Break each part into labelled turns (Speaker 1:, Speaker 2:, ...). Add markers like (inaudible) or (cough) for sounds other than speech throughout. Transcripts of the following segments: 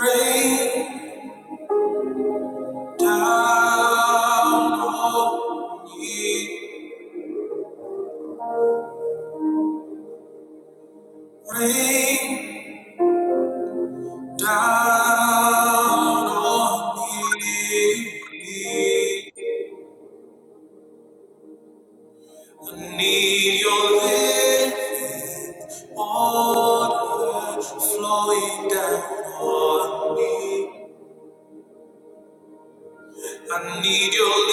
Speaker 1: Rain down on me. Rain down on me. I need your living water flowing down on me. I need your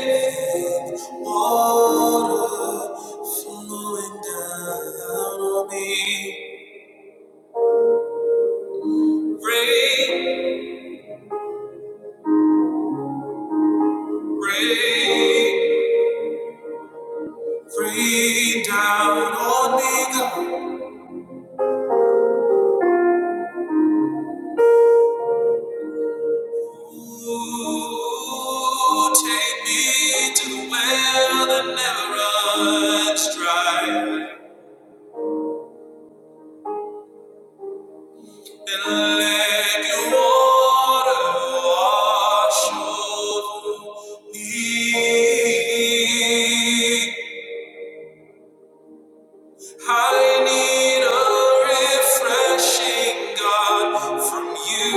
Speaker 1: living water flowing down on me. Rain, rain, rain down on me. Ooh, take me to the well that never runs dry. And let your water wash over me. I need a refreshing, God, from you.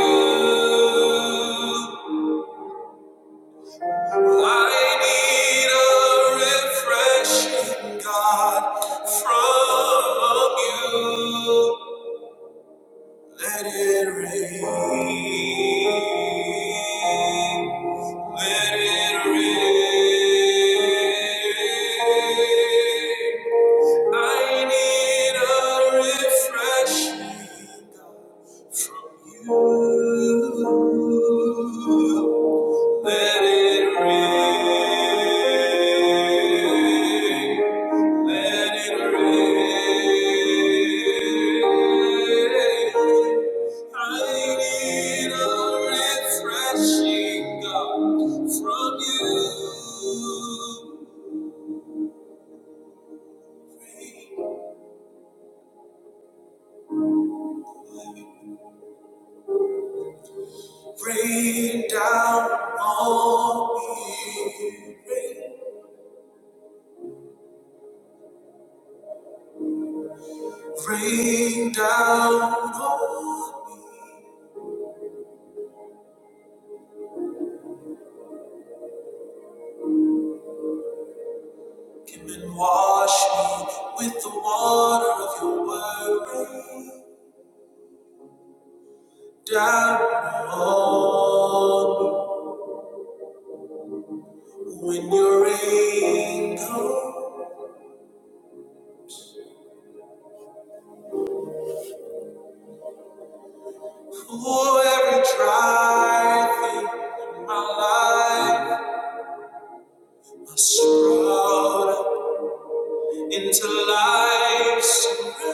Speaker 1: I need a refreshing, God, from you. Let it rain. Let it rain. I need a refreshing from you. Let it rain. Let it rain. I need a refreshing, God, from you. Rain down on me. Rain down on me. Come and wash me with the water of your word. Rain down on me. When your rain comes. Oh, every dry thing in my life must sprout up into life's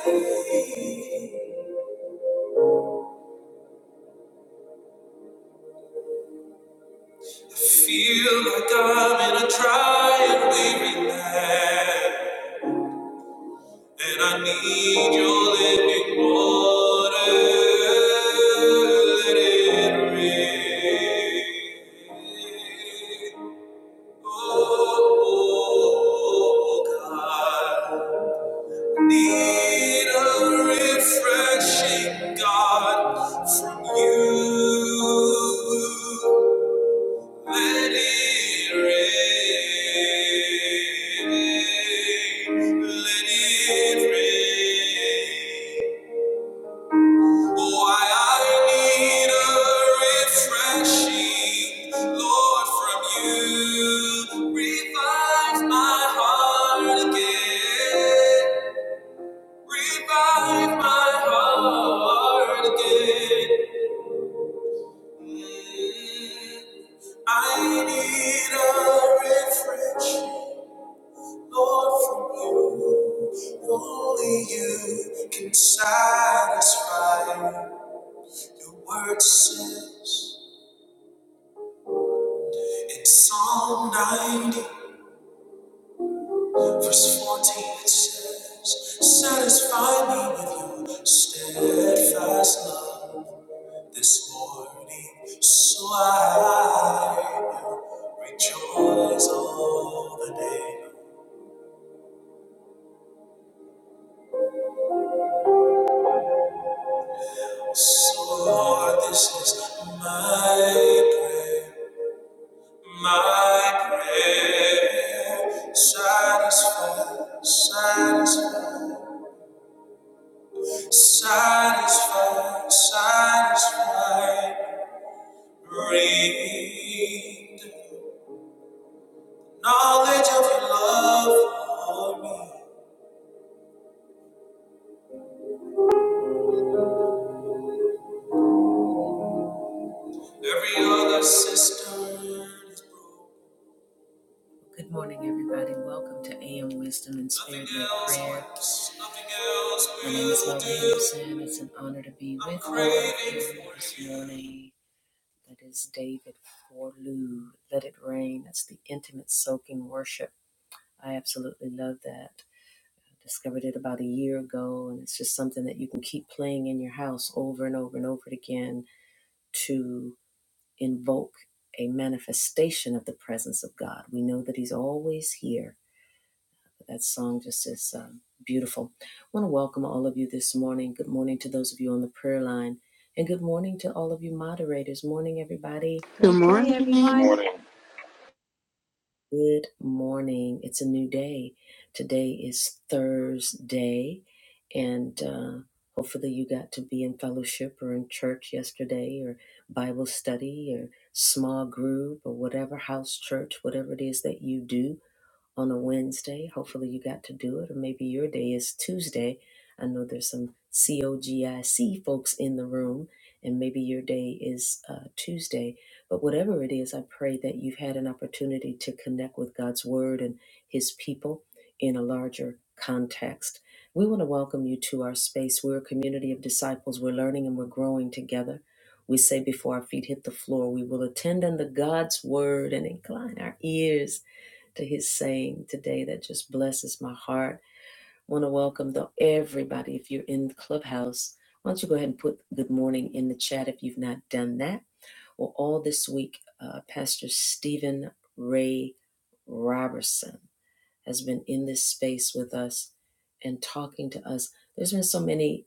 Speaker 1: rain. I feel like I'm in a dry and weary land, and I need your living water. Let it rain. oh, oh, oh, God. Need a refreshing God from you. Let it rain. Let it rain. Why I need a refreshing Lord from you. Revive my heart again. Revive my heart again. Mm, I need a refresh, Lord, from you. Only you can satisfy. Your word says in Psalm 90, verse 14, it says, Satisfy me with your steadfast love this morning, so I rejoice all the day. So Lord, this is my prayer, my prayer. Satisfy, satisfy, satisfy, satisfy. Read the knowledge of your love for me. Every other system is broken. Good morning, everybody. Welcome to AM Wisdom and Spirit Led Prayer. My name is Mel Henderson. It's an honor to be with you all here this morning. That is David Forlew. Let it rain. That's the intimate soaking worship. I absolutely love that. I discovered it about a year ago, and it's just something that you can keep playing in your house over and over and over again to. invoke a manifestation of the presence of God. We know that He's always here. That song just is um, beautiful. I want to welcome all of you this morning. Good morning to those of you on the prayer line, and good morning to all of you moderators. Morning, everybody.
Speaker 2: Good
Speaker 3: Great day,
Speaker 2: morning.
Speaker 3: everyone.
Speaker 4: Morning.
Speaker 1: Good morning. It's a new day. Today is Thursday, and uh, hopefully, you got to be in fellowship or in church yesterday, or Bible study, or small group, or whatever house church, whatever it is that you do on a Wednesday. Hopefully, you got to do it, or maybe your day is Tuesday. I know there's some COGIC folks in the room, and maybe your day is uh, Tuesday. But whatever it is, I pray that you've had an opportunity to connect with God's Word and His people in a larger context. We want to welcome you to our space. We're a community of disciples. We're learning and we're growing together. We say before our feet hit the floor, we will attend unto God's word and incline our ears to his saying today that just blesses my heart. Want to welcome the, everybody. If you're in the Clubhouse, why don't you go ahead and put good morning in the chat if you've not done that? Well, all this week, uh, Pastor Stephen Ray Robertson has been in this space with us and talking to us. There's been so many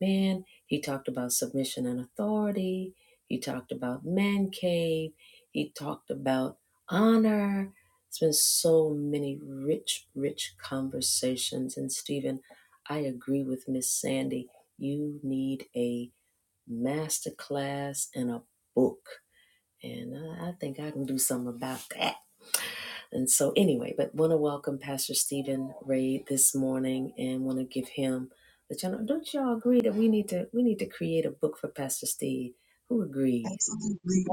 Speaker 1: Man, he talked about submission and authority. He talked about man cave. He talked about honor. It's been so many rich, rich conversations. And Stephen, I agree with Miss Sandy. You need a master class and a book. And I I think I can do something about that. And so, anyway, but want to welcome Pastor Stephen Ray this morning, and want to give him the channel. Don't y'all agree that we need to we need to create a book for Pastor Steve? Who agrees?
Speaker 5: Absolutely.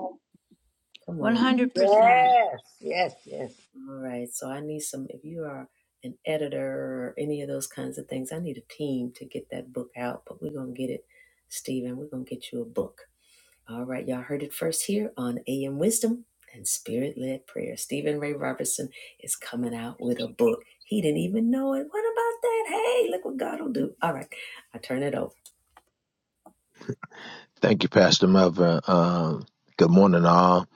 Speaker 1: Come on.
Speaker 3: 100%.
Speaker 6: Yes, yes, yes.
Speaker 1: All right. So I need some. If you are an editor or any of those kinds of things, I need a team to get that book out. But we're gonna get it, Stephen. We're gonna get you a book. All right, y'all heard it first here on AM Wisdom and Spirit Led Prayer. Stephen Ray Robertson is coming out with a book. He didn't even know it. What about that? Hey, look what God will do. All right, I turn it over.
Speaker 7: Thank you, Pastor Melvin. Um, good morning, all.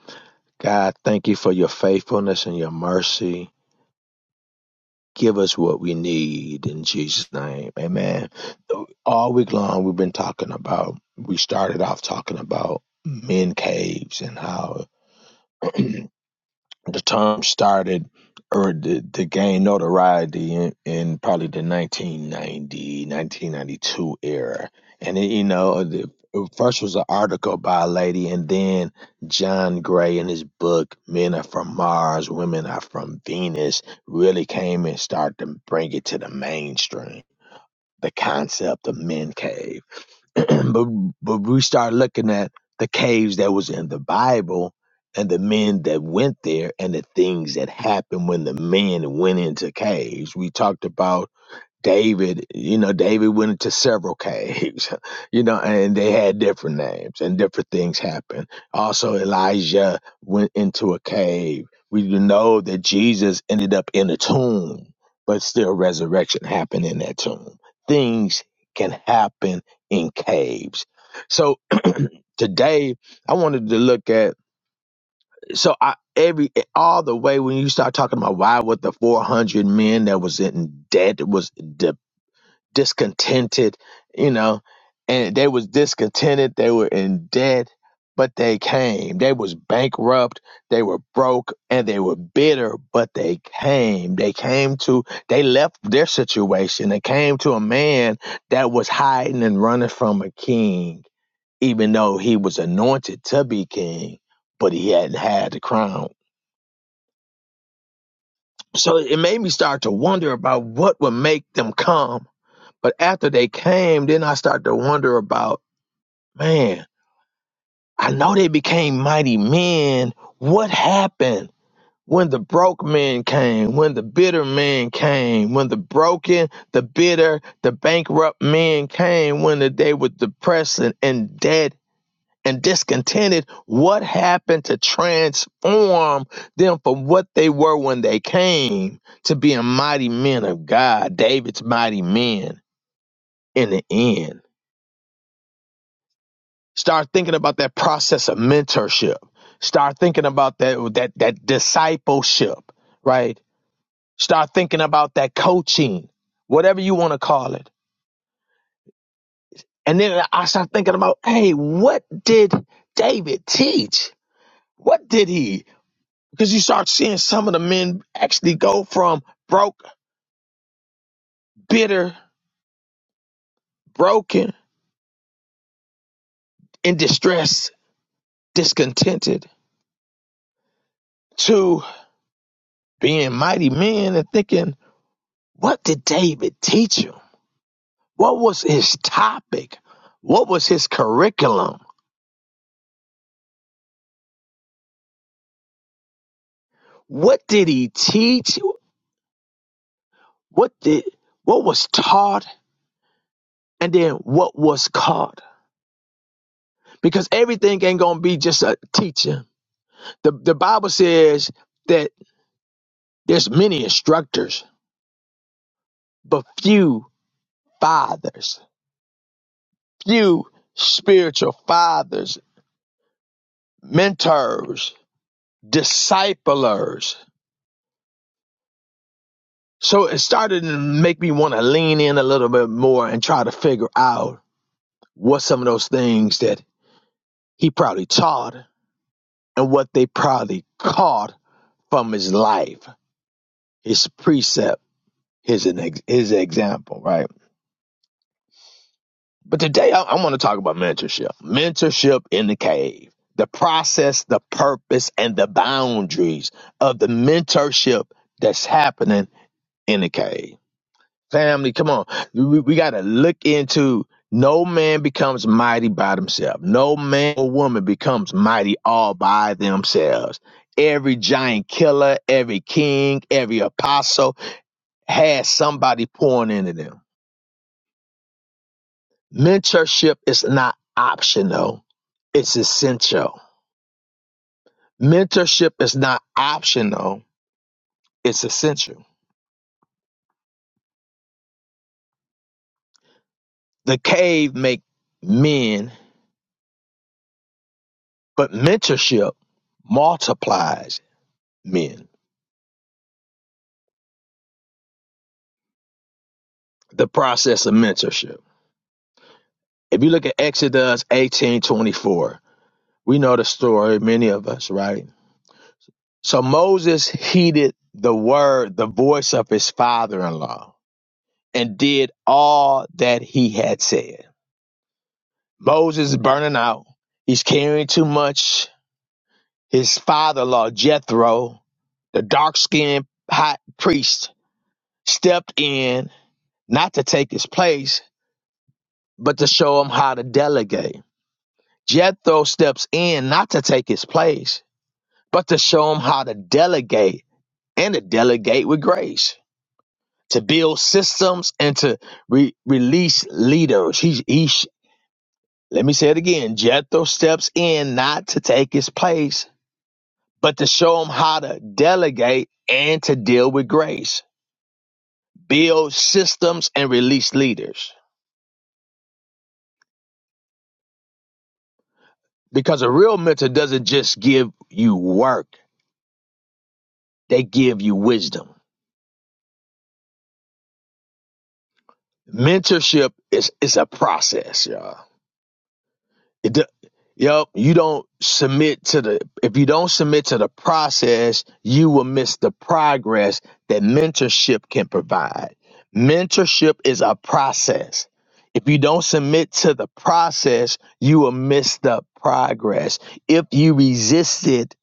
Speaker 7: God, thank you for your faithfulness and your mercy. Give us what we need in Jesus' name. Amen. All week long, we've been talking about, we started off talking about men caves and how (clears throat) the term started or the, the gain notoriety in, in probably the 1990 1992 era and it, you know the, first was an article by a lady and then john gray in his book men are from mars women are from venus really came and started to bring it to the mainstream the concept of men cave (clears throat) but but we start looking at the caves that was in the Bible and the men that went there and the things that happened when the men went into caves. We talked about David, you know, David went into several caves, (laughs) you know, and they had different names and different things happened. Also, Elijah went into a cave. We know that Jesus ended up in a tomb, but still resurrection happened in that tomb. Things can happen in caves. So today I wanted to look at, so I, every, all the way when you start talking about why were the 400 men that was in debt was discontented, you know, and they was discontented, they were in debt, but they came. They was bankrupt, they were broke, and they were bitter, but they came. They came to they left their situation. They came to a man that was hiding and running from a king, even though he was anointed to be king, but he hadn't had the crown. So it made me start to wonder about what would make them come But after they came, then I started to wonder about, man, I know they became mighty men. What happened when the broke men came, when the bitter men came, when the broken, the bitter, the bankrupt men came, when the, they were depressed and, and dead and discontented? What happened to transform them from what they were when they came to being mighty men of God, David's mighty men in the end? Start thinking about that process of mentorship. Start thinking about that that that discipleship, right? Start thinking about that coaching, whatever you want to call it. And then I start thinking about, hey, what did David teach? What did he? Because you start seeing some of the men actually go from broke, bitter, broken, in distress, discontented, to being mighty men and thinking, what did David teach him? What was his topic? What was his curriculum? What did he teach? What did what was taught? And then what was caught? Because everything ain't gonna be just a teacher. The the Bible says that there's many instructors, but few fathers, few spiritual fathers, mentors, disciplers. So it started to make me want to lean in a little bit more and try to figure out what some of those things that he probably taught and what they probably caught from his life, his precept, his his example, right? But today I, I want to talk about mentorship, mentorship in the cave, the process, the purpose, and the boundaries of the mentorship that's happening in the cave. Family, come on. We, we got to look into no man becomes mighty by themselves. No man or woman becomes mighty all by themselves. Every giant killer, every king, every apostle has somebody pouring into them. Mentorship is not optional, it's essential. Mentorship is not optional, it's essential. The cave make men, but mentorship multiplies men. the process of mentorship. If you look at Exodus 18 24, we know the story, many of us, right? So Moses heeded the word, the voice of his father in law, and did all that he had said. Moses is burning out. He's carrying too much. His father in law, Jethro, the dark skinned hot priest, stepped in not to take his place, but to show him how to delegate Jethro steps in not to take his place, but to show him how to delegate and to delegate with grace, to build systems and to re- release leaders. He's, he's, let me say it again. Jethro steps in not to take his place, but to show him how to delegate and to deal with grace, build systems and release leaders. Because a real mentor doesn't just give you work, they give you wisdom. mentorship is is a process, y'all. It, do- yep, you don't submit to the if you don't submit to the process, you will miss the progress that mentorship can provide. Mentorship is a process. If you don't submit to the process, you will miss the progress. If you resist it,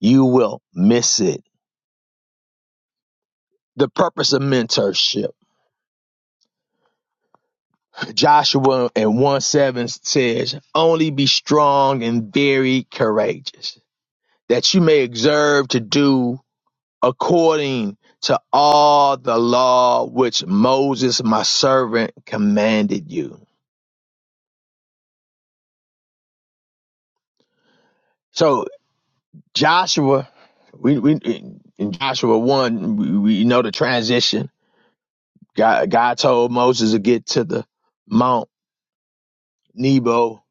Speaker 7: you will miss it. The purpose of mentorship. Joshua and 1 7 says, Only be strong and very courageous, that you may observe to do according to all the law which Moses, my servant, commanded you. So, Joshua, we, we in Joshua 1, we, we know the transition. God, God told Moses to get to the Mount Nebo.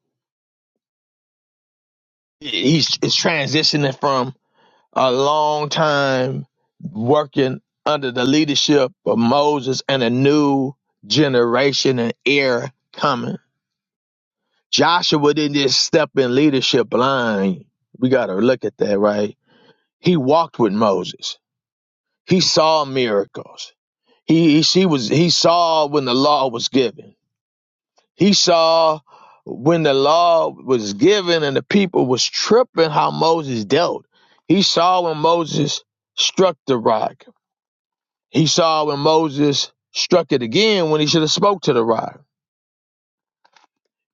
Speaker 7: He's, he's transitioning from a long time working under the leadership of Moses and a new generation and era coming. Joshua didn't just step in leadership blind. We got to look at that, right? He walked with Moses. He saw miracles. He, he she was he saw when the law was given. He saw when the law was given and the people was tripping how Moses dealt. He saw when Moses struck the rock He saw when Moses struck it again when he should have spoke to the rock.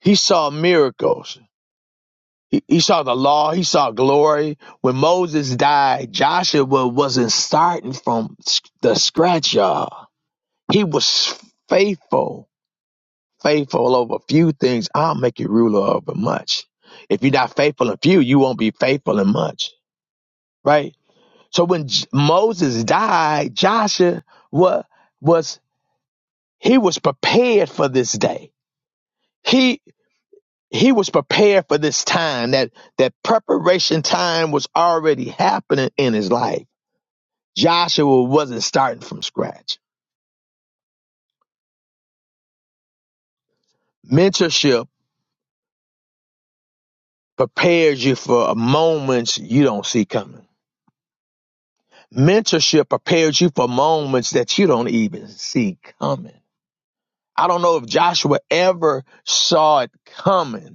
Speaker 7: He saw miracles. He, he saw the law. He saw glory. When Moses died, Joshua wasn't starting from s- the scratch, y'all. He was faithful, faithful over few things. I'll make you ruler over much. If you're not faithful in few, you won't be faithful in much, right? So when J- Moses died, Joshua was was he was prepared for this day. He. he was prepared for this time that that preparation time was already happening in his life joshua wasn't starting from scratch mentorship prepares you for moments you don't see coming mentorship prepares you for moments that you don't even see coming i don't know if joshua ever saw it coming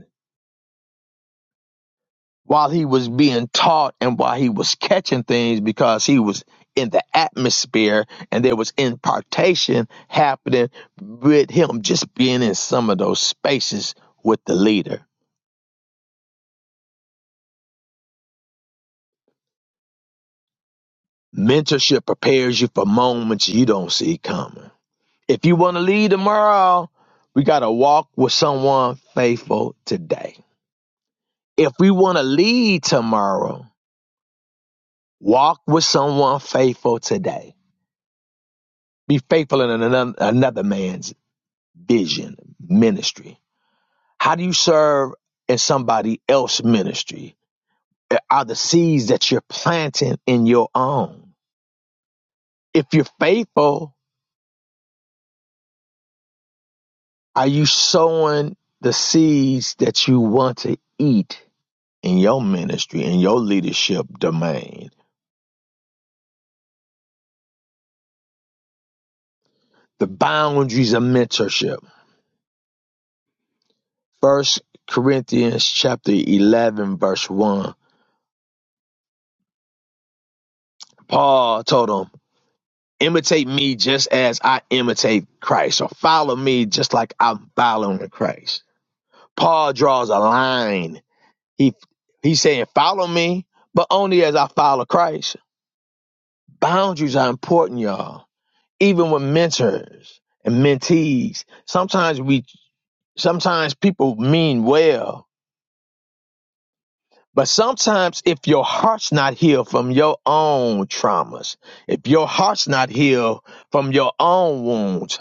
Speaker 7: while he was being taught and while he was catching things because he was in the atmosphere and there was impartation happening with him just being in some of those spaces with the leader. Mentorship prepares you for moments you don't see coming. If you want to lead tomorrow, we got to walk with someone faithful today. If we want to lead tomorrow, walk with someone faithful today. Be faithful in another, another man's vision, ministry. How do you serve in somebody else's ministry? Are the seeds that you're planting in your own? If you're faithful, are you sowing the seeds that you want to eat in your ministry, in your leadership domain? The boundaries of mentorship. First Corinthians chapter 11, verse 1. Paul told them, imitate me just as I imitate Christ, or follow me just like I'm following Christ. Paul draws a line. He he's saying, follow me, but only as I follow Christ. Boundaries are important, y'all. Even with mentors and mentees, sometimes we sometimes people mean well, But sometimes, if your heart's not healed from your own traumas, if your heart's not healed from your own wounds,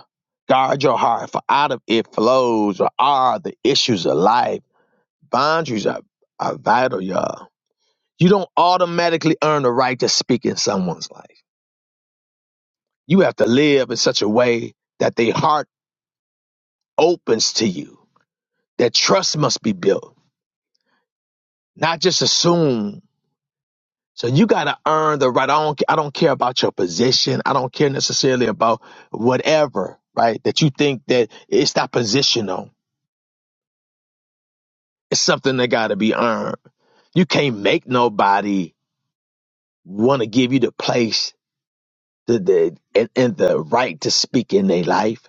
Speaker 7: guard your heart, for out of it flows or are the issues of life. Boundaries are, are vital, y'all. You don't automatically earn the right to speak in someone's life. You have to live in such a way that their heart opens to you. That trust must be built, not just assume So you got to earn the right. I don't, I don't care about your position. I don't care necessarily about whatever, right? That you think that it's not positional. It's something that got to be earned. You can't make nobody want to give you the place the, the, and, and the right to speak in their life.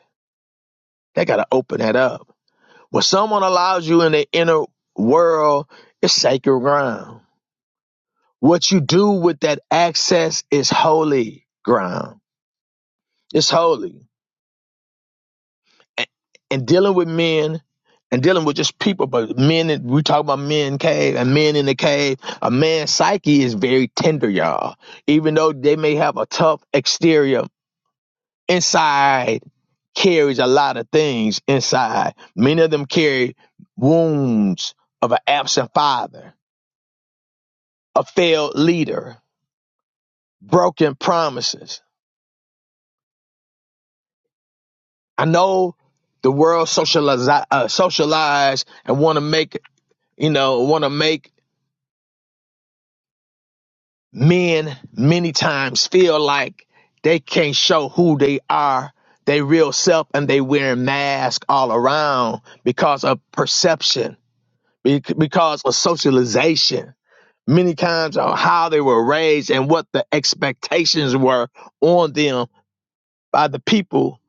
Speaker 7: They got to open that up. When someone allows you in the inner world, it's sacred ground. What you do with that access is holy ground. It's holy. and, and dealing with men and dealing with just people, but men, that- we talk about men cave and men in the cave. A man's psyche is very tender, y'all. Even though they may have a tough exterior, inside carries a lot of things inside. Many of them carry wounds of an absent father, a failed leader, broken promises. I know the world socialize, uh, socialize and want to make, you know, want to make men many times feel like they can't show who they are, they real self, and they wearing masks all around because of perception, be- because of socialization. Many times on how they were raised and what the expectations were on them by the people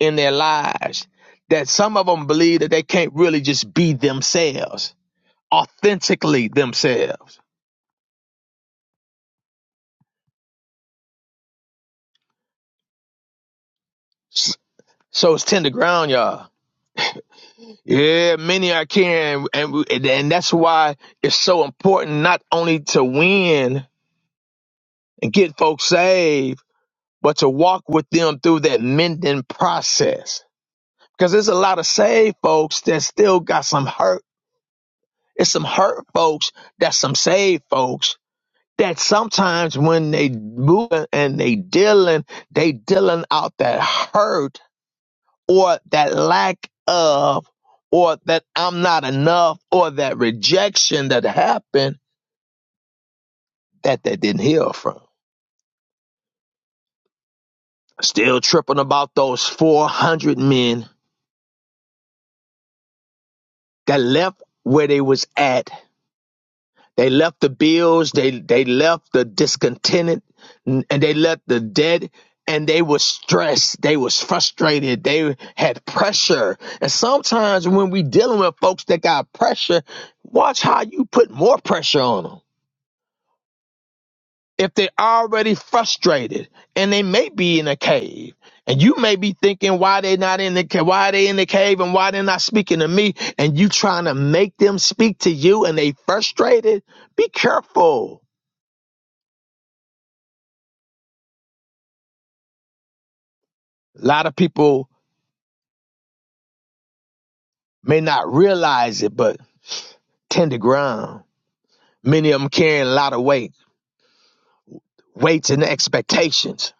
Speaker 7: in their lives. That some of them believe that they can't really just be themselves, authentically themselves. S- So it's tender ground, y'all Yeah, many I can, and and that's why it's so important not only to win and get folks saved, but to walk with them through that mending process. Because there's a lot of saved folks that still got some hurt. It's some hurt folks that's some saved folks that sometimes when they move and they dealing, they dealing out that hurt or that lack of or that I'm not enough or that rejection that happened that they didn't heal from. Still tripping about those 400 men that left where they was at. They left the bills, they they left the discontented and they left the dead and they was stressed, they was frustrated, they had pressure. And sometimes when we dealing with folks that got pressure, watch how you put more pressure on them if they're already frustrated and they may be in a cave and you may be thinking why they not in the cave why they in the cave and why they're not speaking to me and you trying to make them speak to you and they frustrated be careful a lot of people may not realize it but tender ground many of them carrying a lot of weight weights and expectations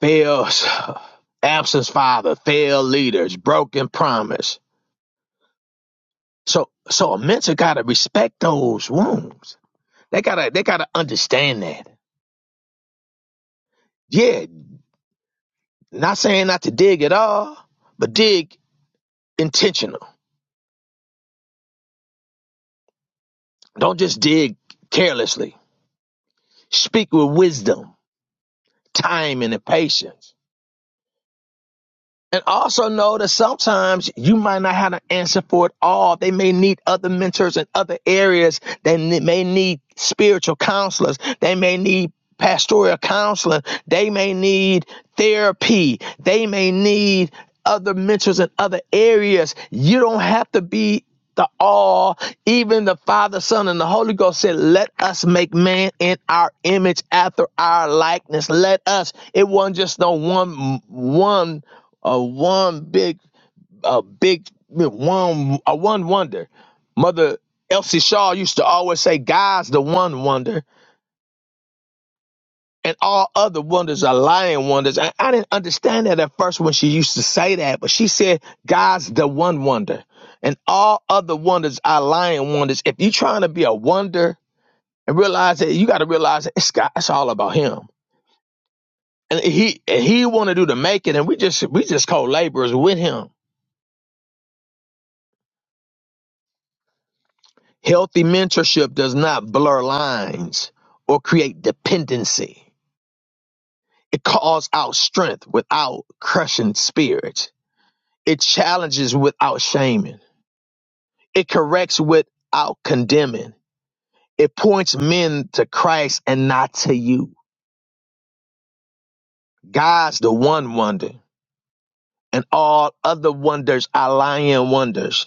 Speaker 7: fails (sighs) absence father failed leaders broken promise so so a mentor got to respect those wounds They gotta they gotta understand that. Yeah, not saying not to dig at all, but dig intentional. Don't just dig carelessly. Speak with wisdom, time, and patience. And also know that sometimes you might not have an answer for it all. They may need other mentors in other areas. They may need spiritual counselors. They may need pastoral counseling. They may need therapy. They may need other mentors in other areas. You don't have to be the all. Even the Father, Son, and the Holy Ghost said, Let us make man in our image after our likeness. Let us. It wasn't just no one, one, uh, one big, uh, big, one, uh, one wonder. Mother Elsie Shaw used to always say, God's the one wonder and all other wonders are lying wonders. And I didn't understand that at first when she used to say that, but she said, God's the one wonder, and all other wonders are lying wonders. If you're trying to be a wonder and realize that, you got to realize that it's God, it's all about Him, and He and He want to do to make it, and we just we just co-laborers with Him. Healthy mentorship does not blur lines or create dependency. It calls out strength without crushing spirits. It challenges without shaming. It corrects without condemning. It points men to Christ and not to you. God's the one wonder, and all other wonders are lying wonders.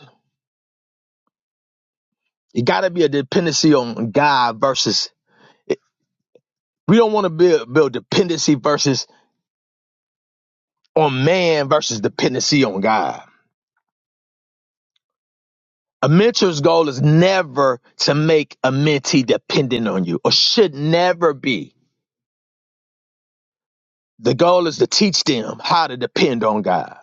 Speaker 7: It got to be a dependency on God versus. We don't want to build, build dependency versus on man versus dependency on God. A mentor's goal is never to make a mentee dependent on you, or should never be The goal is to teach them how to depend on God.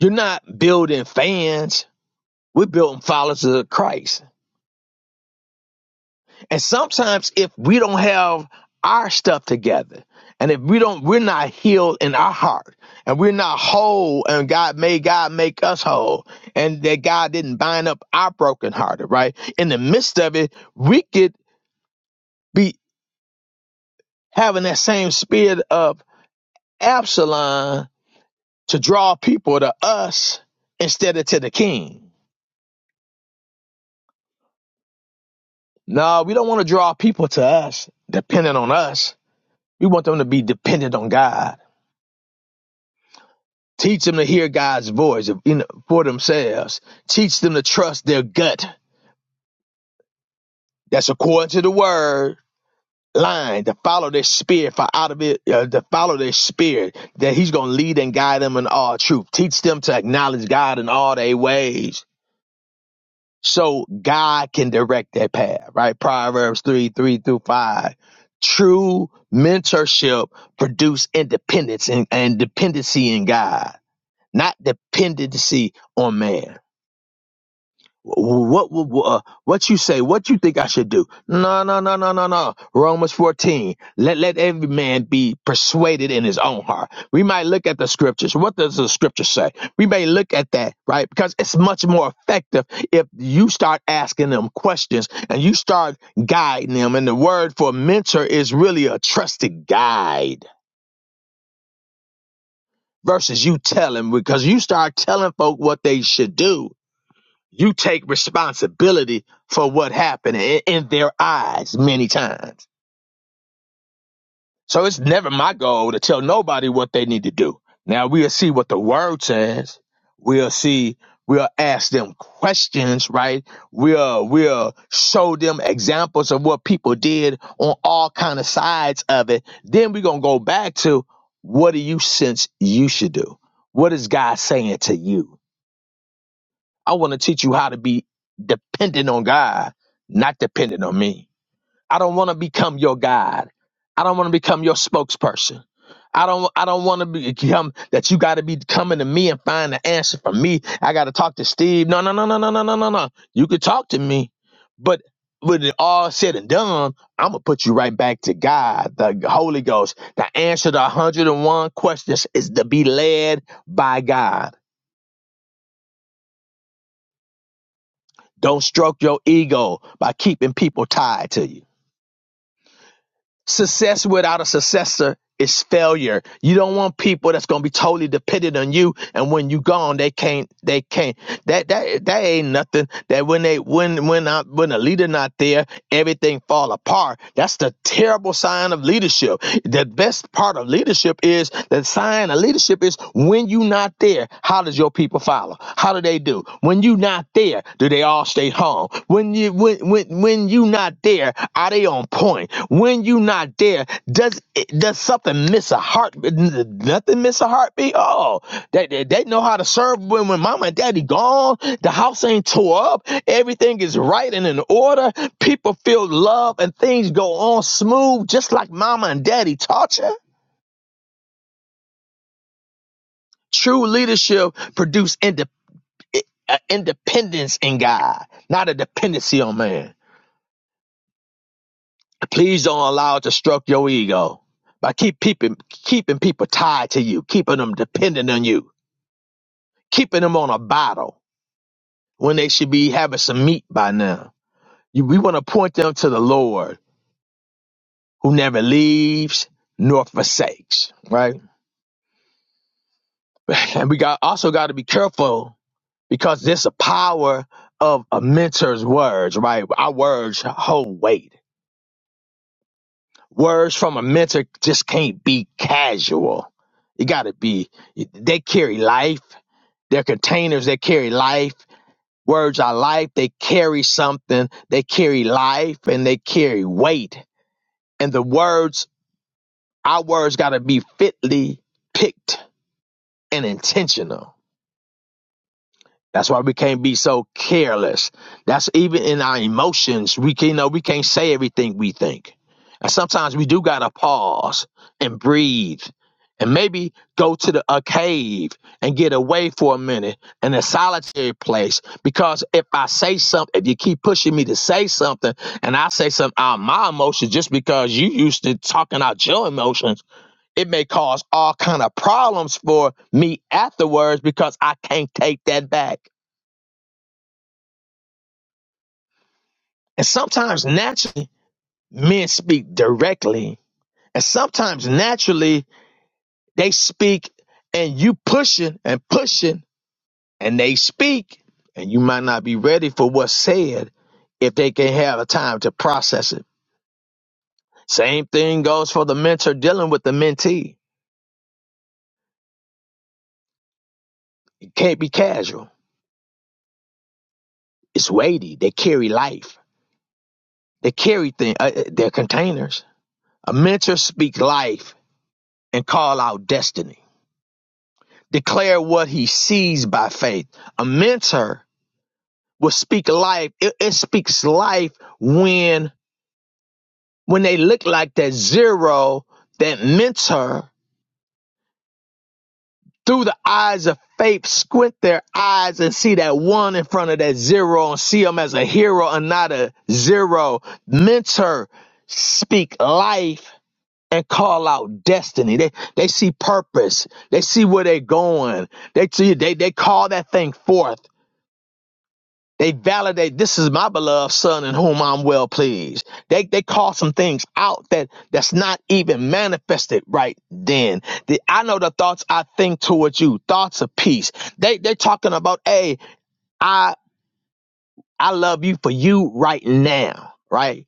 Speaker 7: You're not building fans. We're building followers of Christ. And sometimes if we don't have our stuff together and if we don't, we're not healed in our heart and we're not whole and God made God make us whole and that God didn't bind up our broken hearted, right? In the midst of it, we could be having that same spirit of Absalom to draw people to us instead of to the king No, we don't want to draw people to us, dependent on us. We want them to be dependent on God. Teach them to hear God's voice for themselves. Teach them to trust their gut. That's according to the word line to follow their spirit for out of it uh, to follow their spirit that he's going to lead and guide them in all truth teach them to acknowledge god in all their ways so God can direct that path, right? Proverbs 3 3 through 5. True mentorship produce independence and, and dependency in God, not dependency on man what what uh, what you say what you think i should do no no no no no no romans 14 let let every man be persuaded in his own heart we might look at the scriptures what does the scripture say we may look at that right because it's much more effective if you start asking them questions and you start guiding them and the word for mentor is really a trusted guide versus you telling because you start telling folk what they should do You take responsibility for what happened in, in their eyes many times. So it's never my goal to tell nobody what they need to do. Now we'll see what the word says. We'll see, we'll ask them questions, right? We'll, we'll show them examples of what people did on all kind of sides of it. Then we're going to go back to what do you sense you should do? What is God saying to you? I want to teach you how to be dependent on God, not dependent on me. I don't want to become your God. I don't want to become your spokesperson. I don't I don't want to become that you got to be coming to me and find the answer from me. I got to talk to Steve. No, no, no, no, no, no, no, no, no. You could talk to me, but when it all said and done, I'm gonna put you right back to God, the Holy Ghost. The answer to 101 questions is to be led by God. Don't stroke your ego by keeping people tied to you. Success without a successor is failure. You don't want people that's gonna be totally dependent on you, and when you gone, they can't. They can't. That that that ain't nothing. That when they when when I, when a leader not there, everything fall apart. That's the terrible sign of leadership. The best part of leadership is the sign of leadership is when you not there. How does your people follow? How do they do? When you not there, do they all stay home? When you when when when you not there, are they on point? When you not there, does it- does something miss a heart? Nothing miss a heartbeat. Oh, they, they they know how to serve when when mama and daddy gone. The house ain't tore up. Everything is right and in order. People feel love and things go on smooth, just like mama and daddy taught you. True leadership produce indep- uh, independence in God, not a dependency on man. Please don't allow it to stroke your ego. By keep peeping, keeping people tied to you, keeping them dependent on you, keeping them on a bottle when they should be having some meat by now. You, we want to point them to the Lord who never leaves nor forsakes, right? (laughs) And we got also got to be careful because there's a power of a mentor's words, right? Our words hold weight Words from a mentor just can't be casual. It got to be, they carry life. They're containers that carry life. Words are life. They carry something. They carry life and they carry weight. And the words, our words got to be fitly picked and intentional. That's why we can't be so careless. That's even in our emotions. We can, you know, we can't say everything we think. And sometimes we do gotta pause and breathe and maybe go to the, a cave and get away for a minute in a solitary place. Because if I say something, if you keep pushing me to say something and I say something out of my emotions just because you used to talking out your emotions, it may cause all kind of problems for me afterwards because I can't take that back. And sometimes naturally, men speak directly. And sometimes naturally, they speak and you pushing and pushing and they speak and you might not be ready for what's said if they can have a time to process it. Same thing goes for the mentor dealing with the mentee. It can't be casual. It's weighty. They carry life. They carry things. Uh, uh, they're containers. A mentor speak life and call out destiny. declare what he sees by faith. A mentor will speak life. It, it speaks life when when they look like that zero, that mentor through the eyes of faith, squint their eyes and see that one in front of that zero and see them as a hero and not a zero. Mentor speak life and call out destiny. They they see purpose. They see where they're going. They see they they call that thing forth They validate this is my beloved son in whom I'm well pleased. They they call some things out that that's not even manifested right then. The, I know the thoughts I think towards you, thoughts of peace. They they're talking about, hey, I I love you for you right now, right?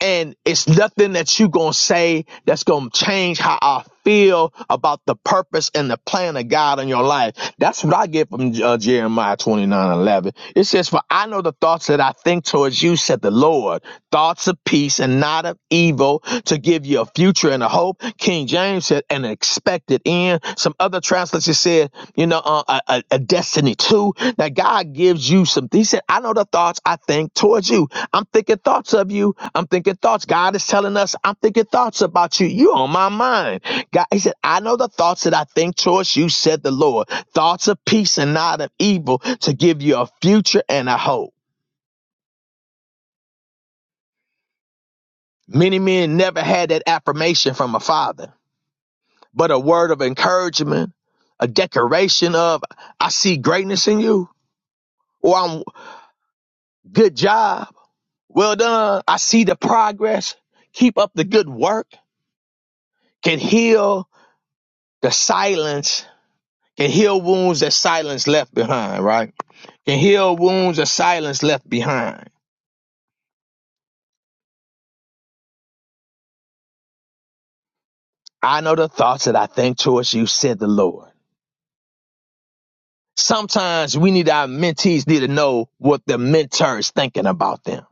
Speaker 7: and it's nothing that you gonna say that's gonna change how I feel about the purpose and the plan of God in your life. That's what I get from uh, Jeremiah twenty nine eleven. It says, For I know the thoughts that I think towards you, said the Lord, thoughts of peace and not of evil, to give you a future and a hope. King James said, an expected end. Some other translations said, you know, uh, a, a a destiny too. That God gives you some. He said, I know the thoughts I think towards you. I'm thinking thoughts of you. I'm thinking thoughts. God is telling us, I'm thinking thoughts about you. You on my mind. God, he said, I know the thoughts that I think towards you, said the Lord. Thoughts of peace and not of evil to give you a future and a hope. Many men never had that affirmation from a father, but a word of encouragement, a declaration of, I see greatness in you, or I'm good job. Well done. I see the progress. Keep up the good work. Can heal the silence Can heal wounds that silence left behind, right? Can heal wounds that silence left behind. I know the thoughts that I think towards you, said the Lord. Sometimes we need our mentees need to know what the mentor is thinking about them.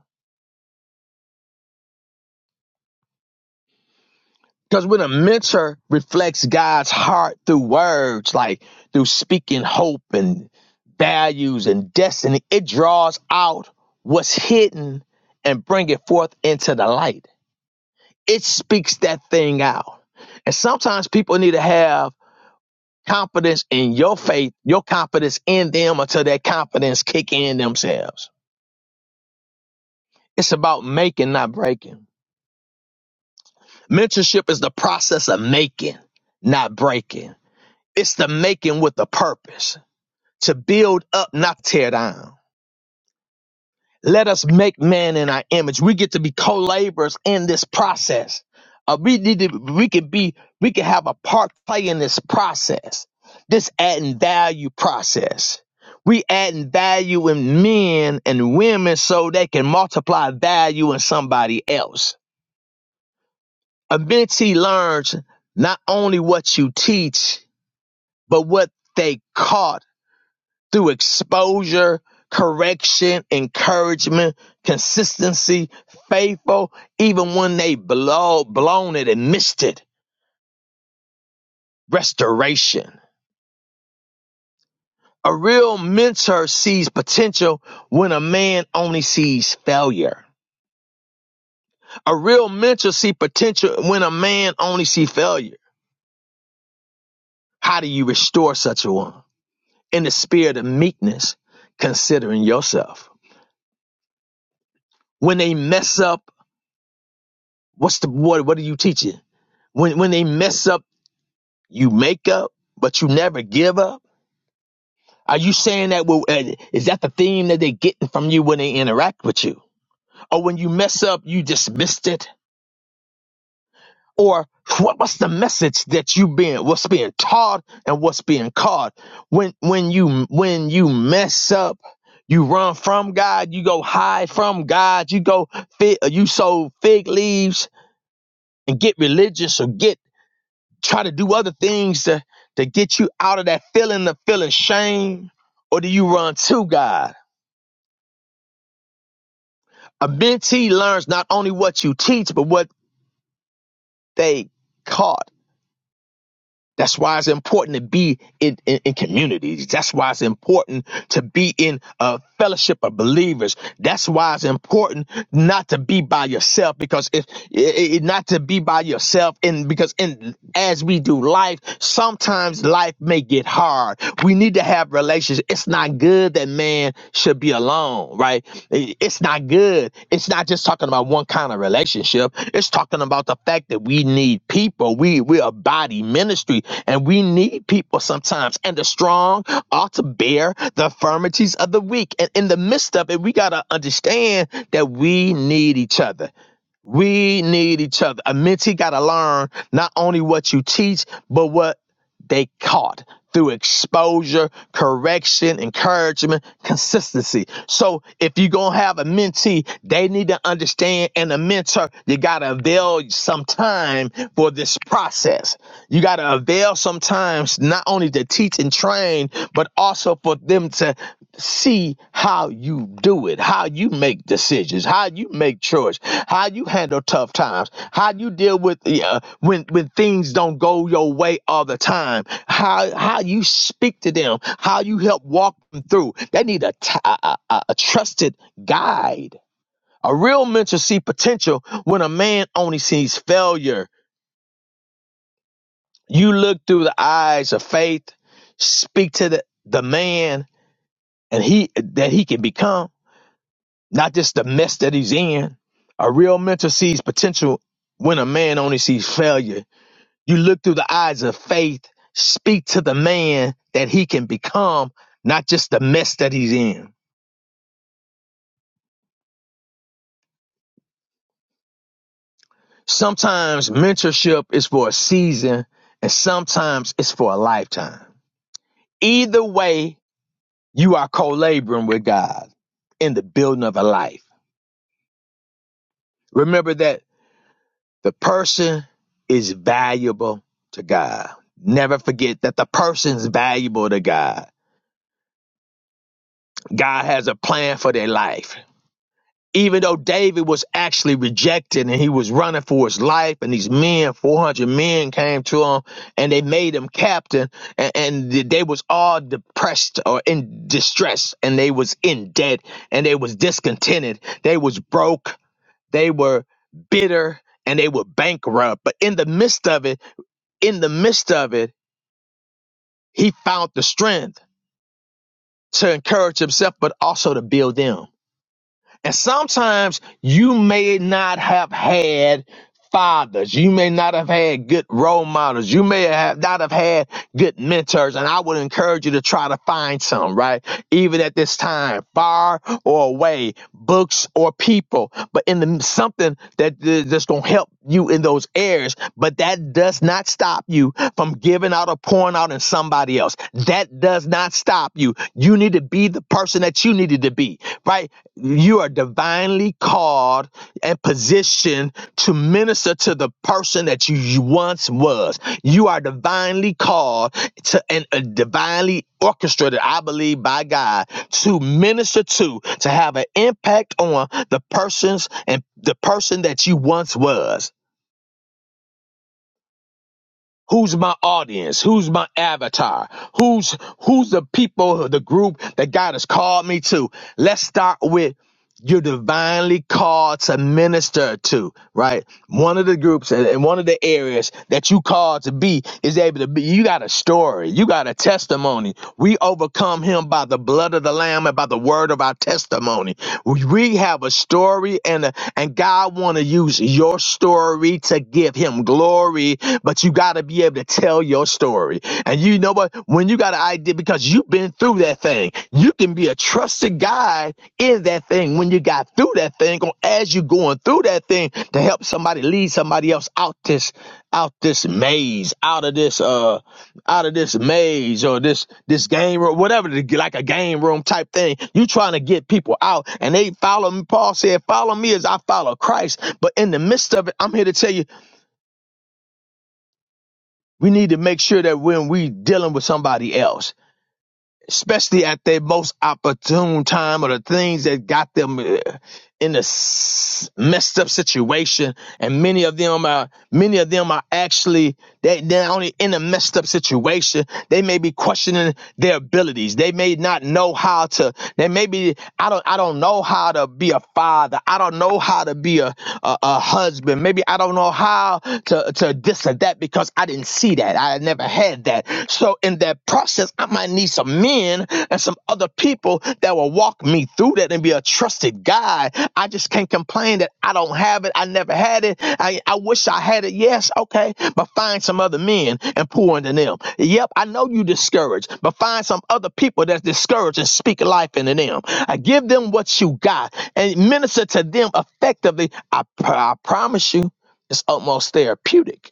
Speaker 7: Because when a mentor reflects God's heart through words, like through speaking hope and values and destiny, it draws out what's hidden and bring it forth into the light. it speaks that thing out. And sometimes people need to have confidence in your faith, your confidence in them until that confidence kick in themselves. It's about making, not breaking. Mentorship is the process of making, not breaking. It's the making with a purpose to build up, not tear down Let us make man in our image. We get to be co-laborers in this process. Uh, we need to, we could be, we could have a part play in this process, this adding value process. We adding value in men and women so they can multiply value in somebody else. A mentee learns not only what you teach, but what they caught through exposure, correction, encouragement, consistency, faithful, even when they blow, blown it and missed it. Restoration. A real mentor sees potential when a man only sees failure. A real mentor sees potential when a man only sees failure. How do you restore such a one? In the spirit of meekness, considering yourself. When they mess up, what's the what, what are you teaching? When when they mess up you make up, but you never give up? Are you saying that? Well, uh, is that the theme that they're getting from you when they interact with you? Or when you mess up, you dismissed it? Or what, what's the message that you being what's being taught and what's being caught when when you when you mess up? You run from God. You go hide from God. You go fit. You sow fig leaves and get religious or get try to do other things to, to get you out of that feeling of feeling shame? Or do you run to God? A mentee learns not only what you teach, but what they caught. That's why it's important to be in, in, in communities. That's why it's important to be in a fellowship of believers. That's why it's important not to be by yourself because if i- i- not to be by yourself and because in as we do life, sometimes life may get hard. We need to have relationships. It's not good that that man should be alone, right? It's not good. It's not just talking about one kind of relationship. It's talking about the fact that we need people. We we're a body ministry, and we need people sometimes. And the strong ought to bear the infirmities of the weak. And in the midst of it, we gotta understand that we need each other. We need each other. A mentee got to learn not only what you teach, but what they caught through exposure, correction, encouragement, consistency. So if you're gonna have a mentee, they need to understand, and a mentor, you gotta avail some time for this process. You gotta avail sometimes not only to teach and train, but also for them to see how you do it, how you make decisions, how you make choice, how you handle tough times, how you deal with uh, when when things don't go your way all the time, how how you speak to them, how you help walk them through. They need a t- a a- a- a trusted guide. A real mentor see potential when a man only sees failure. You look through the eyes of faith, speak to the, the man and he that he can become not just the mess that he's in. A real mentor sees potential when a man only sees failure. You look through the eyes of faith, speak to the man that he can become, not just the mess that he's in. Sometimes mentorship is for a season, and sometimes it's for a lifetime. Either way, you are co laboring with God in the building of a life. Remember that The person is valuable to God. Never forget that the person's valuable to God. God has a plan for their life. Even though David was actually rejected and he was running for his life, and these men, 400 men came to him and they made him captain, and, and they was all depressed or in distress, and they was in debt, and they was discontented, they was broke, they were bitter, and they were bankrupt. But in the midst of it, in the midst of it, he found the strength to encourage himself, but also to build them. And sometimes you may not have had fathers. You may not have had good role models. You may have not have had good mentors. And I would encourage you to try to find some, right? Even at this time, far or away, books or people, but in the something that that's going to help you in those areas. But that does not stop you from giving out or pouring out in somebody else. That does not stop you. You need to be be the person that you needed to be, right? You are divinely called and positioned to minister to the person that you you once was. You are divinely called to and uh, divinely orchestrated, I believe, by God to minister to, to have an impact on the persons and the person that you once was. Who's my audience? Who's my avatar? Who's who's the people, the group that God has called me to? Let's start with you're divinely called to minister to, right? One of the groups and and one of the areas that you called to be is able to be. You got a story. You got a testimony. We overcome him by the blood of the lamb and by the word of our testimony. We, we have a story and a, and God want to use your story to to give him glory, but you got to be able to tell your story. And you know what? When you got an idea, because you've been through that thing, you can be a trusted guide in that thing when you got through that thing or as you going through that thing to help somebody lead somebody else out this out this maze out of this uh out of this maze or this this game room whatever the- like a game room type thing you trying to get people out and they follow me paul said follow me as i follow christ but in the midst of it i'm here to tell you we need to make sure that when we dealing with somebody else, especially at their most opportune time or the things that got them uh, in a s- messed up situation, and many of them are many of them are actually they they're only in a messed up situation. They may be questioning their abilities. They may not know how to. They may be I don't I don't know how to be a father. I don't know how to be a a, a husband. Maybe I don't know how to to this or that because I didn't see see that. I never had that. So in that process, I might need some men and some other people that will walk me through that and be a trusted guide. I just can't complain that I don't have it. I never had it. I, I wish I had it. Yes, okay. But find some other men and pour into them. Yep, I know you discouraged, but find some other people that's discouraged and speak life into them. I give them what you got and minister to them effectively. I, I promise you, it's almost therapeutic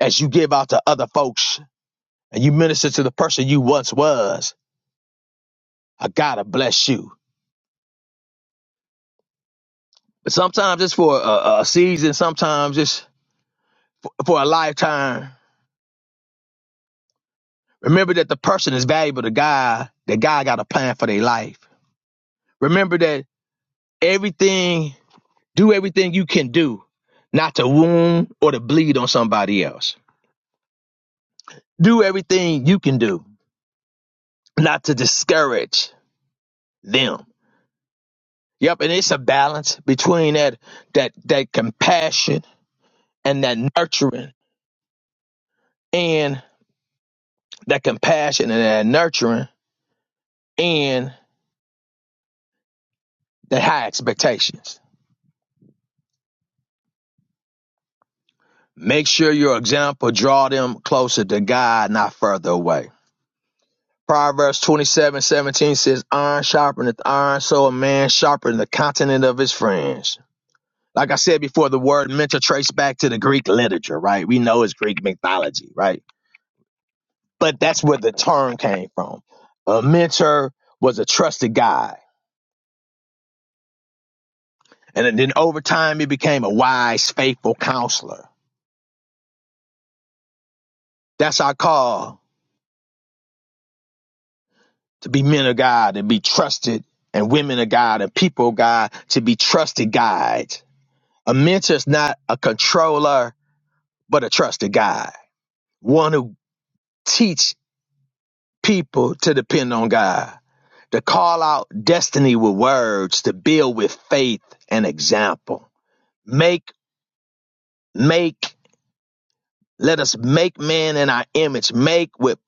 Speaker 7: as you give out to other folks and you minister to the person you once was, I gotta bless you. But sometimes it's for a, a season, sometimes it's for a lifetime. Remember that the person is valuable to God, that God got a plan for their life. Remember that everything, do everything you can do not to wound or to bleed on somebody else. Do everything you can do not to discourage them. Yep, and it's a balance between that that that compassion and that nurturing and that compassion and that nurturing and the high expectations. Make sure your example draw them closer to God, not further away. Proverbs twenty-seven seventeen says, Iron sharpeneth iron, so a man sharpeneth the continent of his friends. Like I said before, the word mentor traced back to the Greek literature, right? We know it's Greek mythology, right? But that's where the term came from. A mentor was a trusted guide And then over time, he became a wise, faithful counselor. That's our call to be men of God and be trusted, and women of God and people of God to be trusted guides. A mentor is not a controller, but a trusted guide, one who teach people to depend on God, to call out destiny with words, to build with faith and example. Make, make, let us make man in our image, make with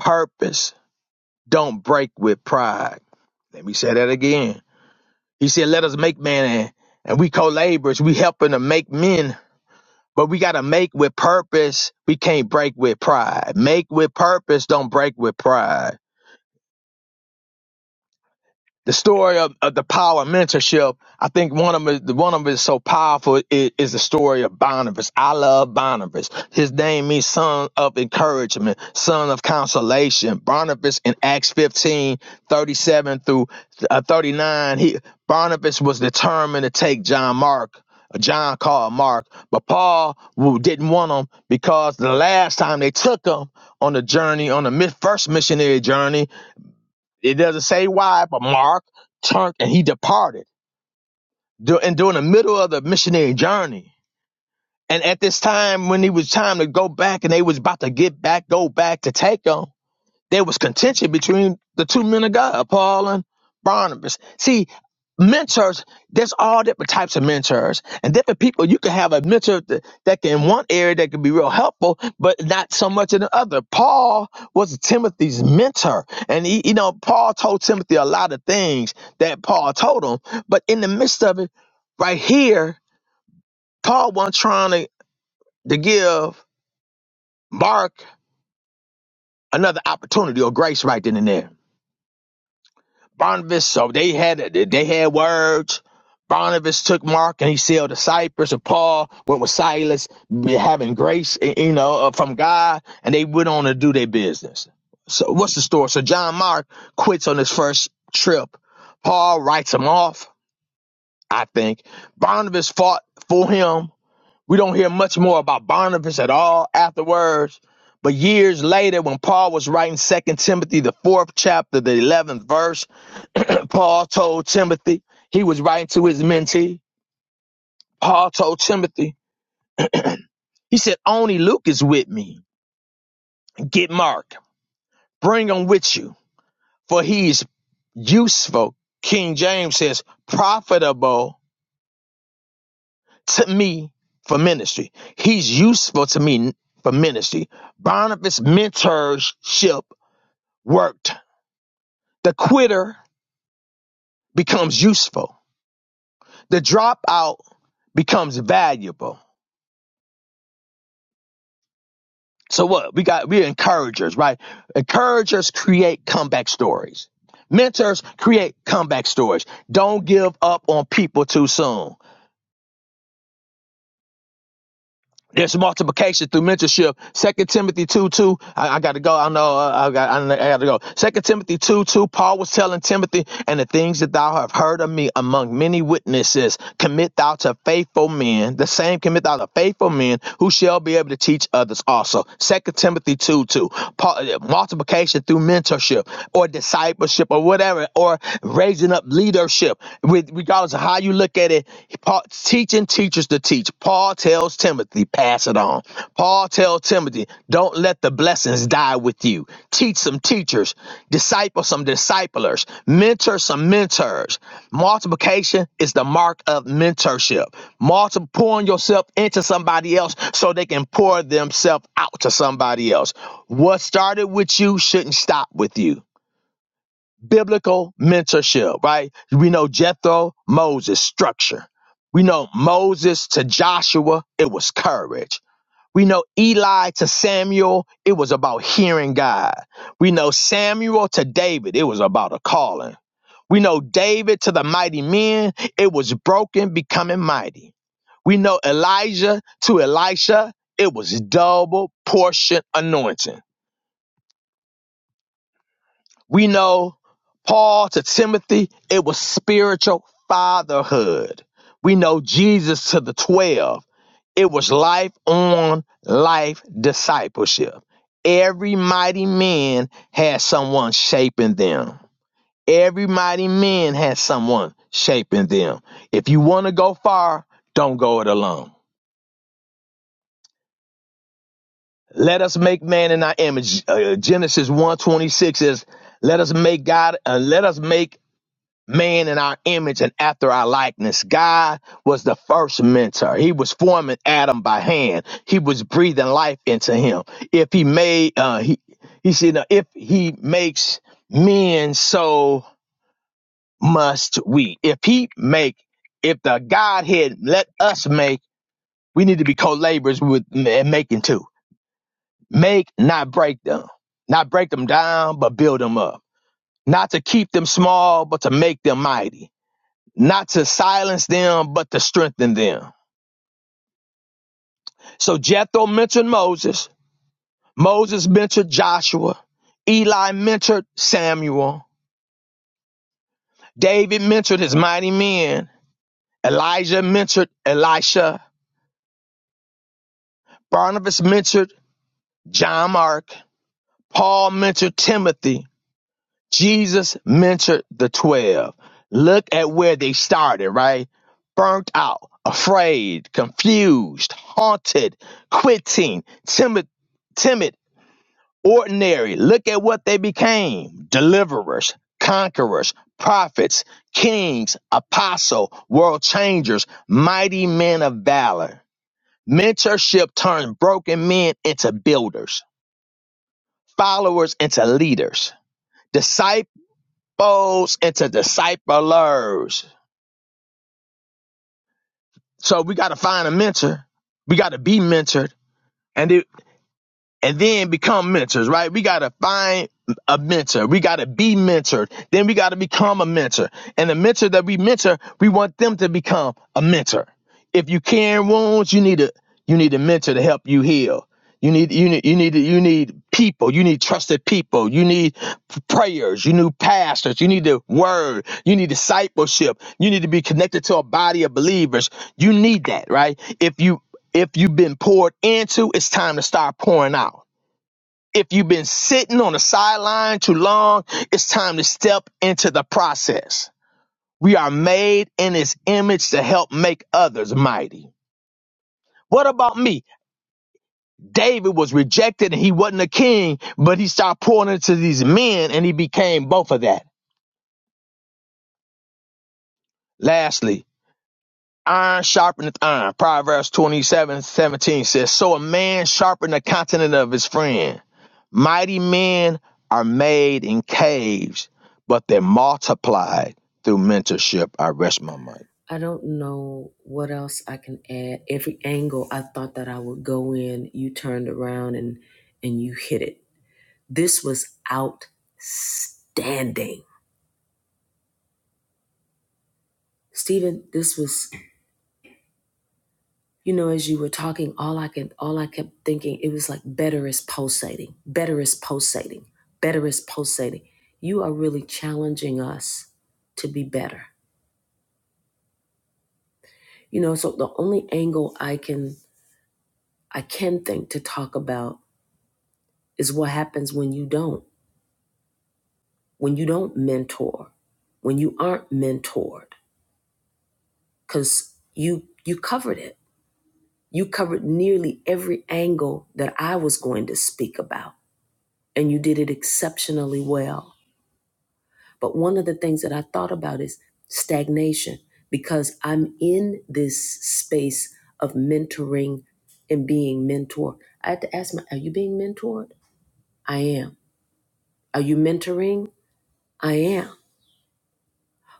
Speaker 7: purpose Don't break with pride. Let me say that again. He said, let us make man and, and we co-laborers. We helping to make men, but we got to make with purpose. We can't break with pride. Make with purpose. Don't break with pride. the story of, of the power of mentorship, I think one of them, is- one of them is so powerful is, is the story of Barnabas. I love Barnabas. His name means son of encouragement, son of consolation. Barnabas in Acts 15 37 through uh, 39, he, Barnabas was determined to take John Mark. John called Mark, but Paul who didn't want him because the last time they took him on the journey, on the mi- first missionary journey, it doesn't say why, but Mark turned and he departed dur- and during the middle of the missionary journey. And at this time, when it was time to go back and they was about to get back, go back to take them, there was contention between the two men of God, Paul and Barnabas. See, mentors, there's all different types of mentors and different people. You can have a mentor that, that can in one area that can be real helpful, but not so much in the other. Paul was Timothy's mentor. And he, you know, Paul told Timothy a lot of things that Paul told him. But in the midst of it, right here, Paul wasn't trying to, to give Mark another opportunity or grace right then and there. Barnabas, so they had they had words. Barnabas took Mark and he sailed to Cyprus, and Paul went with Silas, having grace, eh, you know, uh, from God, and they went on to do their business. So what's the story? So John Mark quits on his first trip. Paul writes him off. I think Barnabas fought for him. We don't hear much more about Barnabas at all afterwards. But years later, when Paul was writing Second Timothy, the fourth chapter, the 11th verse, (clears throat) Paul told Timothy, he was writing to his mentee. Paul told Timothy, he said, Only Luke is with me. Get Mark. Bring him with you, for he is useful. King James says, profitable to me for ministry. He's useful to me for ministry. Barnabas' mentorship worked. The quitter becomes useful, the dropout becomes valuable. So what? We got we're encouragers, right? Encouragers create comeback stories. Mentors create comeback stories. Don't give up on people too soon. There's multiplication through mentorship. Second Timothy two two. I, I got to go. I know. uh, I got. I, got to go. Second Timothy two two. Paul was telling Timothy, and the things that thou have heard of me among many witnesses, commit thou to faithful men. The same commit thou to faithful men who shall be able to teach others also. Second Timothy two two. Paul, uh, multiplication through mentorship or discipleship or whatever or raising up leadership. With regardless regardless of how you look at it, Paul, teaching teachers to teach. Paul tells Timothy, pass it on. Paul tells Timothy, don't let the blessings die with you. Teach some teachers, disciple some disciplers, mentor some mentors. Multiplication is the mark of mentorship. Multiple pouring yourself into somebody else so they can pour themselves out to somebody else. What started with you shouldn't stop with you biblical mentorship, right? We know Jethro, Moses, structure. We know Moses to Joshua, it was courage. We know Eli to Samuel, it was about hearing God. We know Samuel to David, it was about a calling. We know David to the mighty men, it was broken, becoming mighty. We know Elijah to Elisha, it was double portion anointing. We know Paul to Timothy, it was spiritual fatherhood. We know Jesus to the 12, it was life on life discipleship. Every mighty man has someone shaping them. Every mighty man has someone shaping them. If you want to go far, don't go it alone. Let us make man in our image. Uh, Genesis one twenty six is let us make God uh, let us make man in our image and after our likeness. God was the first mentor. He was forming Adam by hand. He was breathing life into him. If he made, uh, he, he said, uh, if he makes men, so must we. If he make, if the Godhead let us make, we need to be co-laborers with and making too. Make, not break them. Not break them down, but build them up. Not to keep them small, but to make them mighty not to silence them, but to strengthen them. So Jethro mentored Moses. Moses mentored Joshua. Eli mentored Samuel. David mentored his mighty men. Elijah mentored Elisha. Barnabas mentored John Mark. Paul mentored Timothy. Jesus mentored the 12. Look at where they started, right? Burnt out, afraid, confused, haunted, quitting, timid, timid ordinary. Look at what they became deliverers, conquerors, prophets, kings, apostle, world changers, mighty men of valor. Mentorship turns broken men into builders, followers into leaders, disciples into disciplers. So we got to find a mentor. We got to be mentored. and it. and then become mentors, right? We got to find a mentor. We got to be mentored. Then we got to become a mentor. And the mentor that we mentor, we want them to become a mentor. If you carrying wounds, you need a you need a mentor to help you heal. You need you need you need you need people. You need trusted people. You need prayers. You need pastors. You need the word. You need discipleship. You need to be connected to a body of believers. You need that, right? If you if you've been poured into, it's time to start pouring out. If you've been sitting on the sideline too long, it's time to step into the process. We are made in his image to help make others mighty. What about me? David was rejected and he wasn't a king, but he started pouring into these men and he became both of that. Lastly, Iron sharpeneth iron. Proverbs twenty-seven seventeen says, So a man sharpened the continent of his friend. Mighty men are made in caves, but they're multiplied through mentorship. I rest my mind.
Speaker 1: I don't know what else I can add. Every angle I thought that I would go in, you turned around and and you hit it. This was outstanding. Stephen, this was you know as you were talking all i can all i kept thinking it was like better is pulsating better is pulsating better is pulsating you are really challenging us to be better you know so the only angle i can i can think to talk about is what happens when you don't when you don't mentor when you aren't mentored because you you covered it you covered nearly every angle that i was going to speak about and you did it exceptionally well But one of the things that I thought about is stagnation because I'm in this space of mentoring and being mentored. I had to ask my, are you being mentored? I am. Are you mentoring? I am.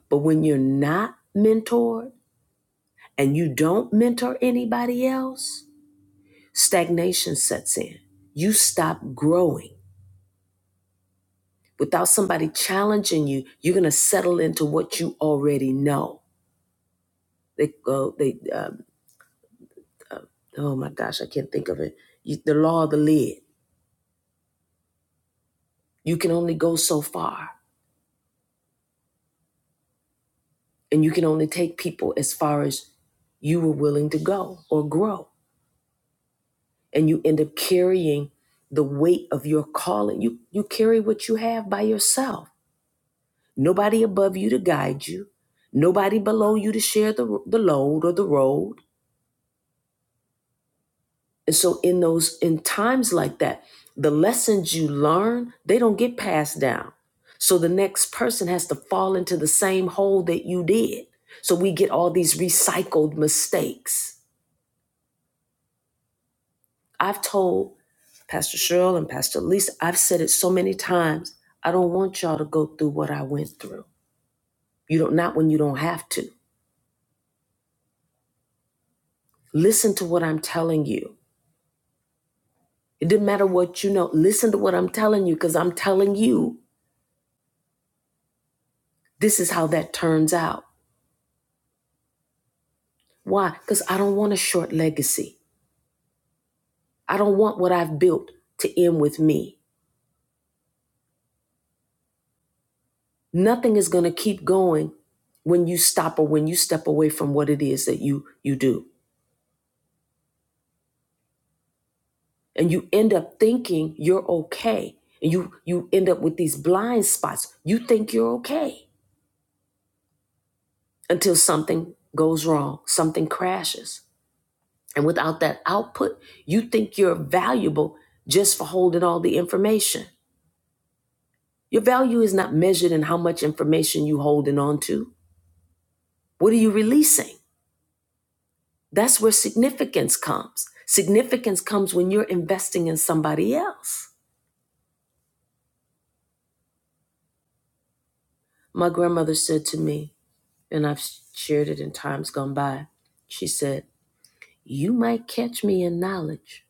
Speaker 1: But when you're not mentored and you don't mentor anybody else, stagnation sets in. You stop growing. Without somebody challenging you, you're going to settle into what you already know. They, uh, they, uh, oh my gosh, I can't think of it. You, the law of the lid. You can only go so far, and you can only take people as far as you were willing to go or grow. And you end up carrying the weight of your calling. You you carry what you have by yourself. Nobody above you to guide you. Nobody below you to share the, the load or the road. And so in those in times like that, the lessons you learn, they don't get passed down. So the next person has to fall into the same hole that you did. So we get all these recycled mistakes. I've told Pastor Cheryl and Pastor Lisa, I've said it so many times, I don't want y'all to go through what I went through. You don't not when you don't have to. Listen to what I'm telling you. It didn't matter what you know. Listen to what I'm telling you because I'm telling you this is how that turns out. Why? Because I don't want a short legacy. I don't want what I've built to end with me. Nothing is going to keep going when you stop or when you step away from what it is that you you do. And you end up thinking you're okay. And you you end up with these blind spots. You think you're okay until something goes wrong, something crashes. And without that output, you think you're valuable just for holding all the information. Your value is not measured in how much information you holding on to. What are you releasing? That's where significance comes. Significance comes when you're investing in somebody else. My grandmother said to me, and I've shared it in times gone by, she said, You might catch me in knowledge,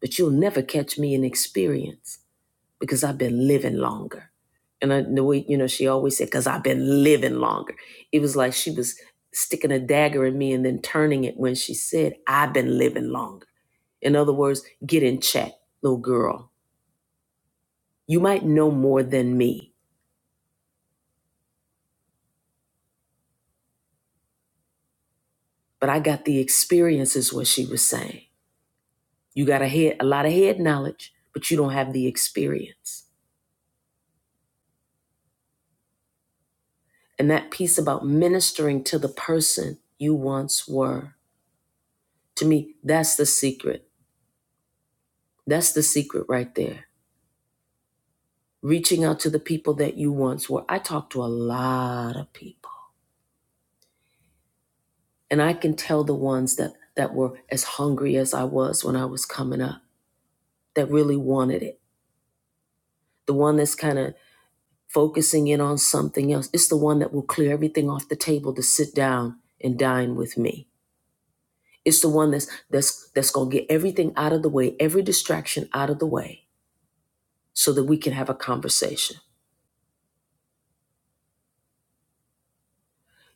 Speaker 1: but you'll never catch me in experience because I've been living longer. And I, the way, you know, she always said, because I've been living longer. It was like she was sticking a dagger in me and then turning it when she said, I've been living longer. In other words, get in check, little girl. You might know more than me, but I got the experience, is what she was saying. You got a head, a lot of head knowledge, but you don't have the experience. And that piece about ministering to the person you once were, to me, that's the secret. That's the secret right there. Reaching out to the people that you once were. I talked to a lot of people, and I can tell the ones that that were as hungry as I was when I was coming up, that really wanted it the one that's kind of focusing in on something else. It's the one that will clear everything off the table to sit down and dine with me. It's the one that's that's that's gonna get everything out of the way, every distraction out of the way, so that we can have a conversation.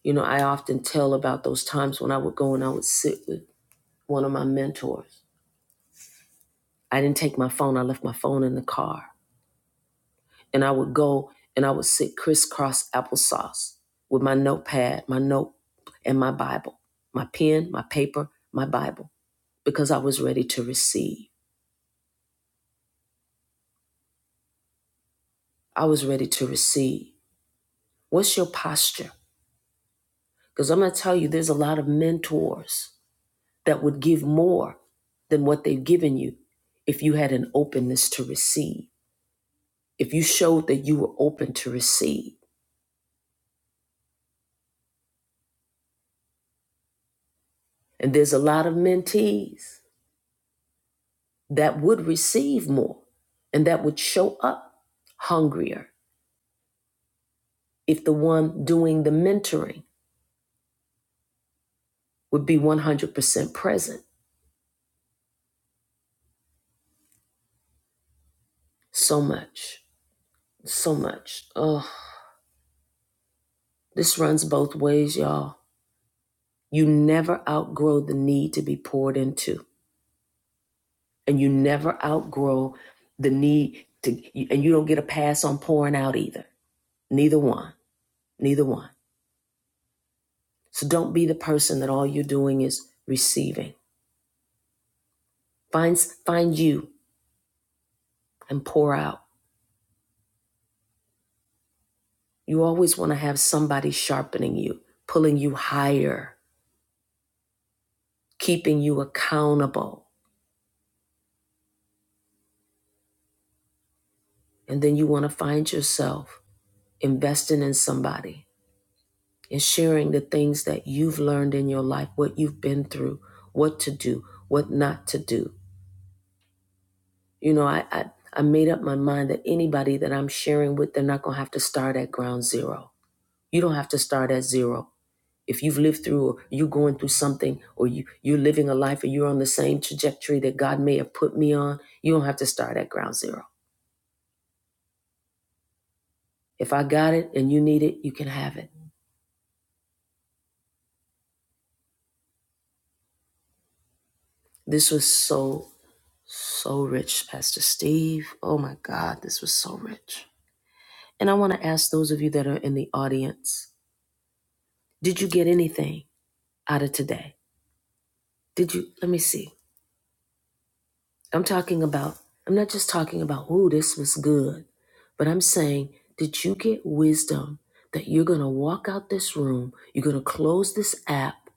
Speaker 1: You know, I often tell about those times when I would go and I would sit with one of my mentors. I didn't take my phone, I left my phone in the car. and I would go and I would sit crisscross applesauce with my notepad, my note, and my Bible, my pen, my paper, my Bible, because I was ready to receive. I was ready to receive. What's your posture? Because I'm going to tell you, there's a lot of mentors that would give more than what they've given you if you had an openness to receive, if you showed that you were open to receive. And there's a lot of mentees that would receive more and that would show up hungrier if the one doing the mentoring would be 100% present. So much, so much. Oh, this runs both ways, y'all. You never outgrow the need to be poured into, and you never outgrow the need to, and you don't get a pass on pouring out either. Neither one, neither one. So don't be the person that all you're doing is receiving. Find, find you and pour out You always want to have somebody sharpening you, pulling you higher, keeping you accountable. And then you want to find yourself investing in somebody and sharing the things that you've learned in your life, what you've been through, what to do, what not to do. You know, I, I, I made up my mind that anybody that I'm sharing with, they're not going to have to start at ground zero. You don't have to start at zero. if you've lived through or you going through something or you you're living a life or you're on the same trajectory that God may have put me on, you don't have to start at ground zero. If I got it and you need it, you can have it. This was so so rich, Pastor Steve. Oh my God, this was so rich. And I want to ask those of you that are in the audience, did you get anything out of today? Did you let me see. I'm talking about, I'm not just talking about, ooh, this was good, but I'm saying, did you get wisdom that you're going to walk out this room, you're going to close this app,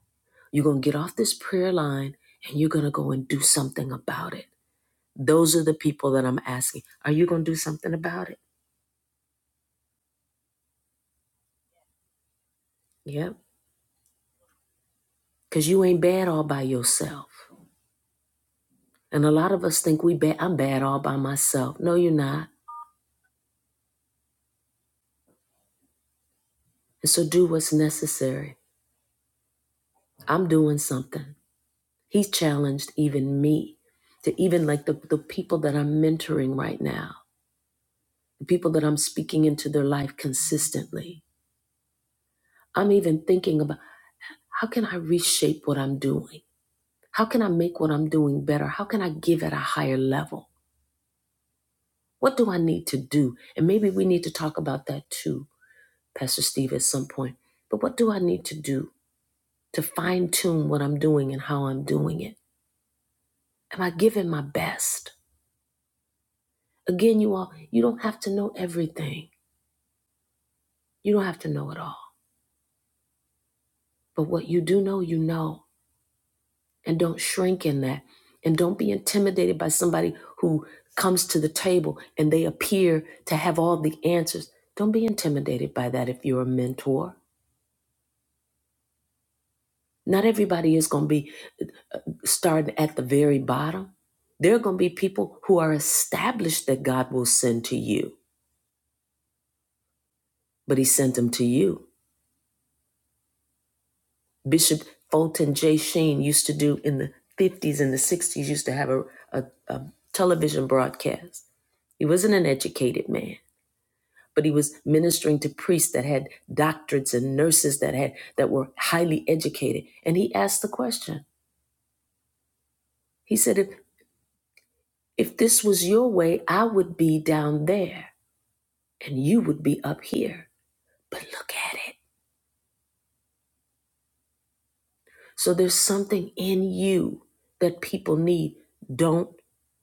Speaker 1: you're going to get off this prayer line, and you're going to go and do something about it? Those are the people that I'm asking. Are you going to do something about it? Yep. Because you ain't bad all by yourself. And a lot of us think we bad, I'm bad all by myself. No, you're not. And so do what's necessary. I'm doing something. He's challenged even me to even like the, the people that I'm mentoring right now, the people that I'm speaking into their life consistently. I'm even thinking about how can I reshape what I'm doing? How can I make what I'm doing better? How can I give at a higher level? What do I need to do? And maybe we need to talk about that too, Pastor Steve, at some point. But what do I need to do to fine tune what I'm doing and how I'm doing it? Am I giving my best? Again, you all, you don't have to know everything. You don't have to know it all. But what you do know, you know. And don't shrink in that. And don't be intimidated by somebody who comes to the table and they appear to have all the answers. Don't be intimidated by that if you're a mentor. Not everybody is going to be starting at the very bottom. There are going to be people who are established that God will send to you, but He sent them to you. Bishop Fulton J. Sheen used to do in the 50s and the 60s, used to have a, a, a television broadcast He wasn't an educated man, but he was ministering to priests that had doctorates and nurses that had that were highly educated. And he asked the question. He said, if, if this was your way, I would be down there and you would be up here. But look at it. So there's something in you that people need. Don't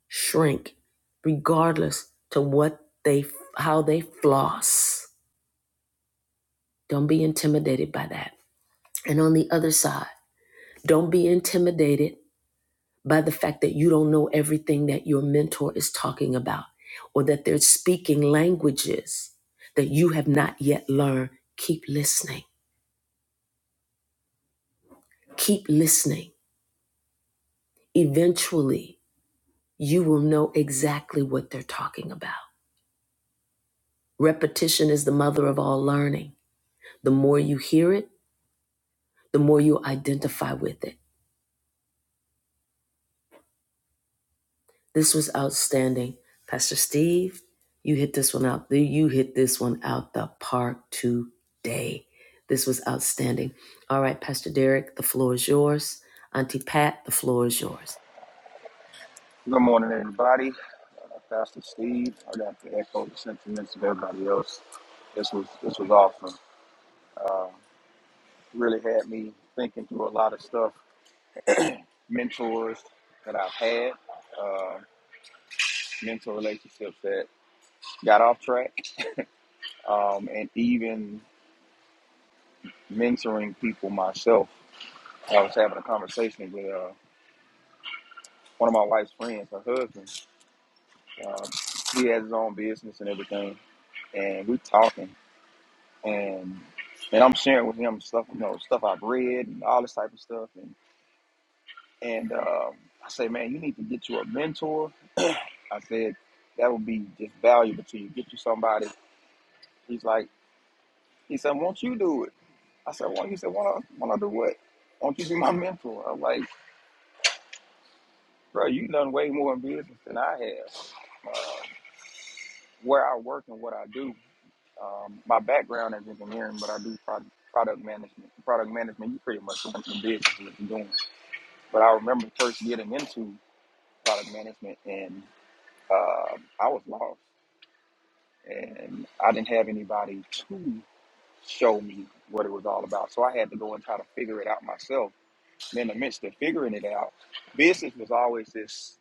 Speaker 1: shrink, regardless to what they how they floss. Don't be intimidated by that. And on the other side. Don't be intimidated by the fact that you don't know everything that your mentor is talking about or that they're speaking languages that you have not yet learned. Keep listening. Keep listening. Eventually, you will know exactly what they're talking about. Repetition is the mother of all learning. The more you hear it, the more you identify with it. This was outstanding. Pastor Steve, you hit this one out. You hit this one out the park today. This was outstanding. All right, Pastor Derek, the floor is yours. Auntie Pat, the floor is yours.
Speaker 4: Good morning, everybody. Uh, Pastor Steve, I got to echo the sentiments of everybody else. This was this was awesome. Really had me thinking through a lot of stuff. Mentors that I've had, uh, mentor relationships that got off track, um, and even mentoring people myself. I was having a conversation with uh, one of my wife's friends, her husband. Uh, he has his own business and everything, and we talking. and and I'm sharing with him stuff, you know, stuff I've read and all this type of stuff. And and um, I say, man, you need to get you a mentor. I said that would be just valuable to you. Get you somebody. He's like, he said, won't you do it? I said, won't he said, won't I, won't I do what? Won't you be my (laughs) mentor? I'm like, bro, you done way more in business than I have. Uh, where I work and what I do. Um, my background is engineering, but I do product, product management. Product management, you pretty much in business what you're doing. But I remember first getting into product management, and um I was lost, and I didn't have anybody to show me what it was all about. So I had to go and try to figure it out myself. And in the midst of figuring it out, business was always this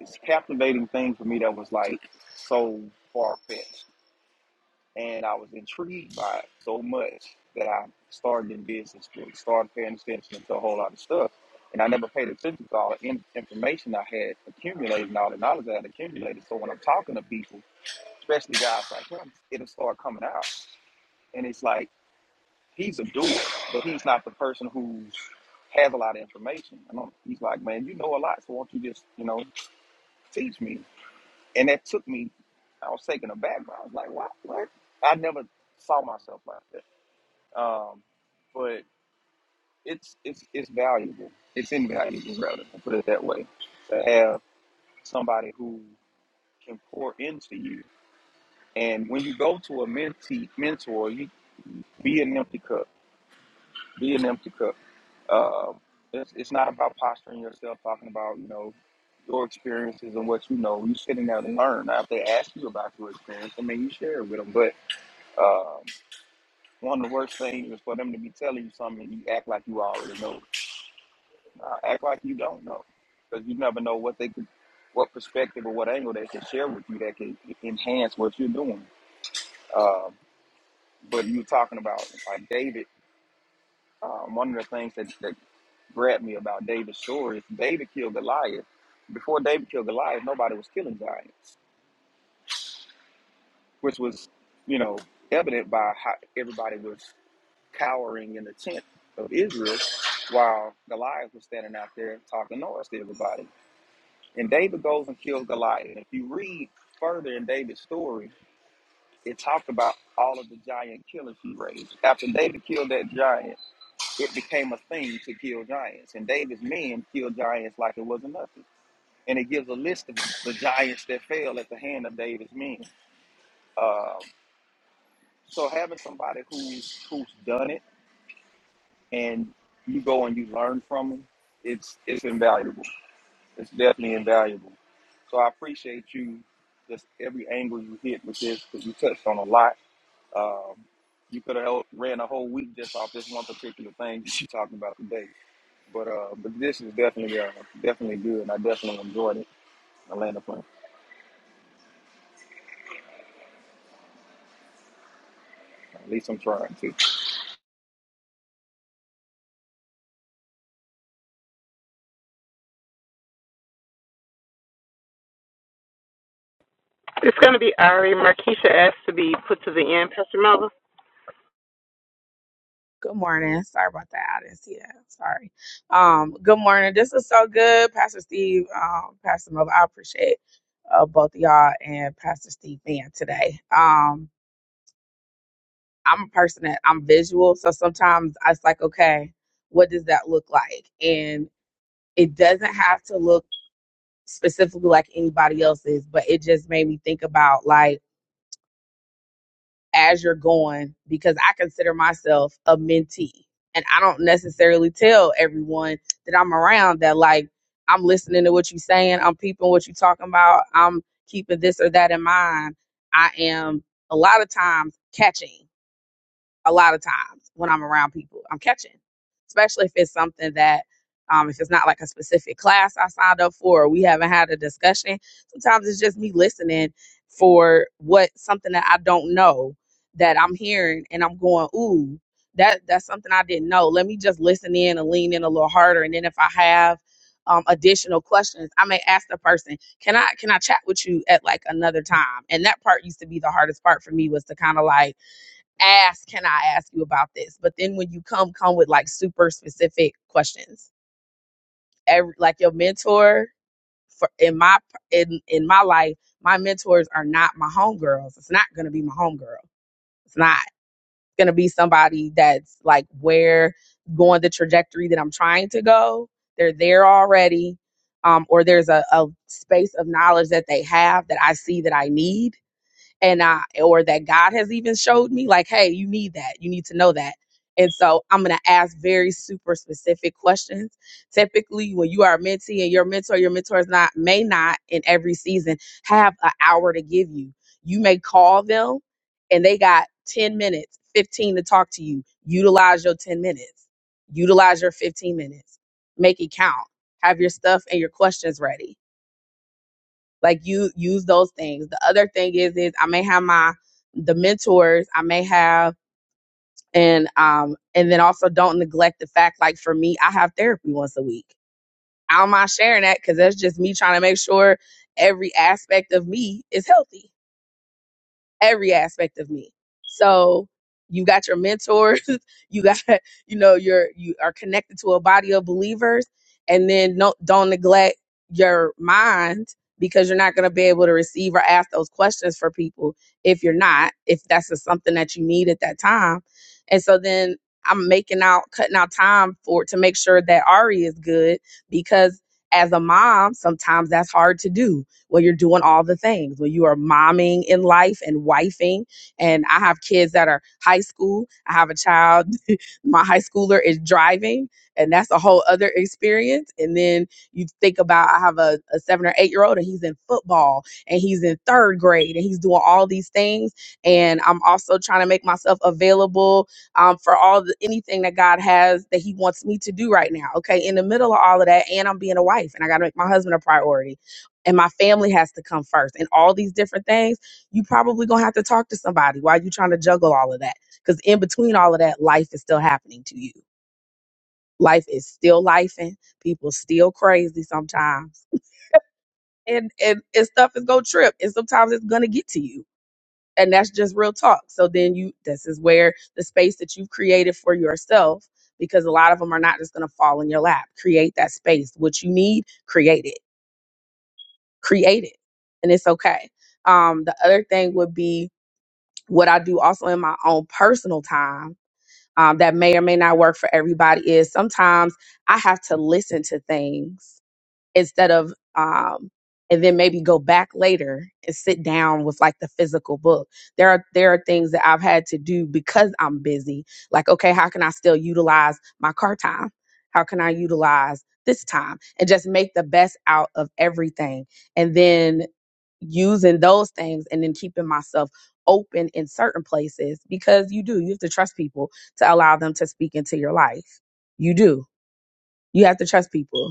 Speaker 4: this captivating thing for me that was like so far fetched and I was intrigued by it so much that I started in business school, started paying attention to a whole lot of stuff. And I never paid attention to all the in- information I had accumulated and all the knowledge I had accumulated. So when I'm talking to people, especially guys like him, it'll start coming out. And it's like, he's a doer, but he's not the person who has a lot of information. And I'm, he's like, man, you know a lot, so won't you just, you know, teach me? And that took me, I was taken aback. but I was like, what? what? I never saw myself like that. Um, but it's it's it's valuable. It's invaluable, rather. to Put it that way. To have somebody who can pour into you, and when you go to a mentee mentor, you be an empty cup. Be an empty cup. Um, it's, it's not about posturing yourself, talking about you know your experiences and what you know. You sitting there to learn. Now, if they ask you about your experience, I mean, you share it with them. But um, one of the worst things is for them to be telling you something and you act like you already know. Uh, act like you don't know, because you never know what they could, what perspective or what angle they can share with you that can enhance what you're doing. Um, but you were talking about like David. Um, one of the things that, that grabbed me about David's story is David killed Goliath. Before David killed Goliath, nobody was killing giants, which was, you know, evident by how everybody was cowering in the tent of Israel while Goliath was standing out there talking noise to everybody. And David goes and kills Goliath. And if you read further in David's story, it talked about all of the giant killers he raised. After David killed that giant, it became a thing to kill giants. And David's men killed giants like it wasn't nothing. And it gives a list of the giants that fell at the hand of David's men. Um, so having somebody who's who's done it and you go and you learn from them, it's it's invaluable. It's definitely invaluable. So I appreciate you, just every angle you hit with this, because you touched on a lot. Um, you could have ran a whole week just off this one particular thing that you're talking about today. But uh, but this is definitely uh, definitely good, and I definitely enjoyed it. I land the plane. At least I'm trying to.
Speaker 2: It's going to be Ari. Markeisha asked to be put to the end, Pastor Melvin.
Speaker 8: Good morning. Sorry about that. I didn't see that. Sorry. Um, good morning. This is so good, Pastor Steve, um, Pastor Miller. I appreciate uh, both of y'all and Pastor Steve being today. Um, I'm a person that I'm visual, so sometimes I was like, okay, what does that look like? And it doesn't have to look specifically like anybody else's, but it just made me think about like as you're going because I consider myself a mentee. And I don't necessarily tell everyone that I'm around that like I'm listening to what you're saying, I'm peeping what you're talking about, I'm keeping this or that in mind. I am a lot of times catching a lot of times when I'm around people. I'm catching, especially if it's something that, um, if it's not like a specific class I signed up for, or we haven't had a discussion. Sometimes it's just me listening for what something that I don't know that I'm hearing, and I'm going, ooh, that that's something I didn't know. Let me just listen in and lean in a little harder, and then if I have um, additional questions, I may ask the person, "Can I can I chat with you at like another time?" And that part used to be the hardest part for me was to kind of like ask, can I ask you about this? But then when you come, come with like super specific questions. Every like your mentor for in my in in my life, my mentors are not my homegirls. It's not gonna be my homegirl. It's not It's gonna be somebody that's like where going the trajectory that I'm trying to go. They're there already. Um, or there's a, a space of knowledge that they have that I see that I need and I or that God has even showed me like, hey, you need that. You need to know that. And so I'm gonna ask very super specific questions. Typically, when you are a mentee and your mentor, your mentor is not may not in every season have an hour to give you. You may call them and they got 10 minutes, 15 to talk to you. Utilize your 10 minutes, utilize your 15 minutes, make it count. Have your stuff and your questions ready like you use those things the other thing is is i may have my the mentors i may have and um and then also don't neglect the fact like for me i have therapy once a week i'm not sharing that because that's just me trying to make sure every aspect of me is healthy every aspect of me. So you got your mentors, (laughs) you got you know you're you are connected to a body of believers, and then no, don't neglect your mind because you're not going to be able to receive or ask those questions for people if you're not if that's just something that you need at that time. And so then I'm making out cutting out time for to make sure that Ari is good because as a mom sometimes that's hard to do well, you're doing all the things. Well, you are momming in life and wifing. And I have kids that are high school. I have a child. (laughs) My high schooler is driving, and that's a whole other experience. And then you think about I have a, a seven or eight year old, and he's in football, and he's in third grade, and he's doing all these things. And I'm also trying to make myself available um, for all the anything that God has that He wants me to do right now. Okay, in the middle of all of that, and I'm being a wife, and I got to make my husband a priority and my family has to come first and all these different things you probably gonna have to talk to somebody why you trying to juggle all of that because in between all of that life is still happening to you life is still life and people still crazy sometimes and, and and stuff is gonna trip and sometimes it's gonna get to you and that's just real talk so then you this is where the space that you've created for yourself because a lot of them are not just gonna fall in your lap create that space what you need create it create it and it's okay um the other thing would be what i do also in my own personal time um, that may or may not work for everybody is sometimes i have to listen to things instead of um and then maybe go back later and sit down with like the physical book. There are there are things that I've had to do because I'm busy. Like, okay, how can I still utilize my car time? How can I utilize this time and just make the best out of everything? And then using those things and then keeping myself open in certain places because you do. You have to trust people to allow them to speak into your life. You do. You have to trust people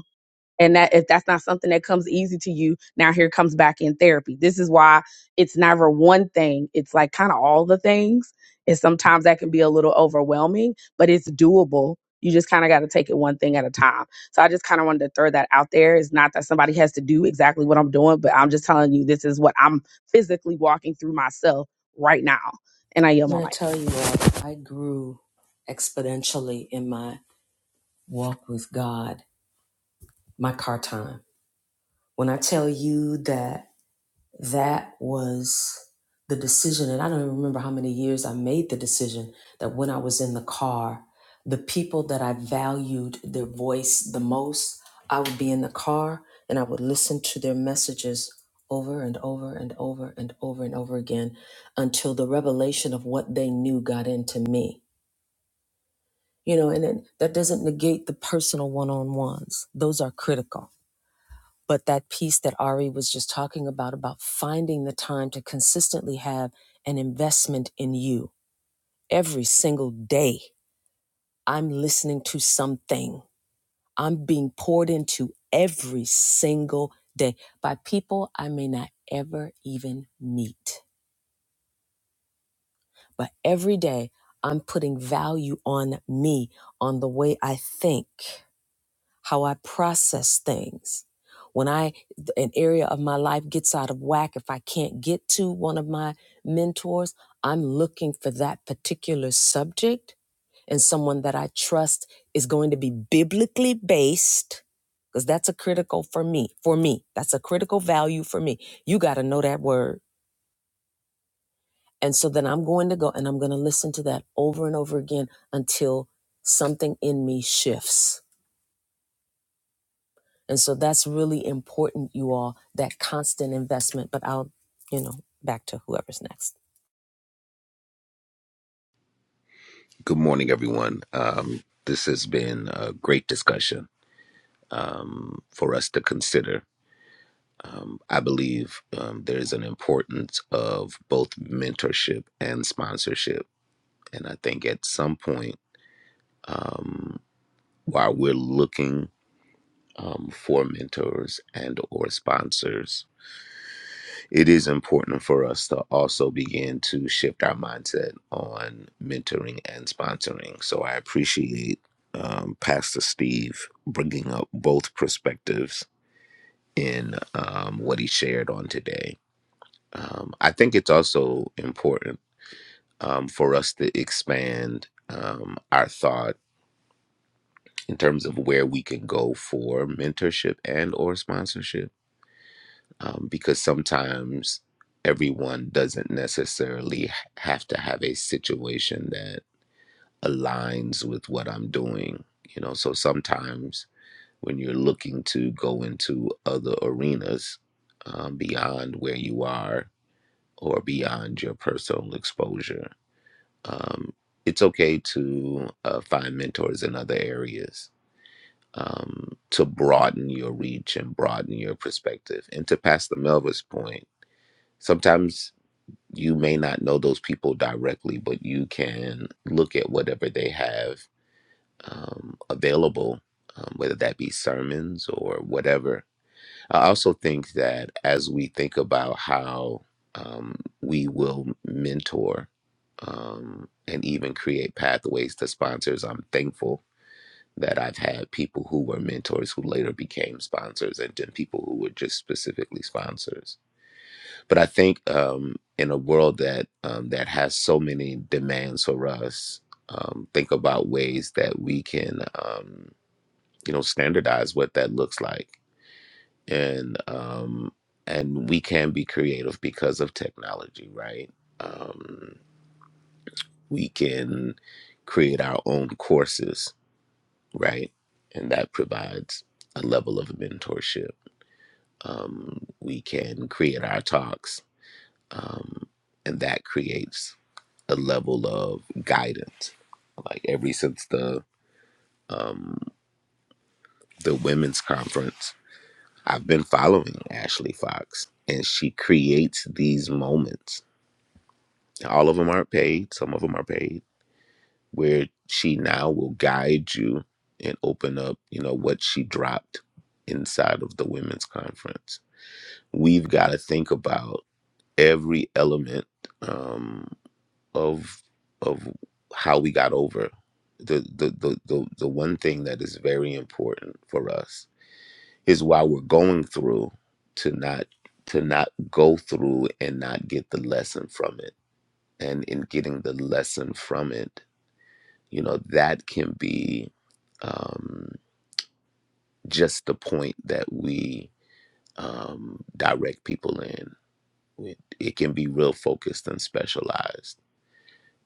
Speaker 8: and that if that's not something that comes easy to you now here comes back in therapy this is why it's never one thing it's like kind of all the things and sometimes that can be a little overwhelming but it's doable you just kind of got to take it one thing at a time so i just kind of wanted to throw that out there it's not that somebody has to do exactly what i'm doing but i'm just telling you this is what i'm physically walking through myself right now and i yell
Speaker 1: I'm
Speaker 8: my
Speaker 1: going to
Speaker 8: mic
Speaker 1: tell you all, I grew exponentially in my walk with God, my car time. When I tell you that that was the decision and i don't even remember how many years i made the decision that when i was in the car the people that i valued their voice the most i would be in the car and i would listen to their messages over and over and over and over and over again until the revelation of what they knew got into me you know and then that doesn't negate the personal one-on-ones those are critical but that piece that Ari was just talking about, about finding the time to consistently have an investment in you every single day. I'm listening to something, I'm being poured into every single day by people I may not ever even meet. But every day, I'm putting value on me, on the way I think. how I process things. When I an area of my life gets out of whack, if I can't get to one of my mentors, I'm looking for that particular subject and someone that I trust is going to be biblically based because that's a critical for me. For me, that's a critical value for me. You got to know that word. And so then I'm going to go and I'm going to listen to that over and over again until something in me shifts And so that's really important, you all, that constant investment. But I'll, you know, back to whoever's next.
Speaker 9: Good morning, everyone. Um, this has been a great discussion um, for us to consider. Um, I believe um, there's an importance of both mentorship and sponsorship. And I think at some point, while we're looking um, for mentors and or sponsors, it is important for us to also begin to shift our mindset on mentoring and sponsoring. So I appreciate um, Pastor Steve bringing up both perspectives in um, what he shared on today. Um, I think it's also important um, for us to expand um, our thought in terms of where we can go for mentorship and or sponsorship um, because sometimes everyone doesn't necessarily have to have a situation that aligns with what I'm doing. You know, so sometimes when you're looking to go into other arenas um, beyond where you are or beyond your personal exposure, um, it's okay to uh, find mentors in other areas um, to broaden your reach and broaden your perspective. And to Pastor Melva's point, sometimes you may not know those people directly, but you can look at whatever they have um, available, um, whether that be sermons or whatever. I also think that as we think about how um, we will mentor um, and even create pathways to sponsors, I'm thankful that I've had people who were mentors who later became sponsors and then people who were just specifically sponsors but I think um, in a world that um, that has so many demands for us, um, think about ways that we can, um, you know, standardize what that looks like, and um, and we can be creative because of technology, right? Um, we can create our own courses, right? And that provides a level of mentorship. Um, we can create our talks, um, and that creates a level of guidance. Like every since the um the women's conference, I've been following Ashley Fox, and she creates these moments. All of them aren't paid. Some of them are paid. Where she now will guide you and open up, you know, what she dropped inside of the women's conference. We've got to think about every element. Um, of of how we got over the the the the, the one thing that is very important for us is while we're going through to not to not go through and not get the lesson from it and in getting the lesson from it you know that can be um just the point that we um direct people in it, it can be real focused and specialized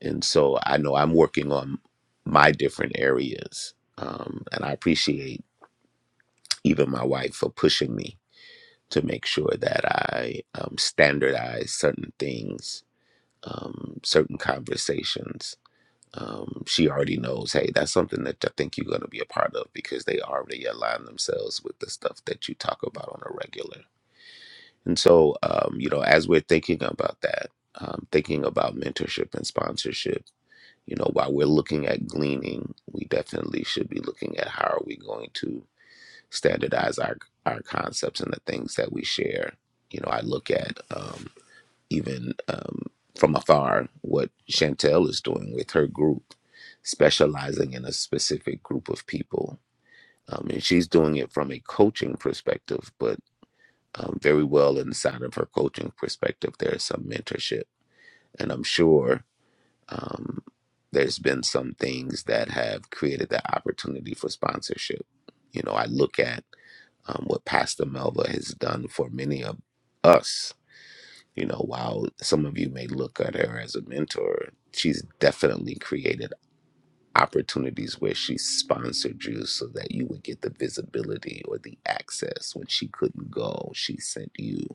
Speaker 9: And so I know I'm working on my different areas. Um, and I appreciate even my wife for pushing me to make sure that I um, standardize certain things, um, certain conversations. Um, she already knows, hey, that's something that I think you're going to be a part of because they already align themselves with the stuff that you talk about on a regular. And so, um, you know, as we're thinking about that, um, thinking about mentorship and sponsorship, you know, while we're looking at gleaning, we definitely should be looking at how are we going to standardize our our concepts and the things that we share. You know, I look at um, even um, from afar what Chantel is doing with her group, specializing in a specific group of people, um, and she's doing it from a coaching perspective, but um, very well inside of her coaching perspective, there is some mentorship, and I'm sure um, there's been some things that have created that opportunity for sponsorship. You know, I look at um, what Pastor Melva has done for many of us. You know, while some of you may look at her as a mentor, she's definitely created opportunities where she sponsored you so that you would get the visibility or the access when she couldn't go. She sent you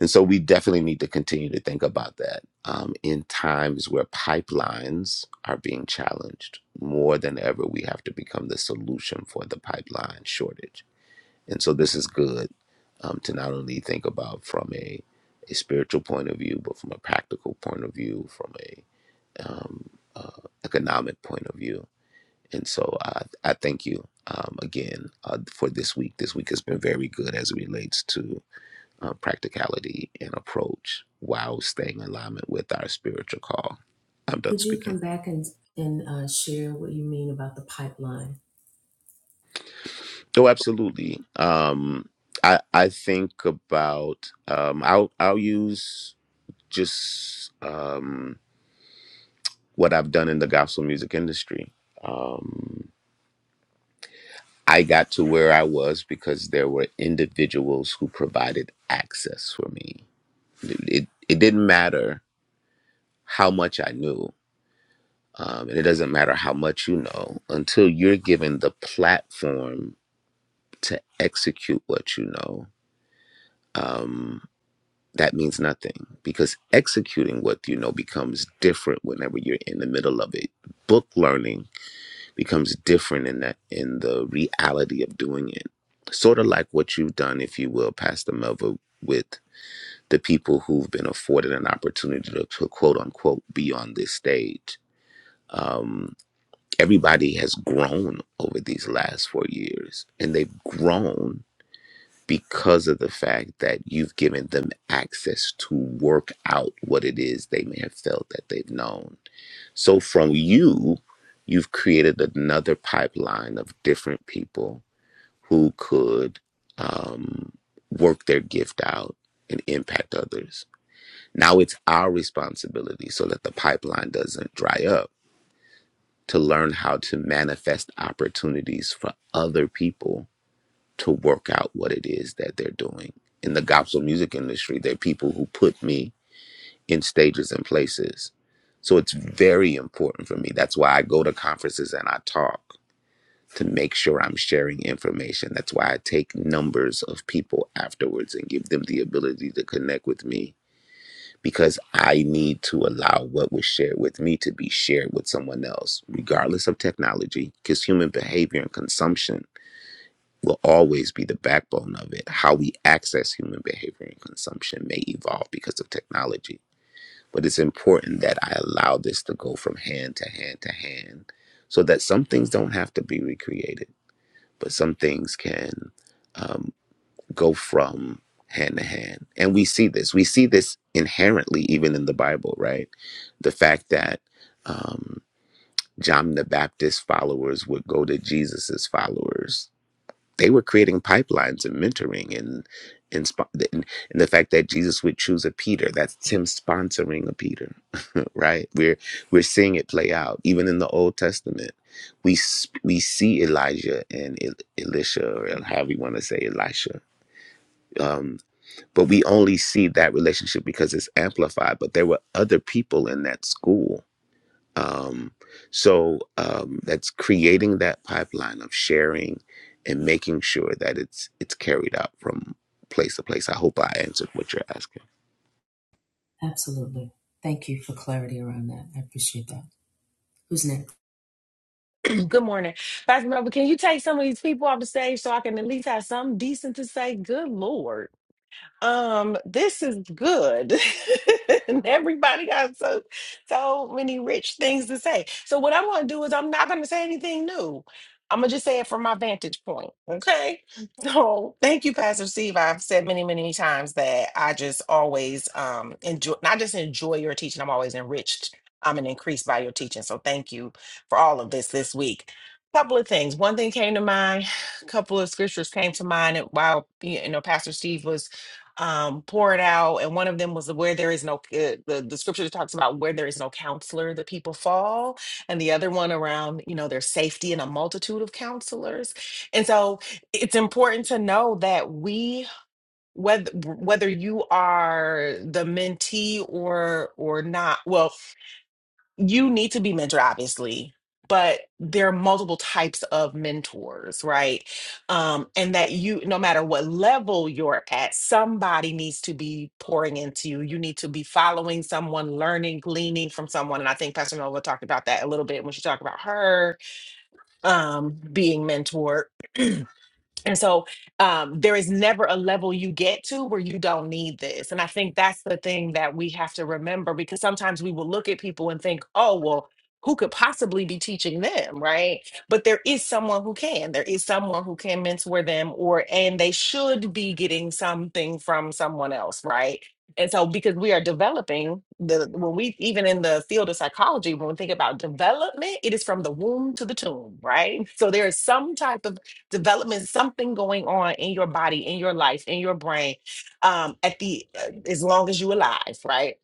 Speaker 9: and so we definitely need to continue to think about that um, in times where pipelines are being challenged more than ever. We have to become the solution for the pipeline shortage. And so this is good um, to not only think about from a, a spiritual point of view, but from a practical point of view, from a um, uh, economic point of view. And so I, I thank you um, again uh, for this week. This week has been very good as it relates to uh, practicality and approach while staying in alignment with our spiritual call. I'm done
Speaker 1: Could you
Speaker 9: speaking.
Speaker 1: come back and, and uh, share what you mean about the pipeline?
Speaker 9: Oh, absolutely. Um, I I think about um, I'll I'll use just um, what I've done in the gospel music industry. Um, I got to where I was because there were individuals who provided access for me. It it it didn't matter how much I knew um, and it doesn't matter how much you know until you're given the platform to execute what you know um, that means nothing because executing what you know becomes different whenever you're in the middle of it book learning becomes different in that in the reality of doing it sort of like what you've done if you will pastor melva with the people who've been afforded an opportunity to, to quote unquote be on this stage Um, everybody has grown over these last four years, and they've grown because of the fact that you've given them access to work out what it is they may have felt that they've known. So, from you, you've created another pipeline of different people who could um, work their gift out and impact others. Now it's our responsibility so that the pipeline doesn't dry up to learn how to manifest opportunities for other people to work out what it is that they're doing. In the gospel music industry, there are people who put me in stages and places. So it's very important for me. That's why I go to conferences and I talk to make sure I'm sharing information. That's why I take numbers of people afterwards and give them the ability to connect with me because I need to allow what was shared with me to be shared with someone else, regardless of technology, because human behavior and consumption will always be the backbone of it. How we access human behavior and consumption may evolve because of technology, but it's important that I allow this to go from hand to hand to hand so that some things don't have to be recreated, but some things can. um, go from hand to hand. And we see this. We see this inherently even in the Bible, right? The fact that um, John the Baptist followers would go to Jesus's followers. They were creating pipelines and mentoring and, and, spo- and and the fact that Jesus would choose a Peter, that's him sponsoring a Peter, right? We're, we're seeing it play out even in the Old Testament. We, s- we see Elijah and El- Elisha, or however you want to say Elisha, um, but we only see that relationship because it's amplified. But there were other people in that school. Um, so um, that's creating that pipeline of sharing and making sure that it's it's carried out from place to place. I hope I answered what you're asking.
Speaker 1: Absolutely. Thank you for clarity around that. I appreciate that. Who's next?
Speaker 10: (clears throat) Good morning. Pastor Melvin, can you take some of these people off the stage so I can at least have something decent to say? Good Lord um, this is good. (laughs) and everybody got so so many rich things to say. So what I'm gonna do is I'm not gonna say anything new. I'm gonna just say it from my vantage point. Okay. So thank you, Pastor Steve. I've said many, many times that I just always um enjoy not just enjoy your teaching, I'm always enriched. I'm an increased by your teaching. So thank you for all of this this week. Couple of things. One thing came to mind, (sighs) a couple of scriptures came to mind while you know Pastor Steve was um, pour it out. And one of them was where there is no, uh, the, the scripture that talks about where there is no counselor, the people fall. And the other one around, you know, there's safety in a multitude of counselors. And so it's important to know that we, whether, whether you are the mentee or, or not, well, you need to be mentored obviously but there are multiple types of mentors right um and that you no matter what level you're at somebody needs to be pouring into you you need to be following someone learning gleaning from someone and i think pastor nova talked about that a little bit when she talked about her um being mentored and so um, there is never a level you get to where you don't need this. And I think that's the thing that we have to remember because sometimes we will look at people and think, oh, well, who could possibly be teaching them, right? But there is someone who can. There is someone who can mentor them or and they should be getting something from someone else, right? And so because we are developing the when we even in the field of psychology, when we think about development, it is from the womb to the tomb, right? So there is some type of development, something going on in your body, in your life, in your brain, um, at the uh, as long as you alive, right?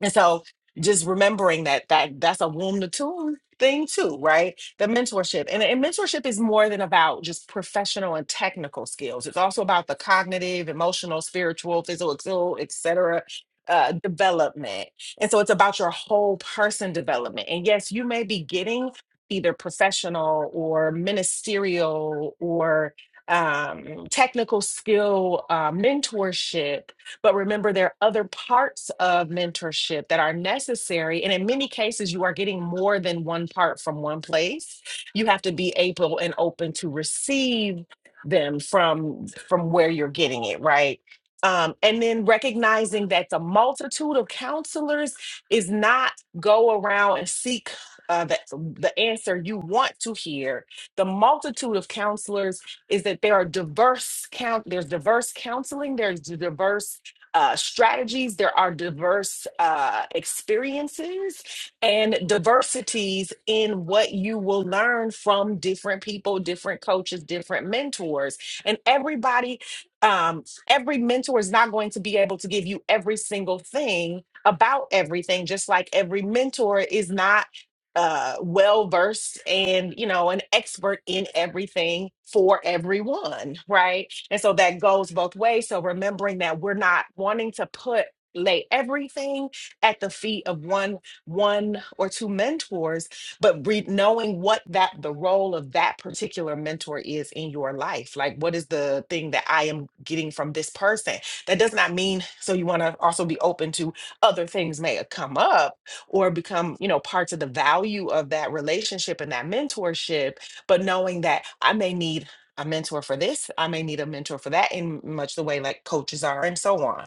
Speaker 10: And so just remembering that that that's a womb to tomb thing too, right? The mentorship. And, and mentorship is more than about just professional and technical skills. It's also about the cognitive, emotional, spiritual, physical, so, et cetera, uh, development. And so it's about your whole person development. And yes, you may be getting either professional or ministerial or um, technical skill uh, mentorship but remember, there are other parts of mentorship that are necessary. And in many cases, you are getting more than one part from one place. You have to be able and open to receive them from from where you're getting it right um, and then recognizing that the multitude of counselors is not go around and seek uh, the, the answer you want to hear the multitude of counselors is that there are diverse count there's diverse counseling there's diverse uh, strategies, there are diverse uh, experiences and diversities in what you will learn from different people, different coaches, different mentors. And everybody, um, every mentor is not going to be able to give you every single thing about everything, just like every mentor is not uh well versed and you know an expert in everything for everyone right and so that goes both ways. So remembering that we're not wanting to put lay everything at the feet of one one or two mentors but re- knowing what that the role of that particular mentor is in your life like what is the thing that i am getting from this person that does not mean so you want to also be open to other things may come up or become you know parts of the value of that relationship and that mentorship but knowing that i may need a mentor for this. I may need a mentor for that, in much the way like coaches are, and so on.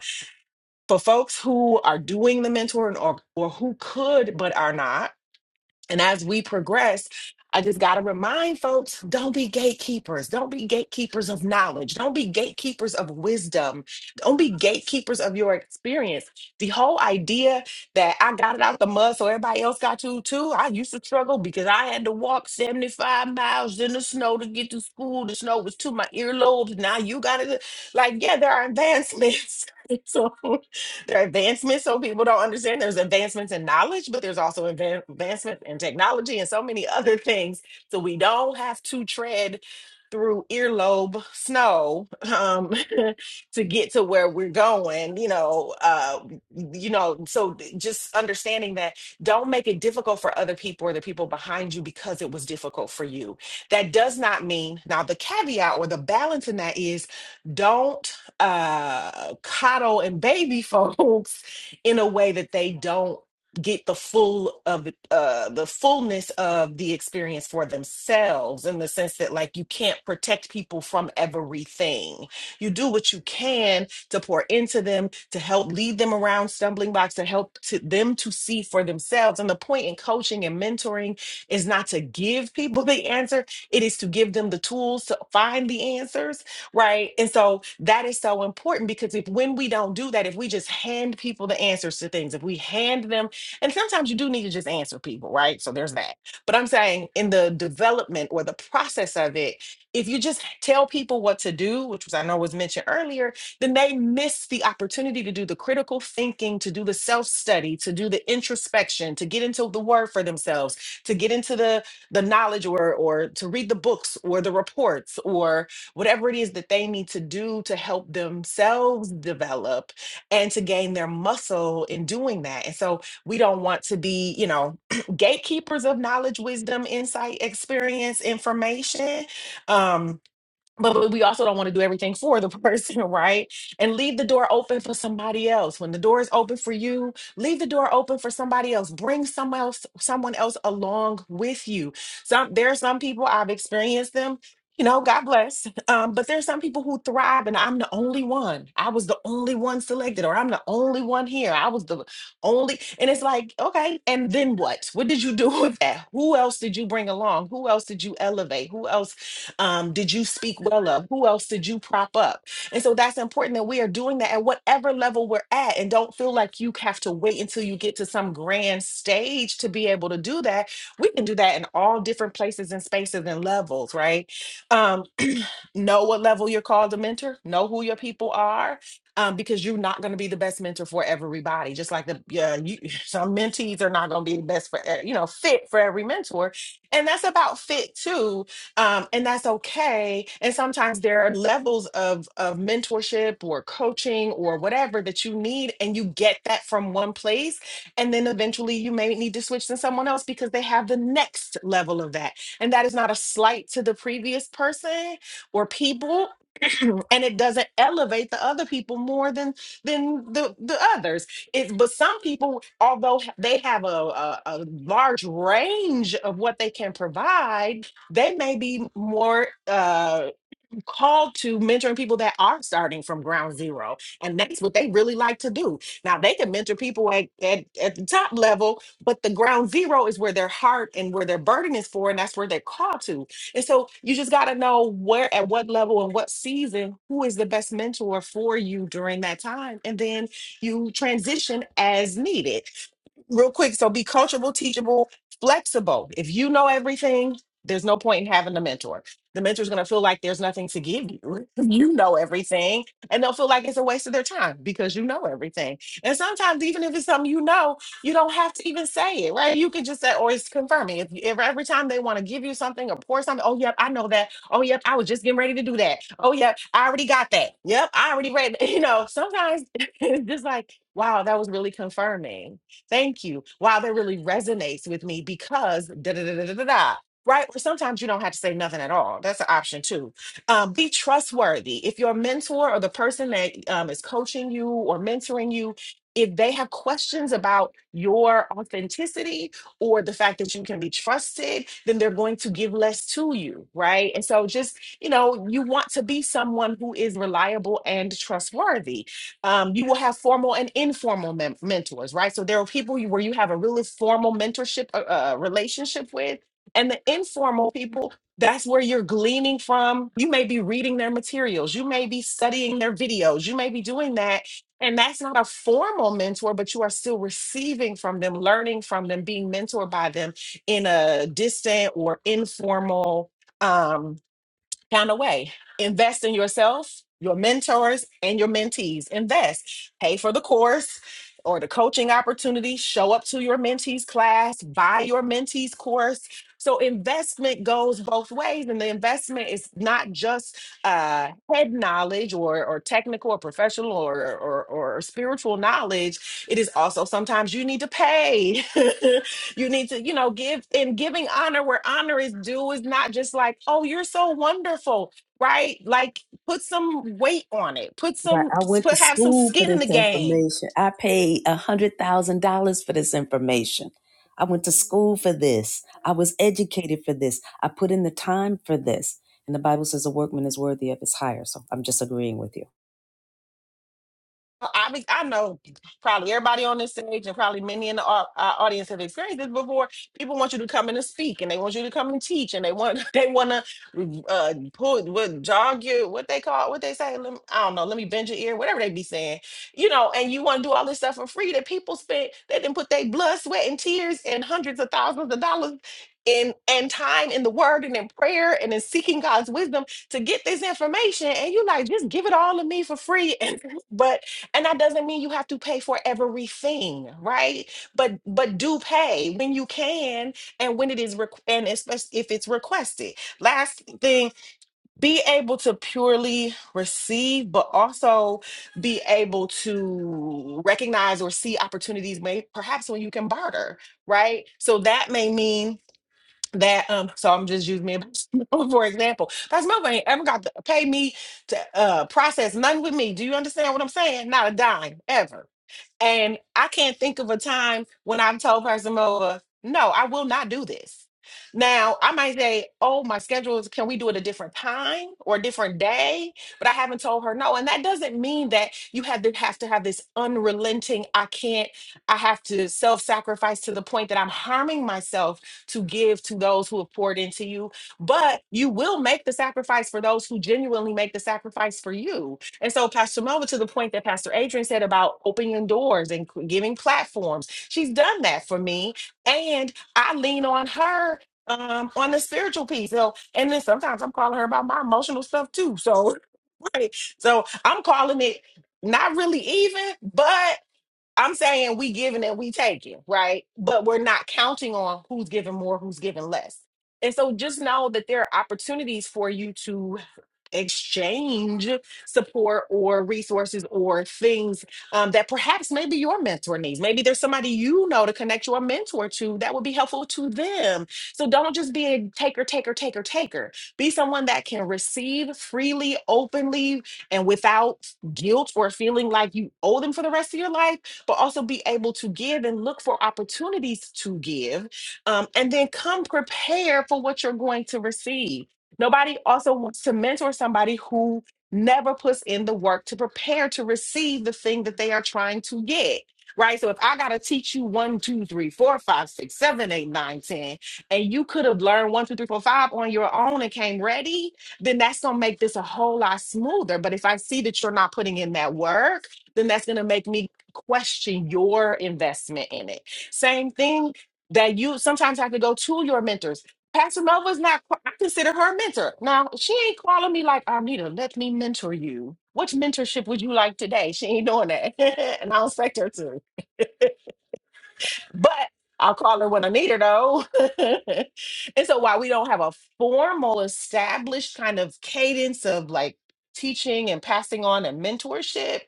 Speaker 10: For folks who are doing the mentoring or or who could but are not, and as we progress, I just got to remind folks don't be gatekeepers. Don't be gatekeepers of knowledge. Don't be gatekeepers of wisdom. Don't be gatekeepers of your experience. The whole idea that I got it out the mud so everybody else got to too. I used to struggle because I had to walk 75 miles in the snow to get to school. The snow was to my earlobes. Now you got it. Like, yeah, there are advancements. (laughs) so there are advancements so people don't understand there's advancements in knowledge but there's also advan- advancements in technology and so many (laughs) other things so we don't have to tread through earlobe snow um, (laughs) to get to where we're going you know uh, you know so just understanding that don't make it difficult for other people or the people behind you because it was difficult for you that does not mean now the caveat or the balance in that is don't uh, coddle and baby (laughs) folks in a way that they don't get the full of uh, the fullness of the experience for themselves in the sense that like you can't protect people from everything you do what you can to pour into them to help lead them around stumbling blocks to help to them to see for themselves and the point in coaching and mentoring is not to give people (laughs) the answer it is to give them the tools to find the answers right? And so that is so important because if when we don't do that, if we just hand people the answers to things, if we hand them, and sometimes you do need to just answer people, right? So there's that. But I'm saying in the development or the process of it, if you just tell people what to do, which was I know was mentioned earlier, then they miss the opportunity to do the critical thinking, to do the self study, to do the introspection, to get into the word for themselves, to get into the the knowledge or or to read the books or the reports or whatever it is that they need to do to help themselves develop and to gain their muscle in doing that. And so we don't want to be, you know, (clears throat) gatekeepers of knowledge, wisdom, insight, experience, information. Um, but but we also don't want to do everything for the person, (laughs) right? And leave the door open for somebody else. When the door is open for you, leave the door open for somebody else. Bring someone else, someone else along with you. Some there are some people I've experienced them. You know, God bless. (laughs) Um, but there's some people who thrive, and I'm the only one. I was the only one selected, or I'm the only one here. I was the only, and it's like, okay, and then what? What did you do (laughs) with that? Who else did you bring along? Who else did you elevate? Who else um, did you speak well of? Who else did you prop up? And so that's important that we are doing that at whatever level we're at and don't feel like you have to wait until you get to some grand stage to be able to do that. We can do that in all different places and spaces and levels, right? Um, (clears throat) know what level you're called to mentor, know who your people are. Um, because you're not going to be the best mentor for everybody, just like the yeah, you, (laughs) some mentees are not going to be the best for e- you know fit for every mentor, and that's about fit too um, and that's okay. And sometimes there are levels of of mentorship or coaching or whatever that you need, and you get that from one place, and then eventually you may need to switch to someone else because they have the next level of that. And that is not a slight to the previous person or people. (clears throat) and it doesn't elevate the other people more than than the the others it's but some people although h- they have a, a a large range of what they can provide they may be more uh, called to mentoring people that are starting from ground zero and that's what they really like to do now they can mentor people at, at, at the top level but the ground zero is where their heart and where their burden is for and that's where they're called to and so you just got to know where at what level and what season who is the best mentor for you during that time and then you transition as needed real quick. So be coachable, teachable, flexible. If you know everything, there's no point in having a mentor. The mentor's going to feel like there's nothing to give you. (laughs) You know everything, and they'll feel like it's a waste of their time because you know everything. And sometimes, even if it's something you know, you don't have to even say it, right? You can just say, or it's confirming. If, if every time they want to give you something or pour something, oh, yep, I know that. Oh, yep, I was just getting ready to do that. Oh, yep, I already got that. Yep, I already read. (laughs) You know, sometimes (laughs) it's just like, wow, that was really confirming Thank you. Wow, that really resonates with me because da da da da da da. da. Right? Or sometimes you don't have to say nothing at all. That's an option too. Um, be trustworthy. If your mentor or the person that um, is coaching you or mentoring you, if they have questions about your authenticity or the fact that you can be trusted, then they're going to give less to you. Right. And so just, you know, you want to be someone who is reliable and trustworthy um, you will have formal and informal men- mentors, right? So there are people you- where you have a really formal mentorship uh, uh, uh, relationship with, and the informal people, that's where you're gleaning from. You may be reading their materials, you may be studying their videos, you may be doing that. And that's not a formal mentor, but you are still receiving from them, learning from them, being mentored by them in a distant or informal um, Count away. Invest in yourself, your mentors, and your mentees. Invest. Pay for the course or the coaching opportunity. Show up to your mentees class. Buy your mentees course. So investment goes both ways, and the investment is not just uh, head knowledge or or technical or professional or or, or spiritual knowledge. It is also sometimes you need to pay (laughs) You need to, you know, give and giving honor where honor is due is not just like, oh, you're so wonderful, right? Like put some weight on it. Put
Speaker 1: Right.
Speaker 10: some
Speaker 1: I went to
Speaker 10: put have some
Speaker 1: school for
Speaker 10: skin in
Speaker 1: this
Speaker 10: the game.
Speaker 1: information. I paid a hundred thousand dollars for this information. I went to school for this. I was educated for this. I put in the time for this. And the Bible says a workman is worthy of his hire. So I'm just agreeing with you.
Speaker 10: Well, I be, I know probably everybody on this stage and probably many in the au- uh, audience have experienced this before. People want you to come in and speak, and they want you to come and teach, and they want (laughs) they want to uh, pull what jog your what they call what they say. lem- I don't know. Let me bend your ear, whatever they be saying, you know. And you want to do all this stuff for free that people spent that didn't put their blood, sweat, and tears and hundreds of thousands of dollars in and time in the Word and in prayer and in seeking God's wisdom to get this information. And you like just give it all to me for free (laughs) and but and that doesn't mean you have to pay for everything right but but do pay when you can and when it is requ- and especially if it's requested last thing be able to purely receive but also be able to recognize or see opportunities may perhaps when you can barter right so that may mean that um so i'm just using me as (laughs) for example that's my ain't ever got to pay me to uh process nothing with me do you understand what i'm saying not a dime ever and I can't think of a time when I've told Pastor Moa, no, I will not do this. Now, I might say, oh, my schedule is, can we do it a different time or a different day? But I haven't told her no. And that doesn't mean that you have to have to have this unrelenting, I can't, I have to self-sacrifice to the point that I'm harming myself to give to those who have poured into you. But you will make the sacrifice for those who genuinely make the sacrifice for you and so, Pastor Mova, to the point that Pastor Adrian said about opening doors and c- giving platforms, she's done that for me. And I lean on her um, on the spiritual piece. So, and then sometimes I'm calling her about my emotional stuff too. So, (laughs) right. So I'm calling it not really even, but. I'm saying we giving and we taking, right? But we're not counting on who's giving more, who's giving less. And so just know that there are opportunities for you to exchange support or resources or things um, that perhaps maybe your mentor needs. Maybe there's somebody you know to connect your mentor to that would be helpful to them. So don't just be a taker, taker, taker, taker. Be someone that can receive freely, openly, and without guilt or feeling like you owe them for the rest of your life but also be able to give and look for opportunities to give um, and then come prepared for what you're going to receive. Nobody also wants to mentor somebody who never puts in the work to prepare to receive the thing that they are trying to get. Right. So if I got to teach you one, two, three, four, five, six, seven, eight, nine, ten, and you could have learned one, two, three, four, five on your own and came ready, then that's going to make this a whole lot smoother. But if I see that you're not putting in that work, then that's going to make me question your investment in it. Same thing that you sometimes have to go to your mentors. Pastor Nova's not, qua- I consider her a mentor. Now, she ain't calling me like, Arnita, let me mentor you. What mentorship would you like today? She ain't doing that. (laughs) and I don't expect her to. (laughs) but I'll call her when I need her though. (laughs) and so while we don't have a formal established kind of cadence of like teaching and passing on and mentorship,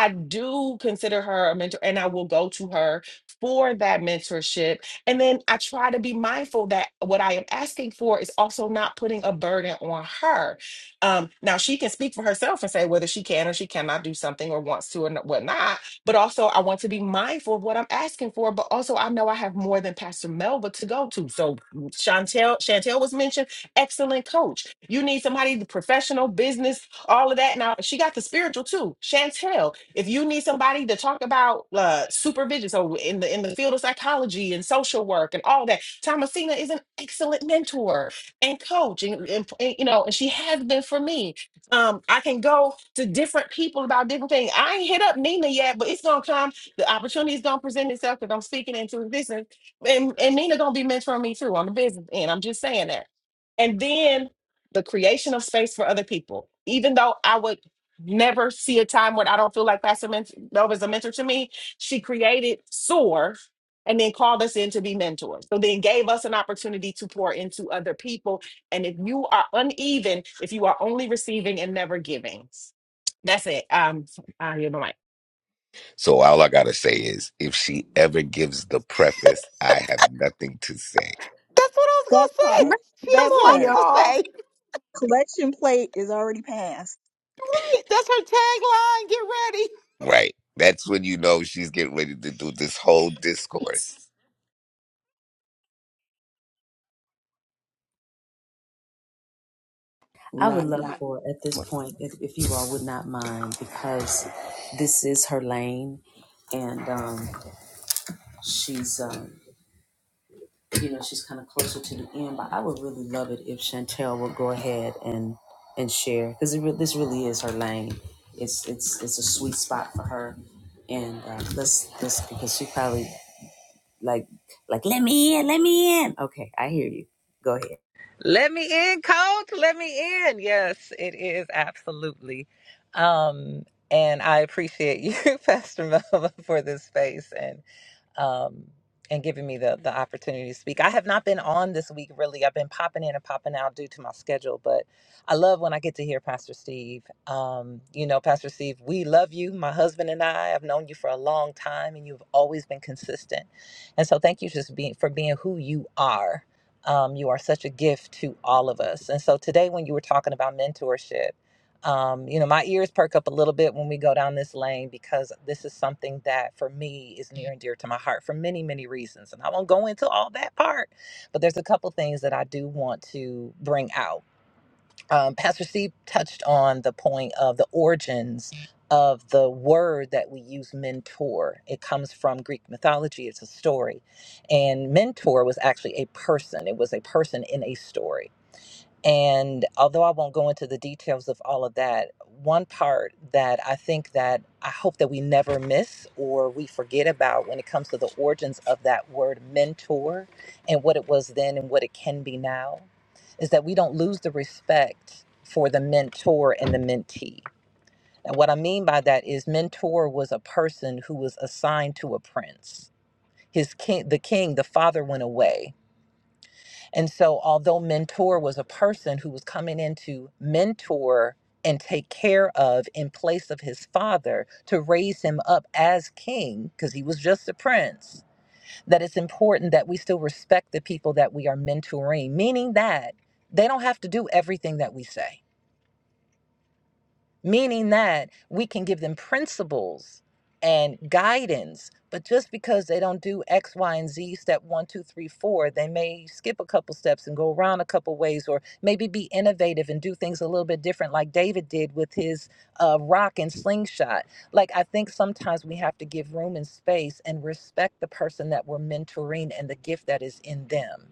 Speaker 10: I do consider her a mentor and I will go to her for that mentorship. And then I try to be mindful that what I am asking for is also not putting a burden on her. Um, now she can speak for herself and say whether she can or she cannot do something or wants to or n- whatnot but also, I want to be mindful of what I'm asking for. But also, I know I have more than Pastor Melba to go to. So mm, Chantel, Chantel was mentioned, excellent coach. You need somebody, the professional, business, all of that. Now she got the spiritual too. Chantel, if you need somebody to talk about uh, supervision, so in the in the field of psychology and social work and all that, Thomasina is an excellent mentor and coach, and, and and, you know, and she has been for me um, I can go to different people about different things. I ain't hit up Nina yet, but it's gonna come. The opportunity is gonna present itself because I'm speaking into existence, and and Nina gonna be mentoring me too on the business end. I'm just saying that. And then the creation of space for other people. Even though I would never see a time when I don't feel like Pastor Ment- Nova is a mentor to me, she created SOAR and then called us in to be mentors. So then gave us an opportunity to pour into other people and if you are uneven, if you are only receiving and never giving, that's it. Um, I hear the mic.
Speaker 9: So all I gotta say is, if she ever gives the preface, I have nothing to say.
Speaker 5: That
Speaker 10: (laughs)
Speaker 2: say.
Speaker 5: part,
Speaker 2: She
Speaker 10: Come
Speaker 2: has
Speaker 5: that
Speaker 10: on,
Speaker 2: lots
Speaker 5: part.
Speaker 2: to
Speaker 10: y'all.
Speaker 2: say.
Speaker 5: Collection plate is already passed.
Speaker 2: That's her tagline. Get ready.
Speaker 9: Right. That's when you know she's getting ready to do this whole discourse.
Speaker 1: I would
Speaker 6: Not
Speaker 1: love
Speaker 6: not
Speaker 1: for at this point, if, if you all would not mind, because this is her lane, and um, she's, um, you know, she's kind of closer to the end. But I would really love it if Chantel would go ahead and and share, because re- this really is her lane. It's it's it's a sweet spot for her, and uh, let's let's because she probably like like let me in, let me in. Okay, I hear you. Go ahead.
Speaker 11: Let me in, coach. Let me in. Yes, it is absolutely. Um, and I appreciate you, (laughs) Pastor Melva, for this space. and um, and giving me the the opportunity to speak. I have not been on this week really. I've been popping in and popping out due to my schedule, but I love when I get to hear Pastor Steve. Um, you know, Pastor Steve, we love you. My husband and I have known you for a long time, and you've always been consistent. And so, thank you just being for being who you are. Um, you are such a gift to all of us. And so today, when you were talking about mentorship, um, you know, my ears perk up a little bit when we go down this lane because this is something that for me is near and dear to my heart for many, many reasons. And I won't go into all that part, but there's a couple things that I do want to bring out. Um, Pastor Steve touched on the point of the origins of the word that we use mentor. It comes from Greek mythology, it's a story. And mentor was actually a person, it was a person in a story. And although I won't go into the details of all of that, one part that I think that I hope that we never miss or we forget about when it comes to the origins of that word mentor and what it was then and what it can be now is that we don't lose the respect for the mentor and the mentee. And what I mean by that is mentor was a person who was assigned to a prince. His king, the king, the father went away and so, although mentor was a person who was coming in to mentor and take care of in place of his father to raise him up as king, because he was just a prince, that it's important that we still respect the people that we are mentoring, meaning that they don't have to do everything that we say meaning that we can give them principles and guidance but just because they don't do x y and z step one two three four they may skip a couple steps and go around a couple ways or maybe be innovative and do things a little bit different like david did with his uh, rock and slingshot like i think sometimes we have to give room and space and respect the person that we're mentoring and the gift that is in them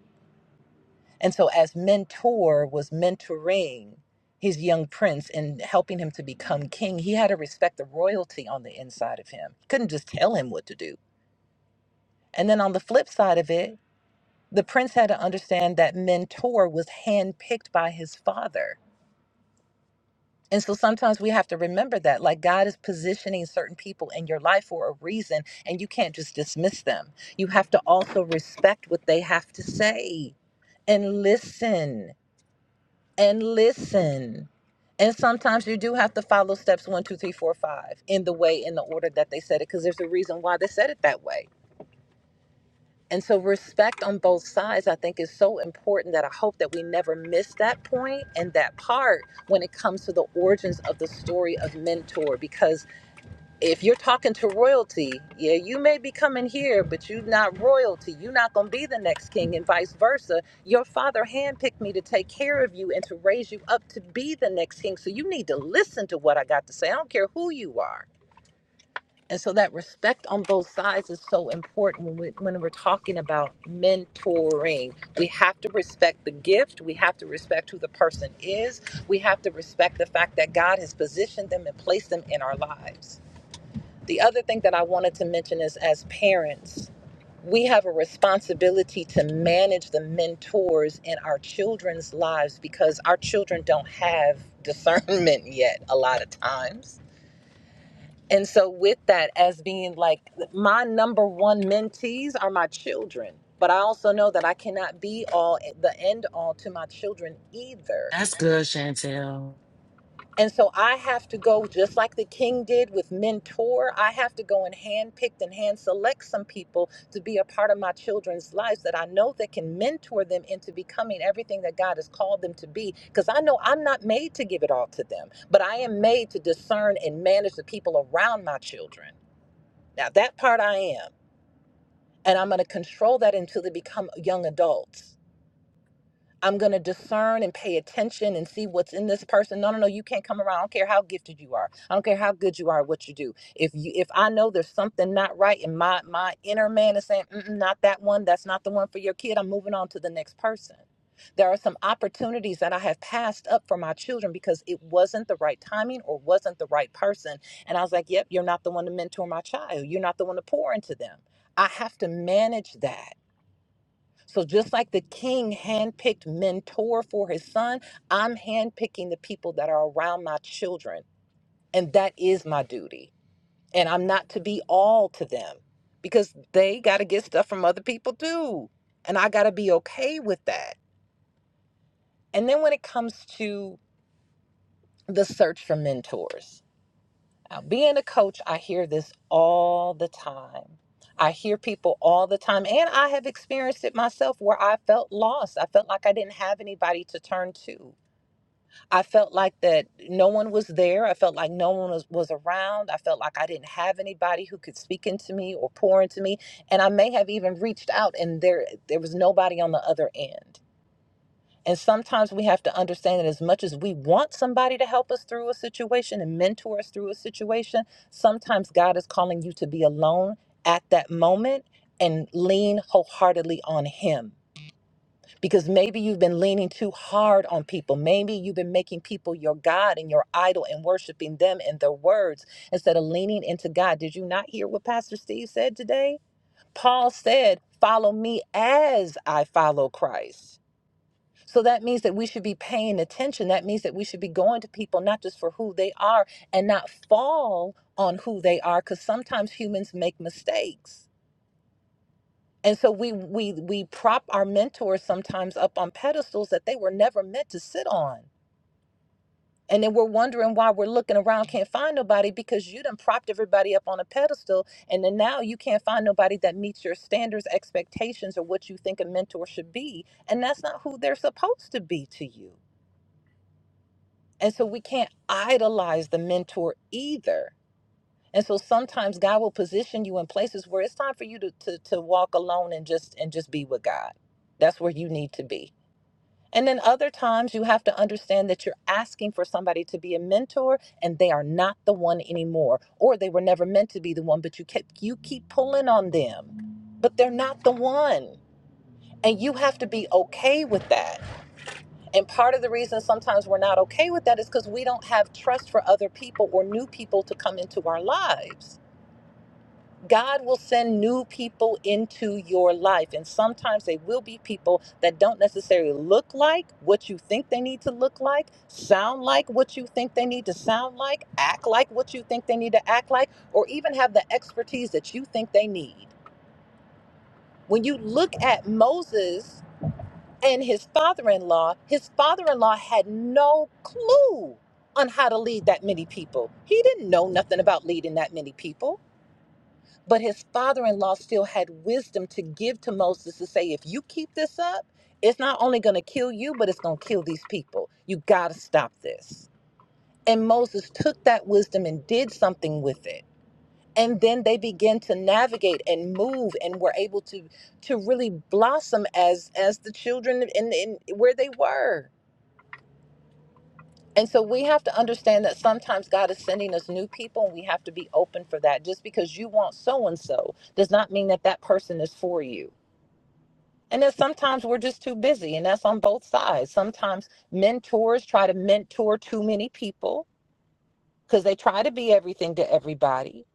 Speaker 11: and so, as mentor was mentoring his young prince and helping him to become king, he had to respect the royalty on the inside of him. Couldn't just tell him what to do. And then on the flip side of it, the prince had to understand that mentor was handpicked by his father. And so sometimes we have to remember that, like God is positioning certain people in your life for a reason, and you can't just dismiss them. You have to also respect what they have to say and listen and listen. And sometimes you do have to follow steps one, two, three, four, five in the way, in the order that they said it, because there's a reason why they said it that way. And so, respect on both sides, I think, is so important that I hope that we never miss that point and that part when it comes to the origins of the story of Mentor, because if you're talking to royalty, yeah, you may be coming here, but you're not royalty. You're not going to be the next king, and vice versa. Your father handpicked me to take care of you and to raise you up to be the next king. So you need to listen to what I got to say. I don't care who you are. And so that respect on both sides is so important when, we, when we're talking about mentoring. We have to respect the gift. We have to respect who the person is. We have to respect the fact that God has positioned them and placed them in our lives. The other thing that I wanted to mention is as parents, we have a responsibility to manage the mentors in our children's lives because our children don't have discernment (laughs) yet a lot of times. And so, with that, as being like my number one mentees are my children, but I also know that I cannot be all the end all to my children either
Speaker 10: That's good, Chantel.
Speaker 11: And so I have to go, just like the king did with Mentor, I have to go and handpick and hand select some people to be a part of my children's lives that I know that can mentor them into becoming everything that God has called them to be. Because I know I'm not made to give it all to them, but I am made to discern and manage the people around my children. Now, that part I am. And I'm going to control that until they become young adults. I'm going to discern and pay attention and see what's in this person. No, no, no, you can't come around. I don't care how gifted you are. I don't care how good you are at what you do. If you if I know there's something not right and my my inner man is saying, Mm-mm, not that one, that's not the one for your kid. I'm moving on to the next person. There are some opportunities that I have passed up for my children because it wasn't the right timing or wasn't the right person. And I was like, yep, you're not the one to mentor my child. You're not the one to pour into them. I have to manage that. So just like the king handpicked mentor for his son, I'm handpicking the people that are around my children. And that is my duty. And I'm not to be all to them because they got to get stuff from other people too. And I got to be okay with that. And then when it comes to the search for mentors, Now, being a coach, I hear this all the time. I hear people all the time, and I have experienced it myself where I felt lost. I felt like I didn't have anybody to turn to. I felt like that no one was there. I felt like no one was, was around. I felt like I didn't have anybody who could speak into me or pour into me. And I may have even reached out, and there there was nobody on the other end. And sometimes we have to understand that as much as we want somebody to help us through a situation and mentor us through a situation, sometimes God is calling you to be alone at that moment and lean wholeheartedly on Him. Because maybe you've been leaning too hard on people. Maybe you've been making people your God and your idol and worshiping them and their words instead of leaning into God. Did you not hear what Pastor Steve said today? Paul said, Follow me as I follow Christ. So that means that we should be paying attention. That means that we should be going to people not just for who they are and not fall on who they are because sometimes humans make mistakes. And so we we we prop our mentors sometimes up on pedestals that they were never meant to sit on. And then we're wondering why we're looking around, can't find nobody because you done propped everybody up on a pedestal. And then now you can't find nobody that meets your standards, expectations, or what you think a mentor should be. And that's not who they're supposed to be to you. And so we can't idolize the mentor either. And so sometimes God will position you in places where it's time for you to, to to walk alone and just and just be with God. That's where you need to be. And then other times you have to understand that you're asking for somebody to be a mentor and they are not the one anymore or they were never meant to be the one but you keep you keep pulling on them but they're not the one. And you have to be okay with that and part of the reason sometimes we're not okay with that is because we don't have trust for other people or new people to come into our lives. God will send new people into your life. And sometimes they will be people that don't necessarily look like what you think they need to look like, sound like what you think they need to sound like, act like what you think they need to act like, or even have the expertise that you think they need. When you look at Moses and his father-in-law his father-in-law had no clue on how to lead that many people he didn't know nothing about leading that many people but his father-in-law still had wisdom to give to moses to say if you keep this up it's not only going to kill you but it's going to kill these people you got to stop this and moses took that wisdom and did something with it and then they began to navigate and move and were able to to really blossom as as the children in, in where they were And so we have to understand that sometimes God is sending us new people and we have to be open for that. Just because you want so and so does not mean that that person is for you. And then sometimes we're just too busy, and that's on both sides. Sometimes mentors try to mentor too many people because they try to be everything to everybody.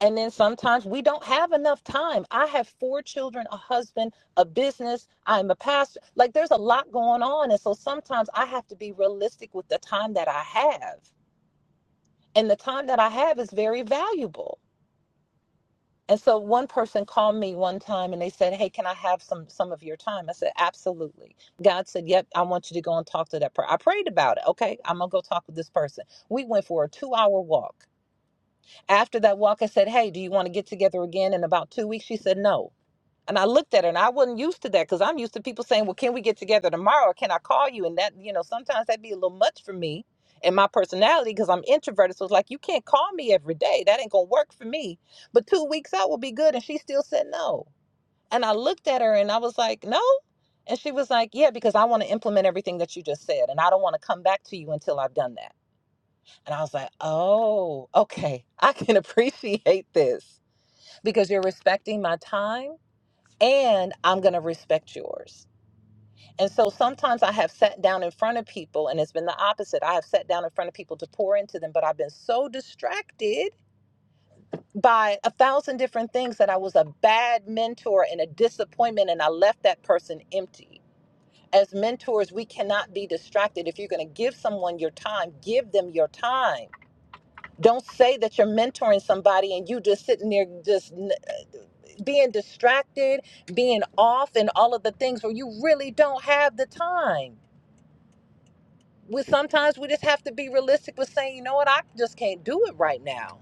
Speaker 11: And then sometimes we don't have enough time. I have four children, a husband, a business. I'm a pastor. Like there's a lot going on. And so sometimes I have to be realistic with the time that I have and the time that I have is very valuable. And so one person called me one time and they said, "Hey, can I have some some of your time?" I said, "Absolutely." God said, "Yep, I want you to go and talk to that person." I prayed about it. Okay, I'm gonna go talk with this person. We went for a two hour walk. After that walk, I said, "Hey, do you want to get together again in about two weeks?" She said, "No." And I looked at her and I wasn't used to that because I'm used to people saying, well, can we get together tomorrow or can I call you? And that, you know, sometimes that'd be a little much for me and my personality because I'm introverted. So it's like, you can't call me every day. That ain't going to work for me. But two weeks out will be good. And she still said no. And I looked at her and I was like, no. And she was like, yeah, because I want to implement everything that you just said. And I don't want to come back to you until I've done that. And I was like, oh, okay. I can (laughs) appreciate this because you're respecting my time and I'm going to respect yours. And so sometimes I have sat down in front of people and it's been the opposite. I have sat down in front of people to pour into them, but I've been so distracted by a thousand different things that I was a bad mentor and a disappointment and I left that person empty. As mentors, we cannot be distracted. If you're going to give someone your time, give them your time. Don't say that you're mentoring somebody and you just sitting there just being distracted, being off, and all of the things where you really don't have the time. We sometimes we just have to be realistic with saying, you know what, I just can't do it right now,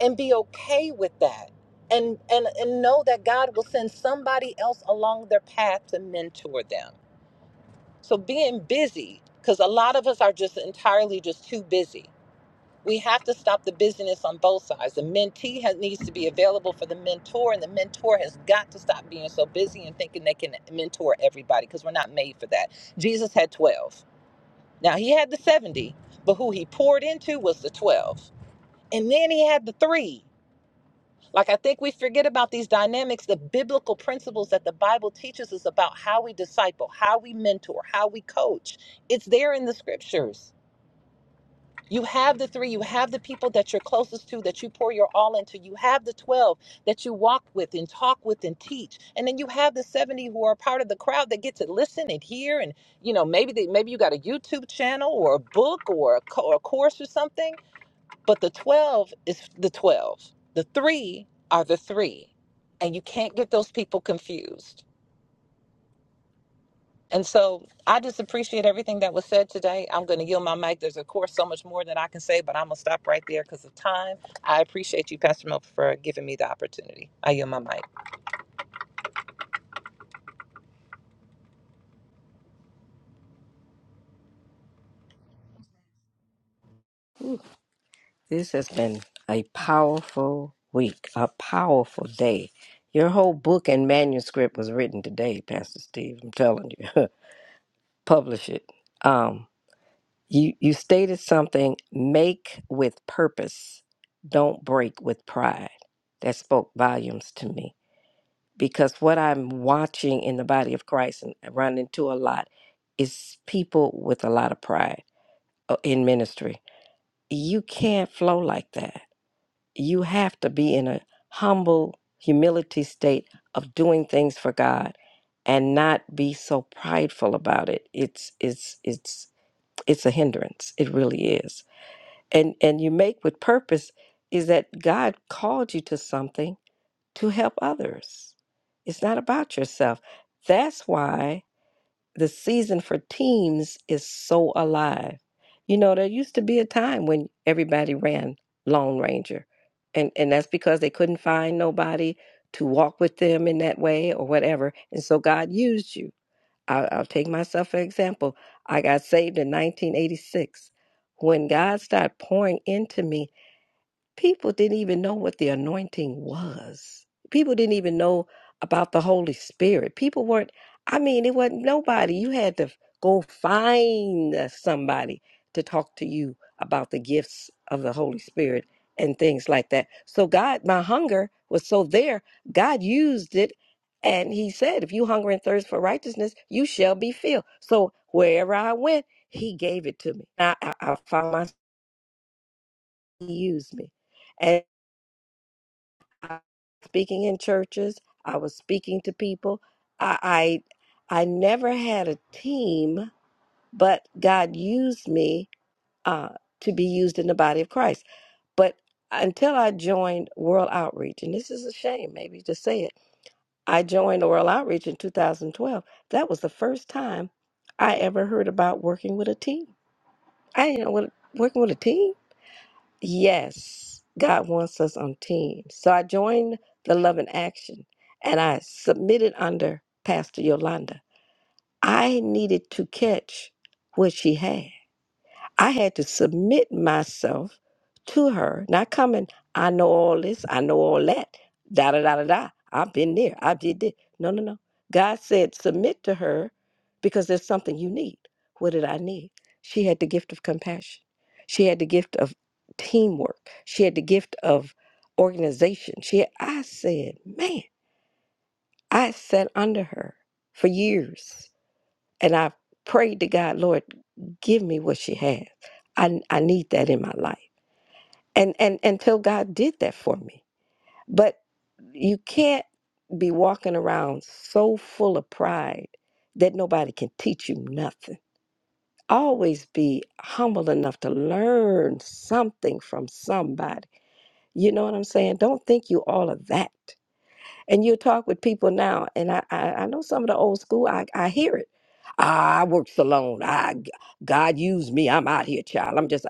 Speaker 11: and be okay with that, and and and know that God will send somebody else along their path to mentor them. So being busy, because a lot of us are just entirely just too busy. we have to stop the busyness on both sides. The mentee has, needs to be available for the mentor, and the mentor has got to stop being so busy and thinking they can mentor everybody because we're not made for that. Jesus had 12. Now, he had the 70, but who he poured into was the 12. And then he had the three. Like, I think we forget about these dynamics, the biblical principles that the Bible teaches us about how we disciple, how we mentor, how we coach. It's there in the scriptures you have the three, you have the people that you're closest to, that you pour your all into. You have the 12 that you walk with and talk with and teach. And then you have the 70 who are part of the crowd that get to listen and hear. And, you know, maybe they, maybe you got a YouTube channel or a book or a, co- or a course or something. But the 12 is the 12. The three are the three. And you can't get those people confused. And so I just appreciate everything that was said today. I'm going to yield my mic. There's, of course, so much more that I can say, but I'm going to stop right there because of time. I appreciate you, Pastor Mel, for giving me the opportunity. I yield my mic.
Speaker 6: this has been a powerful week, a powerful day. Your whole book and manuscript was written today, Pastor Steve. I'm telling you. (laughs) Publish it. Um you you stated something make with purpose. Don't break with pride. That spoke volumes to me because what I'm watching in the body of Christ and I run into a lot is people with a lot of pride uh, in ministry you can't flow like that. You have to be in a humble humility state of doing things for God and not be so prideful about it. It's it's it's it's a hindrance. It really is. And and you make with purpose is that God called you to something to help others. It's not about yourself. That's why the season for teams is so alive. You know, there used to be a time when everybody ran Lone Ranger, and and that's because they couldn't find nobody to walk with them in that way or whatever. And so God used you. I'll, I'll take myself for example. I got saved in 1986. When God started pouring into me, people didn't even know what the anointing was. People didn't even know about the Holy Spirit. People weren't, I mean, it wasn't nobody. You had to go find uh, somebody to talk to you about the gifts of the Holy Spirit and things like that. So, God, my hunger was so there, God used it. And he said, If you hunger and thirst for righteousness, you shall be filled. So, wherever I went, he gave it to me. I, I, I found myself, he used me. And speaking in churches. I was speaking to people. I I, I never had a team, but God used me uh, to be used in the body of Christ. But until I joined World Outreach, and this is a shame, maybe to say it, I joined World Outreach in 2012. That was the first time I ever heard about working with a team. I didn't know what working with a team. Yes, God wants us on teams. So I joined the Love in Action and I submitted under Pastor Yolanda. I needed to catch what she had. I had to submit myself to her, not coming, I know all this, I know all that, da da da da da. I've been there, I did this. No, no, no. God said, submit to her because there's something you need. What did I need? She had the gift of compassion, she had the gift of teamwork, she had the gift of organization. She, had. I said, man, I sat under her for years and I prayed to God, Lord, give me what she has. I, I need that in my life. And, and until God did that for me. But you can't be walking around so full of pride that nobody can teach you nothing. Always be humble enough to learn something from somebody. You know what I'm saying? Don't think you all of that. And you talk with people now, and I, I, I know some of the old school, I, I hear it. "Ah, I works alone. I, g- God used me. I'm out here, child. I'm just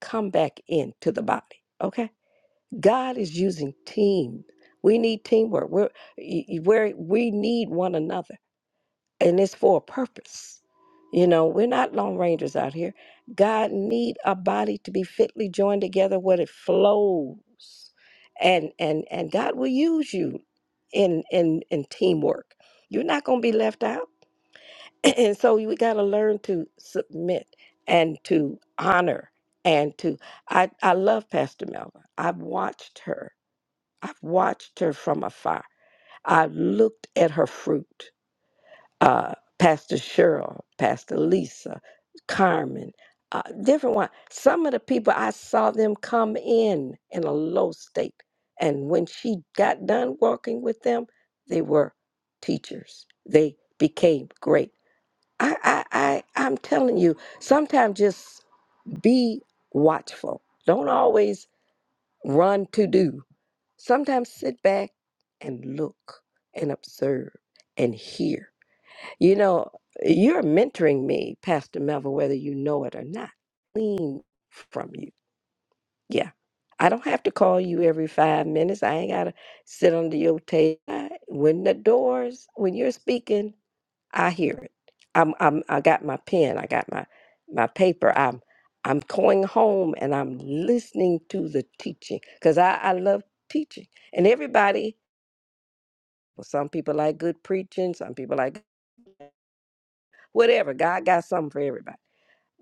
Speaker 6: come back into the body. Okay. God is using team. We need teamwork. We're, y- y- we're, we need one another and it's for a purpose. You know, we're not lone rangers out here. God need a body to be fitly joined together where it flows. And and and God will use you in in in teamwork. You're not going to be left out. (clears throat) And so we got to learn to submit and to honor and to I I love Pastor Melva. I've watched her. I've watched her from afar. I've looked at her fruit uh, Pastor Cheryl, Pastor Lisa, Carmen, uh, different one. Some of the people I saw them come in in a low state, and when she got done walking with them, they were teachers. They became great. I, I, I I'm telling you, sometimes just be watchful. Don't always run to do. Sometimes sit back and look and observe and hear you know, you're mentoring me, Pastor Melville, whether you know it or not. Lean from you. Yeah. I don't have to call you every five minutes. I ain't got to sit under your table. I- When the doors, when you're speaking, I hear it. I'm, I'm, I got my pen. I got my, my paper. I'm, I'm going home and I'm listening to the teaching because I, I love teaching. And everybody, well, some people like good preaching. Some people like whatever. God got something for everybody.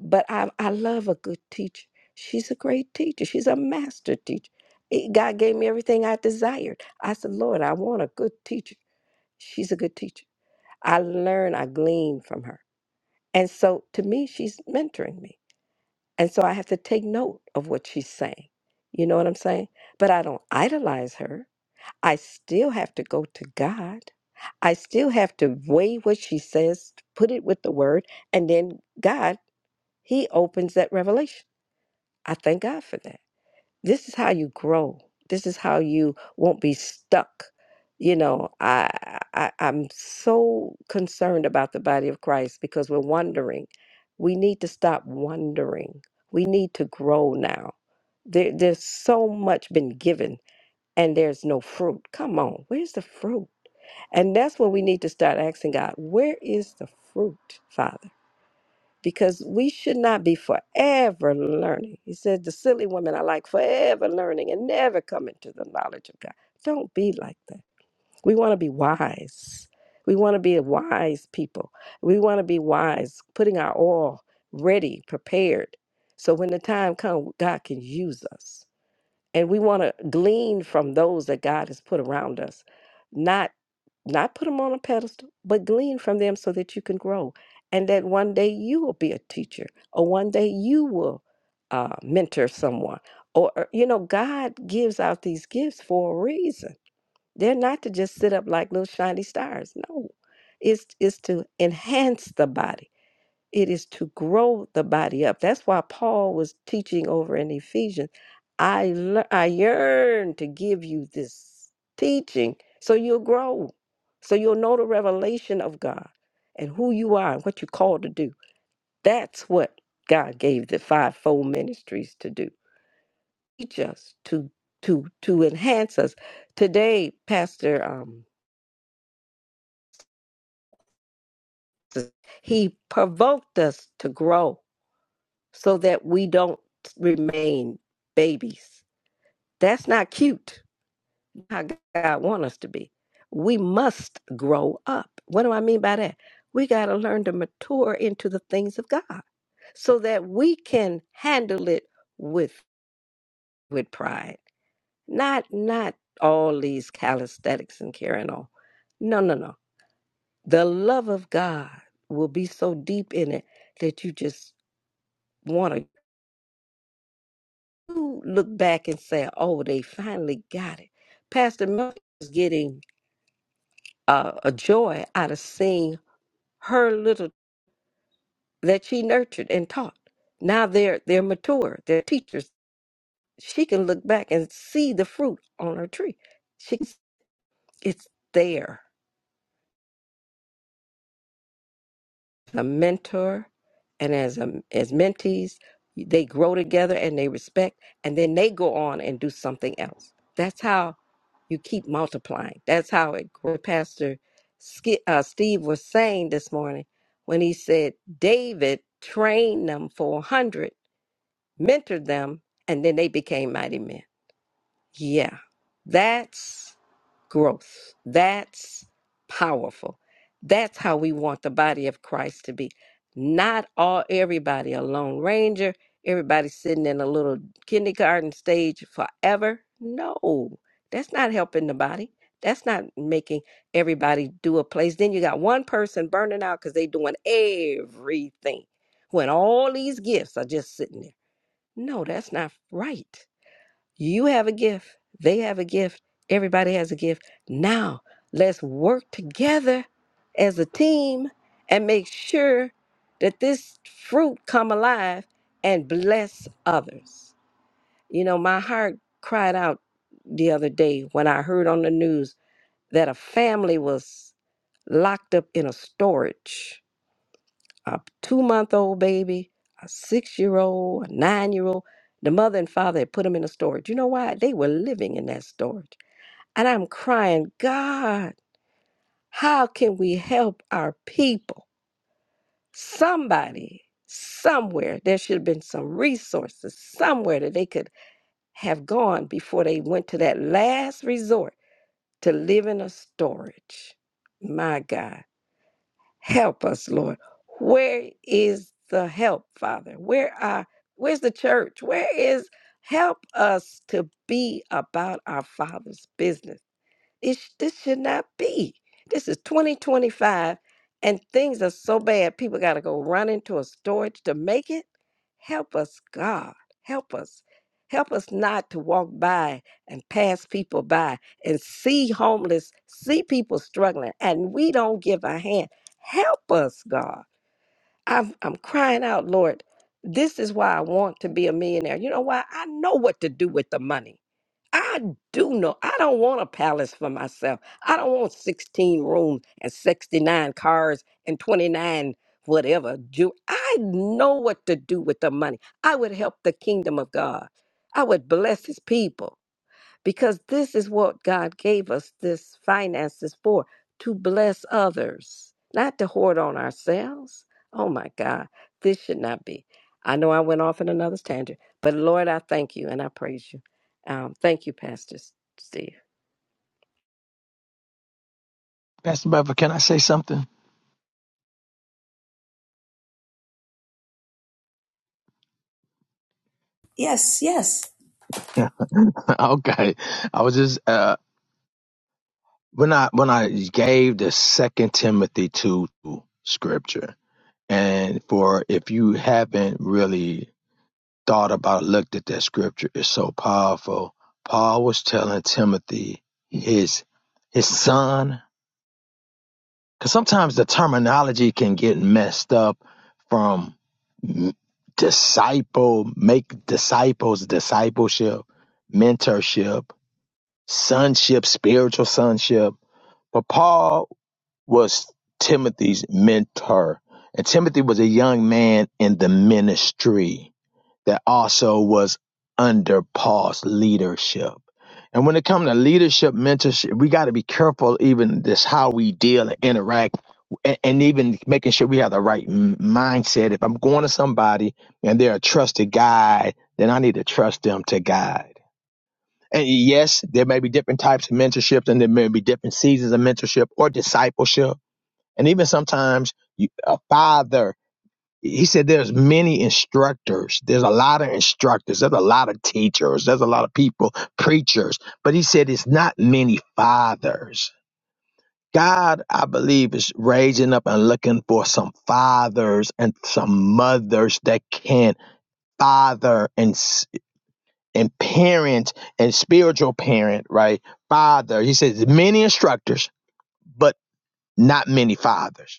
Speaker 6: But I, I love a good teacher. She's a great teacher. She's a master teacher. It- God gave me everything I desired. I said, Lord, I want a good teacher. She's a good teacher. I learn, I glean from her. And so to me, she's mentoring me. And so I have to take note of what she's saying. You know what I'm saying? But I don't idolize her. I still have to go to God. I still have to weigh what she says, put it with the word, and then God, He opens that revelation. I thank God for that. This is how you grow. This is how you won't be stuck. You know, I, I I'm so concerned about the body of Christ because we're wondering. We need to stop wondering. We need to grow now. There, there's so much been given and there's no fruit. Come on, where's the fruit? And that's when we need to start asking God, where is the fruit, Father? because we should not be forever learning. He said, The silly women are like forever learning and never coming to the knowledge of God. Don't be like that. We want to be wise. We want to be a wise people. We want to be wise, putting our all ready, prepared. So when the time comes, God can use us. And we want to glean from those that God has put around us, not not put them on a pedestal, but glean from them so that you can grow. And that one day you will be a teacher, or one day you will uh, mentor someone. Or, or, you know, God gives out these gifts for a reason. They're not to just sit up like little shiny stars. No, it's, it's to enhance the body it is to grow the body up. That's why Paul was teaching over in Ephesians. I lear- I yearn to give you this teaching so you'll grow, so you'll know the revelation of God and who you are and what you're called to do. That's what God gave the fivefold ministries to do. Teach us to to to enhance us. Today, Pastor um, he provoked us to grow so that we don't remain babies. That's not cute. How God want us to be. We must grow up. What do I mean by that? We got to learn to mature into the things of God so that we can handle it with with pride. Not not all these calisthenics and carrying on. No, no, no. The love of God will be so deep in it that you just want to look back and say, oh, they finally got it. Pastor Murphy is getting uh, a joy out of seeing her little that she nurtured and taught. Now they're they're mature, they're teachers. She can look back and see the fruit on her tree. She it's there. a mentor and as a, as mentees they grow together and they respect and then they go on and do something else that's how you keep multiplying that's how it grows. pastor Ski- uh, steve was saying this morning when he said david trained them for a 100 mentored them and then they became mighty men yeah, that's growth. That's powerful. That's how we want the body of Christ to be. Not all everybody a lone ranger, everybody sitting in a little kindergarten stage forever. No, that's not helping the body. That's not making everybody do a place. Then you got one person burning out because they doing everything when all these gifts are just sitting there. No, that's not right. You have a gift. They have a gift. Everybody has a gift. Now, let's work together as a team and make sure that this fruit come alive and bless others. You know, my heart cried out the other day when I heard on the news that a family was locked up in a storage a two month old baby, a six year old, a nine year old. The mother and father had put them in a storage. You know why? They were living in that storage. And I'm crying, God, how can we help our people? Somebody, somewhere, there should have been some resources somewhere that they could have gone before they went to that last resort to live in a storage. My God. Help us, Lord. Where is the help, Father? Where are where's the church? Where is help us to be about our Father's business? It, sh- this should not be. This is 2025 and things are so bad. People got to go run into a storage to make it. Help us, God. Help us. Help us not to walk by and pass people by and see homeless, see people struggling, and we don't give a hand. Help us, God. I've, I'm crying out, Lord, this is why I want to be a millionaire. You know why? I know what to do with the money. I do know. I don't want a palace for myself. I don't want 16 rooms and 69 cars and 29 whatever. Ju- I know what to do with the money. I would help the kingdom of God. I would bless his people because this is what God gave us this finances for to bless others, not to hoard on ourselves. Oh my God, this should not be. I know I went off in another tangent, but Lord, I thank you and I praise you. Um, thank you, Pastor Steve.
Speaker 7: Pastor Beverly, can I say something?
Speaker 1: Yes, yes.
Speaker 7: (laughs) okay. I was just uh when I when I gave the second Timothy two scripture and for if you haven't really thought about, looked at that scripture. It's so powerful. Paul was telling Timothy, his his son, because sometimes the terminology can get messed up from disciple, make disciples, discipleship, mentorship, sonship, spiritual sonship. But Paul was Timothy's mentor, and Timothy was a young man in the ministry that also was under Paul's leadership. And when it comes to leadership, mentorship, we got to be careful even this how we deal and interact, and, and even making sure we have the right m- mindset. If I'm going to somebody and they're a trusted guide, then I need to trust them to guide. And yes, there may be different types of mentorship, and there may be different seasons of mentorship or discipleship, and even sometimes you, a father he said there's many instructors there's a lot of instructors there's a lot of teachers there's a lot of people preachers but he said it's not many fathers god i believe is raising up and looking for some fathers and some mothers that can father and s- and parent and spiritual parent right father he says many instructors but not many fathers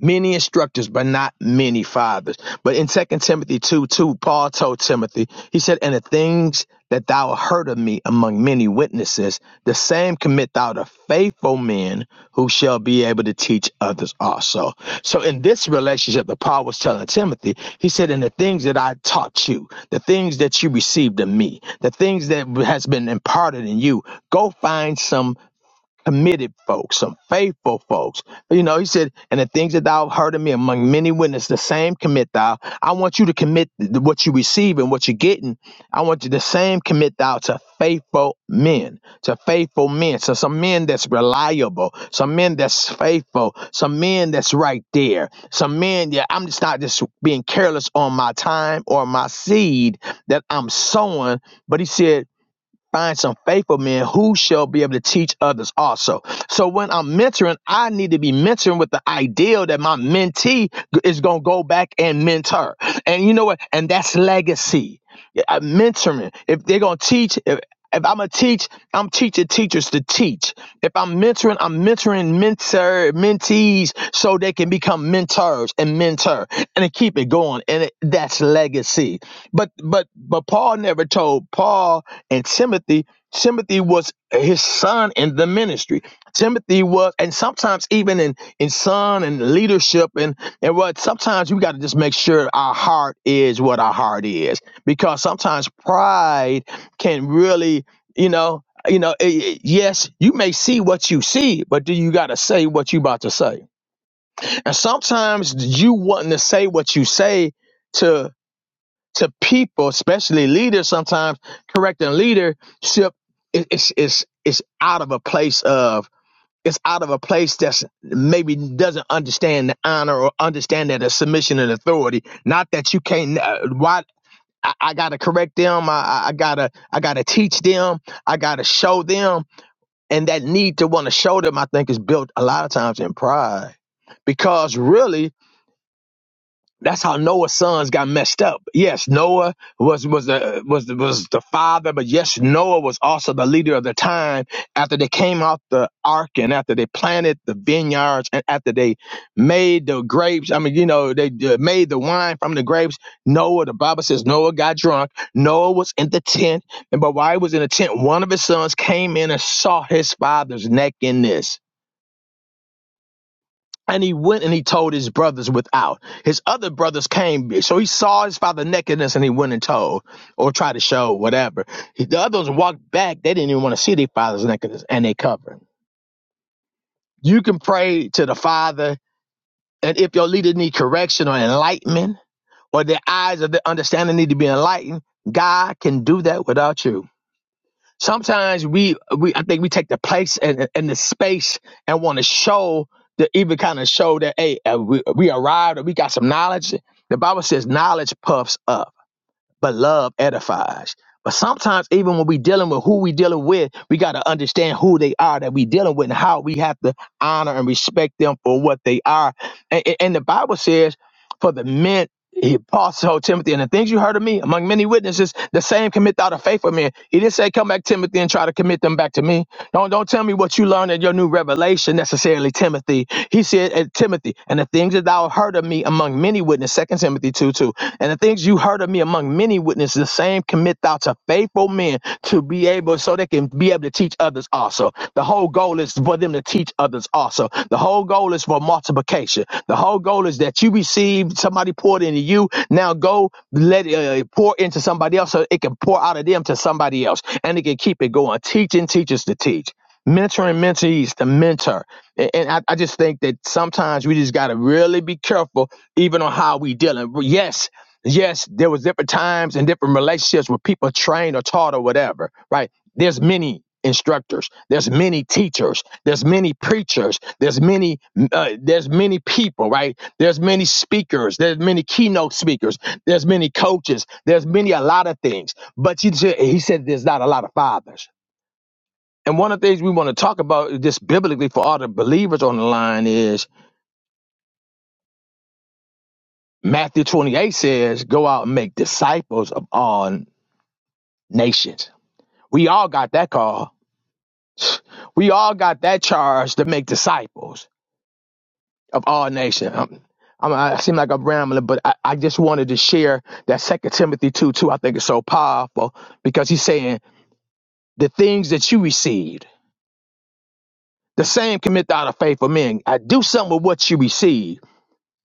Speaker 7: many instructors, but not many fathers. But in Second Timothy 2 2, Paul told Timothy, he said, And the things that thou heard of me among many witnesses, the same commit thou to faithful men who shall be able to teach others also. So in this relationship that Paul was telling Timothy, he said, And the things that I taught you, the things that you received of me, the things that has been imparted in you, go find some committed folks, some faithful folks. You know, he said, and the things that thou have heard of me among many witnesses, the same commit thou. I want you to commit th- what you receive and what you're getting. I want you the same commit thou to faithful men, to faithful men. So some men that's reliable, some men that's faithful, some men that's right there, some men, yeah, I'm just not just being careless on my time or my seed that I'm sowing. But he said, find some faithful men who shall be able to teach others also. So when I'm mentoring, I need to be mentoring with the ideal that my mentee is going to go back and mentor. And you know what? And that's legacy. Yeah, uh, mentoring. If they're going to teach, if, if I'm a teach, I'm teaching teachers to teach. If I'm mentoring, I'm mentoring mentor mentees so they can become mentors and mentor and to keep it going. And it, that's legacy. But but but Paul never told Paul and Timothy. Timothy was his son in the ministry. Timothy was, and sometimes even in in son and leadership and and what sometimes we got to just make sure our heart is what our heart is because sometimes pride can really, you know, you know, eh, eh, yes, you may see what you see, but do you got to say what you about to say? And sometimes you wanting to say what you say to to people, especially leaders, sometimes correcting leadership is is is is out of a place of it's out of a place that's maybe doesn't understand the honor or understand that a submission and authority. Not that you can't. Uh, Why? I, I gotta correct them. I, I I gotta I gotta teach them. I gotta show them. And that need to want to show them, I think, is built a lot of times in pride, because really that's how Noah's sons got messed up. Yes, Noah was was the was the, was the father, but yes, Noah was also the leader of the time. After they came out the ark, and after they planted the vineyards, and after they made the grapes, I mean, you know, they uh, made the wine from the grapes. Noah, the Bible says Noah got drunk. Noah was in the tent, and but while he was in the tent, one of his sons came in and saw his father's nakedness. And he went and he told his brothers without. His other brothers came. So he saw his father nakedness and he went and told or tried to show whatever. He- The others walked back. They didn't even want to see their father's nakedness and they covered. You can pray to the father. And if your leader need correction or enlightenment or their eyes of their understanding need to be enlightened, God can do that without you. sometimes we we I think we take the place and, and the space and want to show the even kind of show that hey uh, we, we arrived or we got some knowledge. The Bible says knowledge puffs up but love edifies. But sometimes, even when we dealing with who we dealing with, we got to understand who they are that we dealing with and how we have to honor and respect them for what they are. And, and and the Bible says, for the men, he apostle told Timothy, and the things you heard of me among many witnesses, the same commit thou to faithful men. He didn't say, come back, Timothy, and try to commit them back to me. Don't don't tell me what you learned in your new revelation necessarily, Timothy. He said at Timothy, and the things that thou heard of me among many witnesses, Second Timothy 2 2. And the things you heard of me among many witnesses, the same commit thou to faithful men to be able so they can be able to teach others also. The whole goal goal is for them to teach others also. The whole goal is for multiplication. The whole goal is that you receive somebody poured into you. Now go let it uh, pour into somebody else so it can pour out of them to somebody else and it can keep it going. Teaching teachers to teach. Mentoring mentees to mentor. And, and I, I just think that sometimes we just got to really be careful, even on how we dealing. Yes, yes, there was different times and different relationships where people trained or taught or whatever, right? there's many instructors there's many teachers there's many preachers there's many uh, there's many people right there's many speakers there's many keynote speakers there's many coaches there's many a lot of things but he said, he said there's not a lot of fathers and one of the things we want to talk about just biblically for all the believers on the line is matthew 28 says go out and make disciples of all nations we all got that call we all got that charge to make disciples of all nations, Um, I'm, I seem like I'm rambling, but I, I just wanted to share that Second Timothy 2 2. I think is so powerful because he's saying the things that you received, the same commit out of faithful men. I do something with what you receive.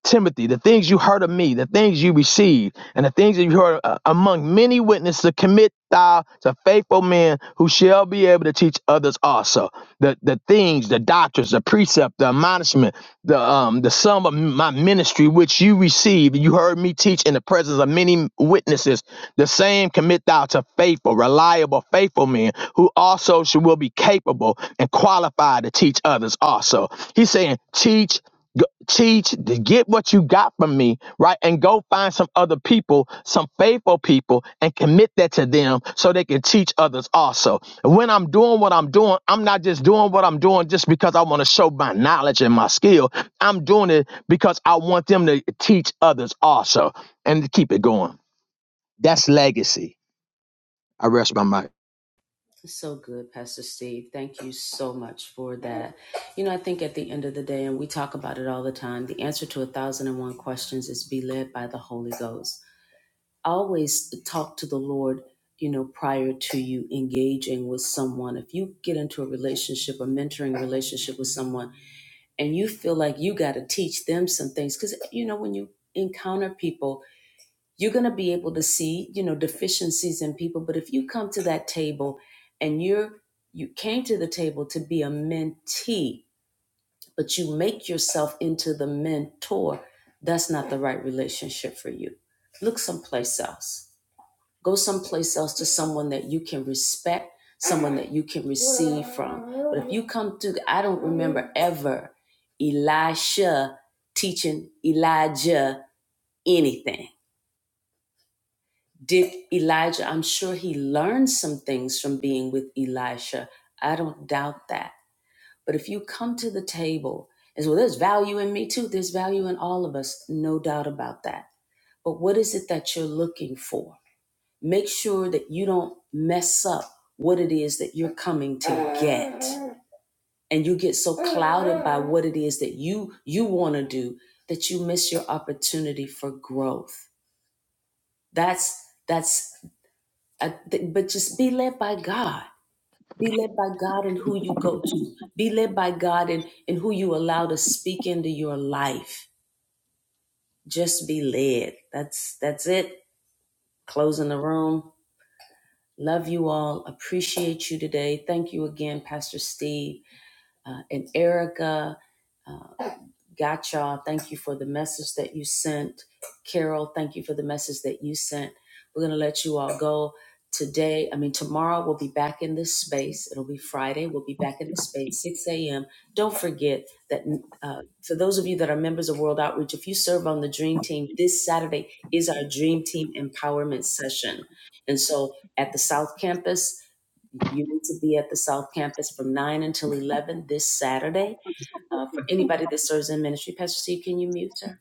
Speaker 7: Timothy, the things you heard of me, the things you received, and the things that you heard uh, among many witnesses, commit thou to faithful men who shall be able to teach others also. The the things, the doctrines, the precept, the admonishment, the um the sum of my ministry which you received, you heard me teach in the presence of many witnesses. The same commit thou to faithful, reliable, faithful men who also should, will be capable and qualified to teach others also. He's saying teach. Go, teach, to get what you got from me, right? And go find some other people, some faithful people, and commit that to them so they can teach others also. And when I'm doing what I'm doing, I'm not just doing what I'm doing just because I want to show my knowledge and my skill. I'm doing it because I want them to teach others also and to keep it going. That's legacy. I rest my mind.
Speaker 1: So good, Pastor Steve. Thank you so much for that. You know, I think at the end of the day, and we talk about it all the time, the answer to a thousand and one questions is be led by the Holy Ghost. Always talk to the Lord, you know, prior to you engaging with someone. If you get into a relationship, a mentoring relationship with someone, and you feel like you got to teach them some things, because, you know, when you encounter people, you're going to be able to see you know deficiencies in people but if you come to that table and you're you came to the table to be a mentee but you make yourself into the mentor that's not the right relationship for you look someplace else go someplace else to someone that you can respect someone that you can receive from but if you come to i don't remember ever elisha teaching elijah anything Did Elijah, I'm sure he learned some things from being with Elisha. I don't doubt that. But if you come to the table and say, well, there's value in me too, there's value in all of us, no doubt about that. But what is it that you're looking for? Make sure that you don't mess up what it is that you're coming to get. And you get so clouded by what it is that you you want to do that you miss your opportunity for growth. That's that's I th- but just be led by God. Be led by God and who you go to. Be led by God and, and who you allow to speak into your life. Just be led. That's that's it. Closing the room. Love you all. Appreciate you today. Thank you again, Pastor Steve uh, and Erica. Gotcha. Thank you for the message that you sent. Carol, thank you for the message that you sent. We're going to let you all go today. I mean, tomorrow we'll be back in this space. It'll be Friday. We'll be back in this space, 6 a.m. Don't forget that uh, for those of you that are members of World Outreach, if you serve on the Dream Team, this Saturday is our Dream Team Empowerment Session. And so at the South Campus, you need to be at the South Campus from 9 until 11 this Saturday uh, for anybody that serves in ministry. Pastor C, can you mute her?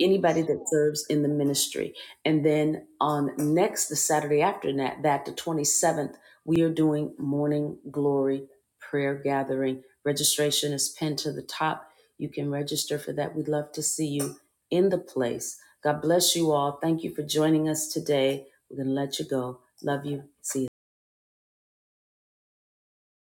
Speaker 1: Anybody that serves in the ministry. And then on next, the Saturday after that, that the 27th, we are doing morning glory prayer gathering. Registration is pinned to the top. You can register for that. We'd love to see you in the place. God bless you all. Thank you for joining us today. We're going to let you go. Love you. See you.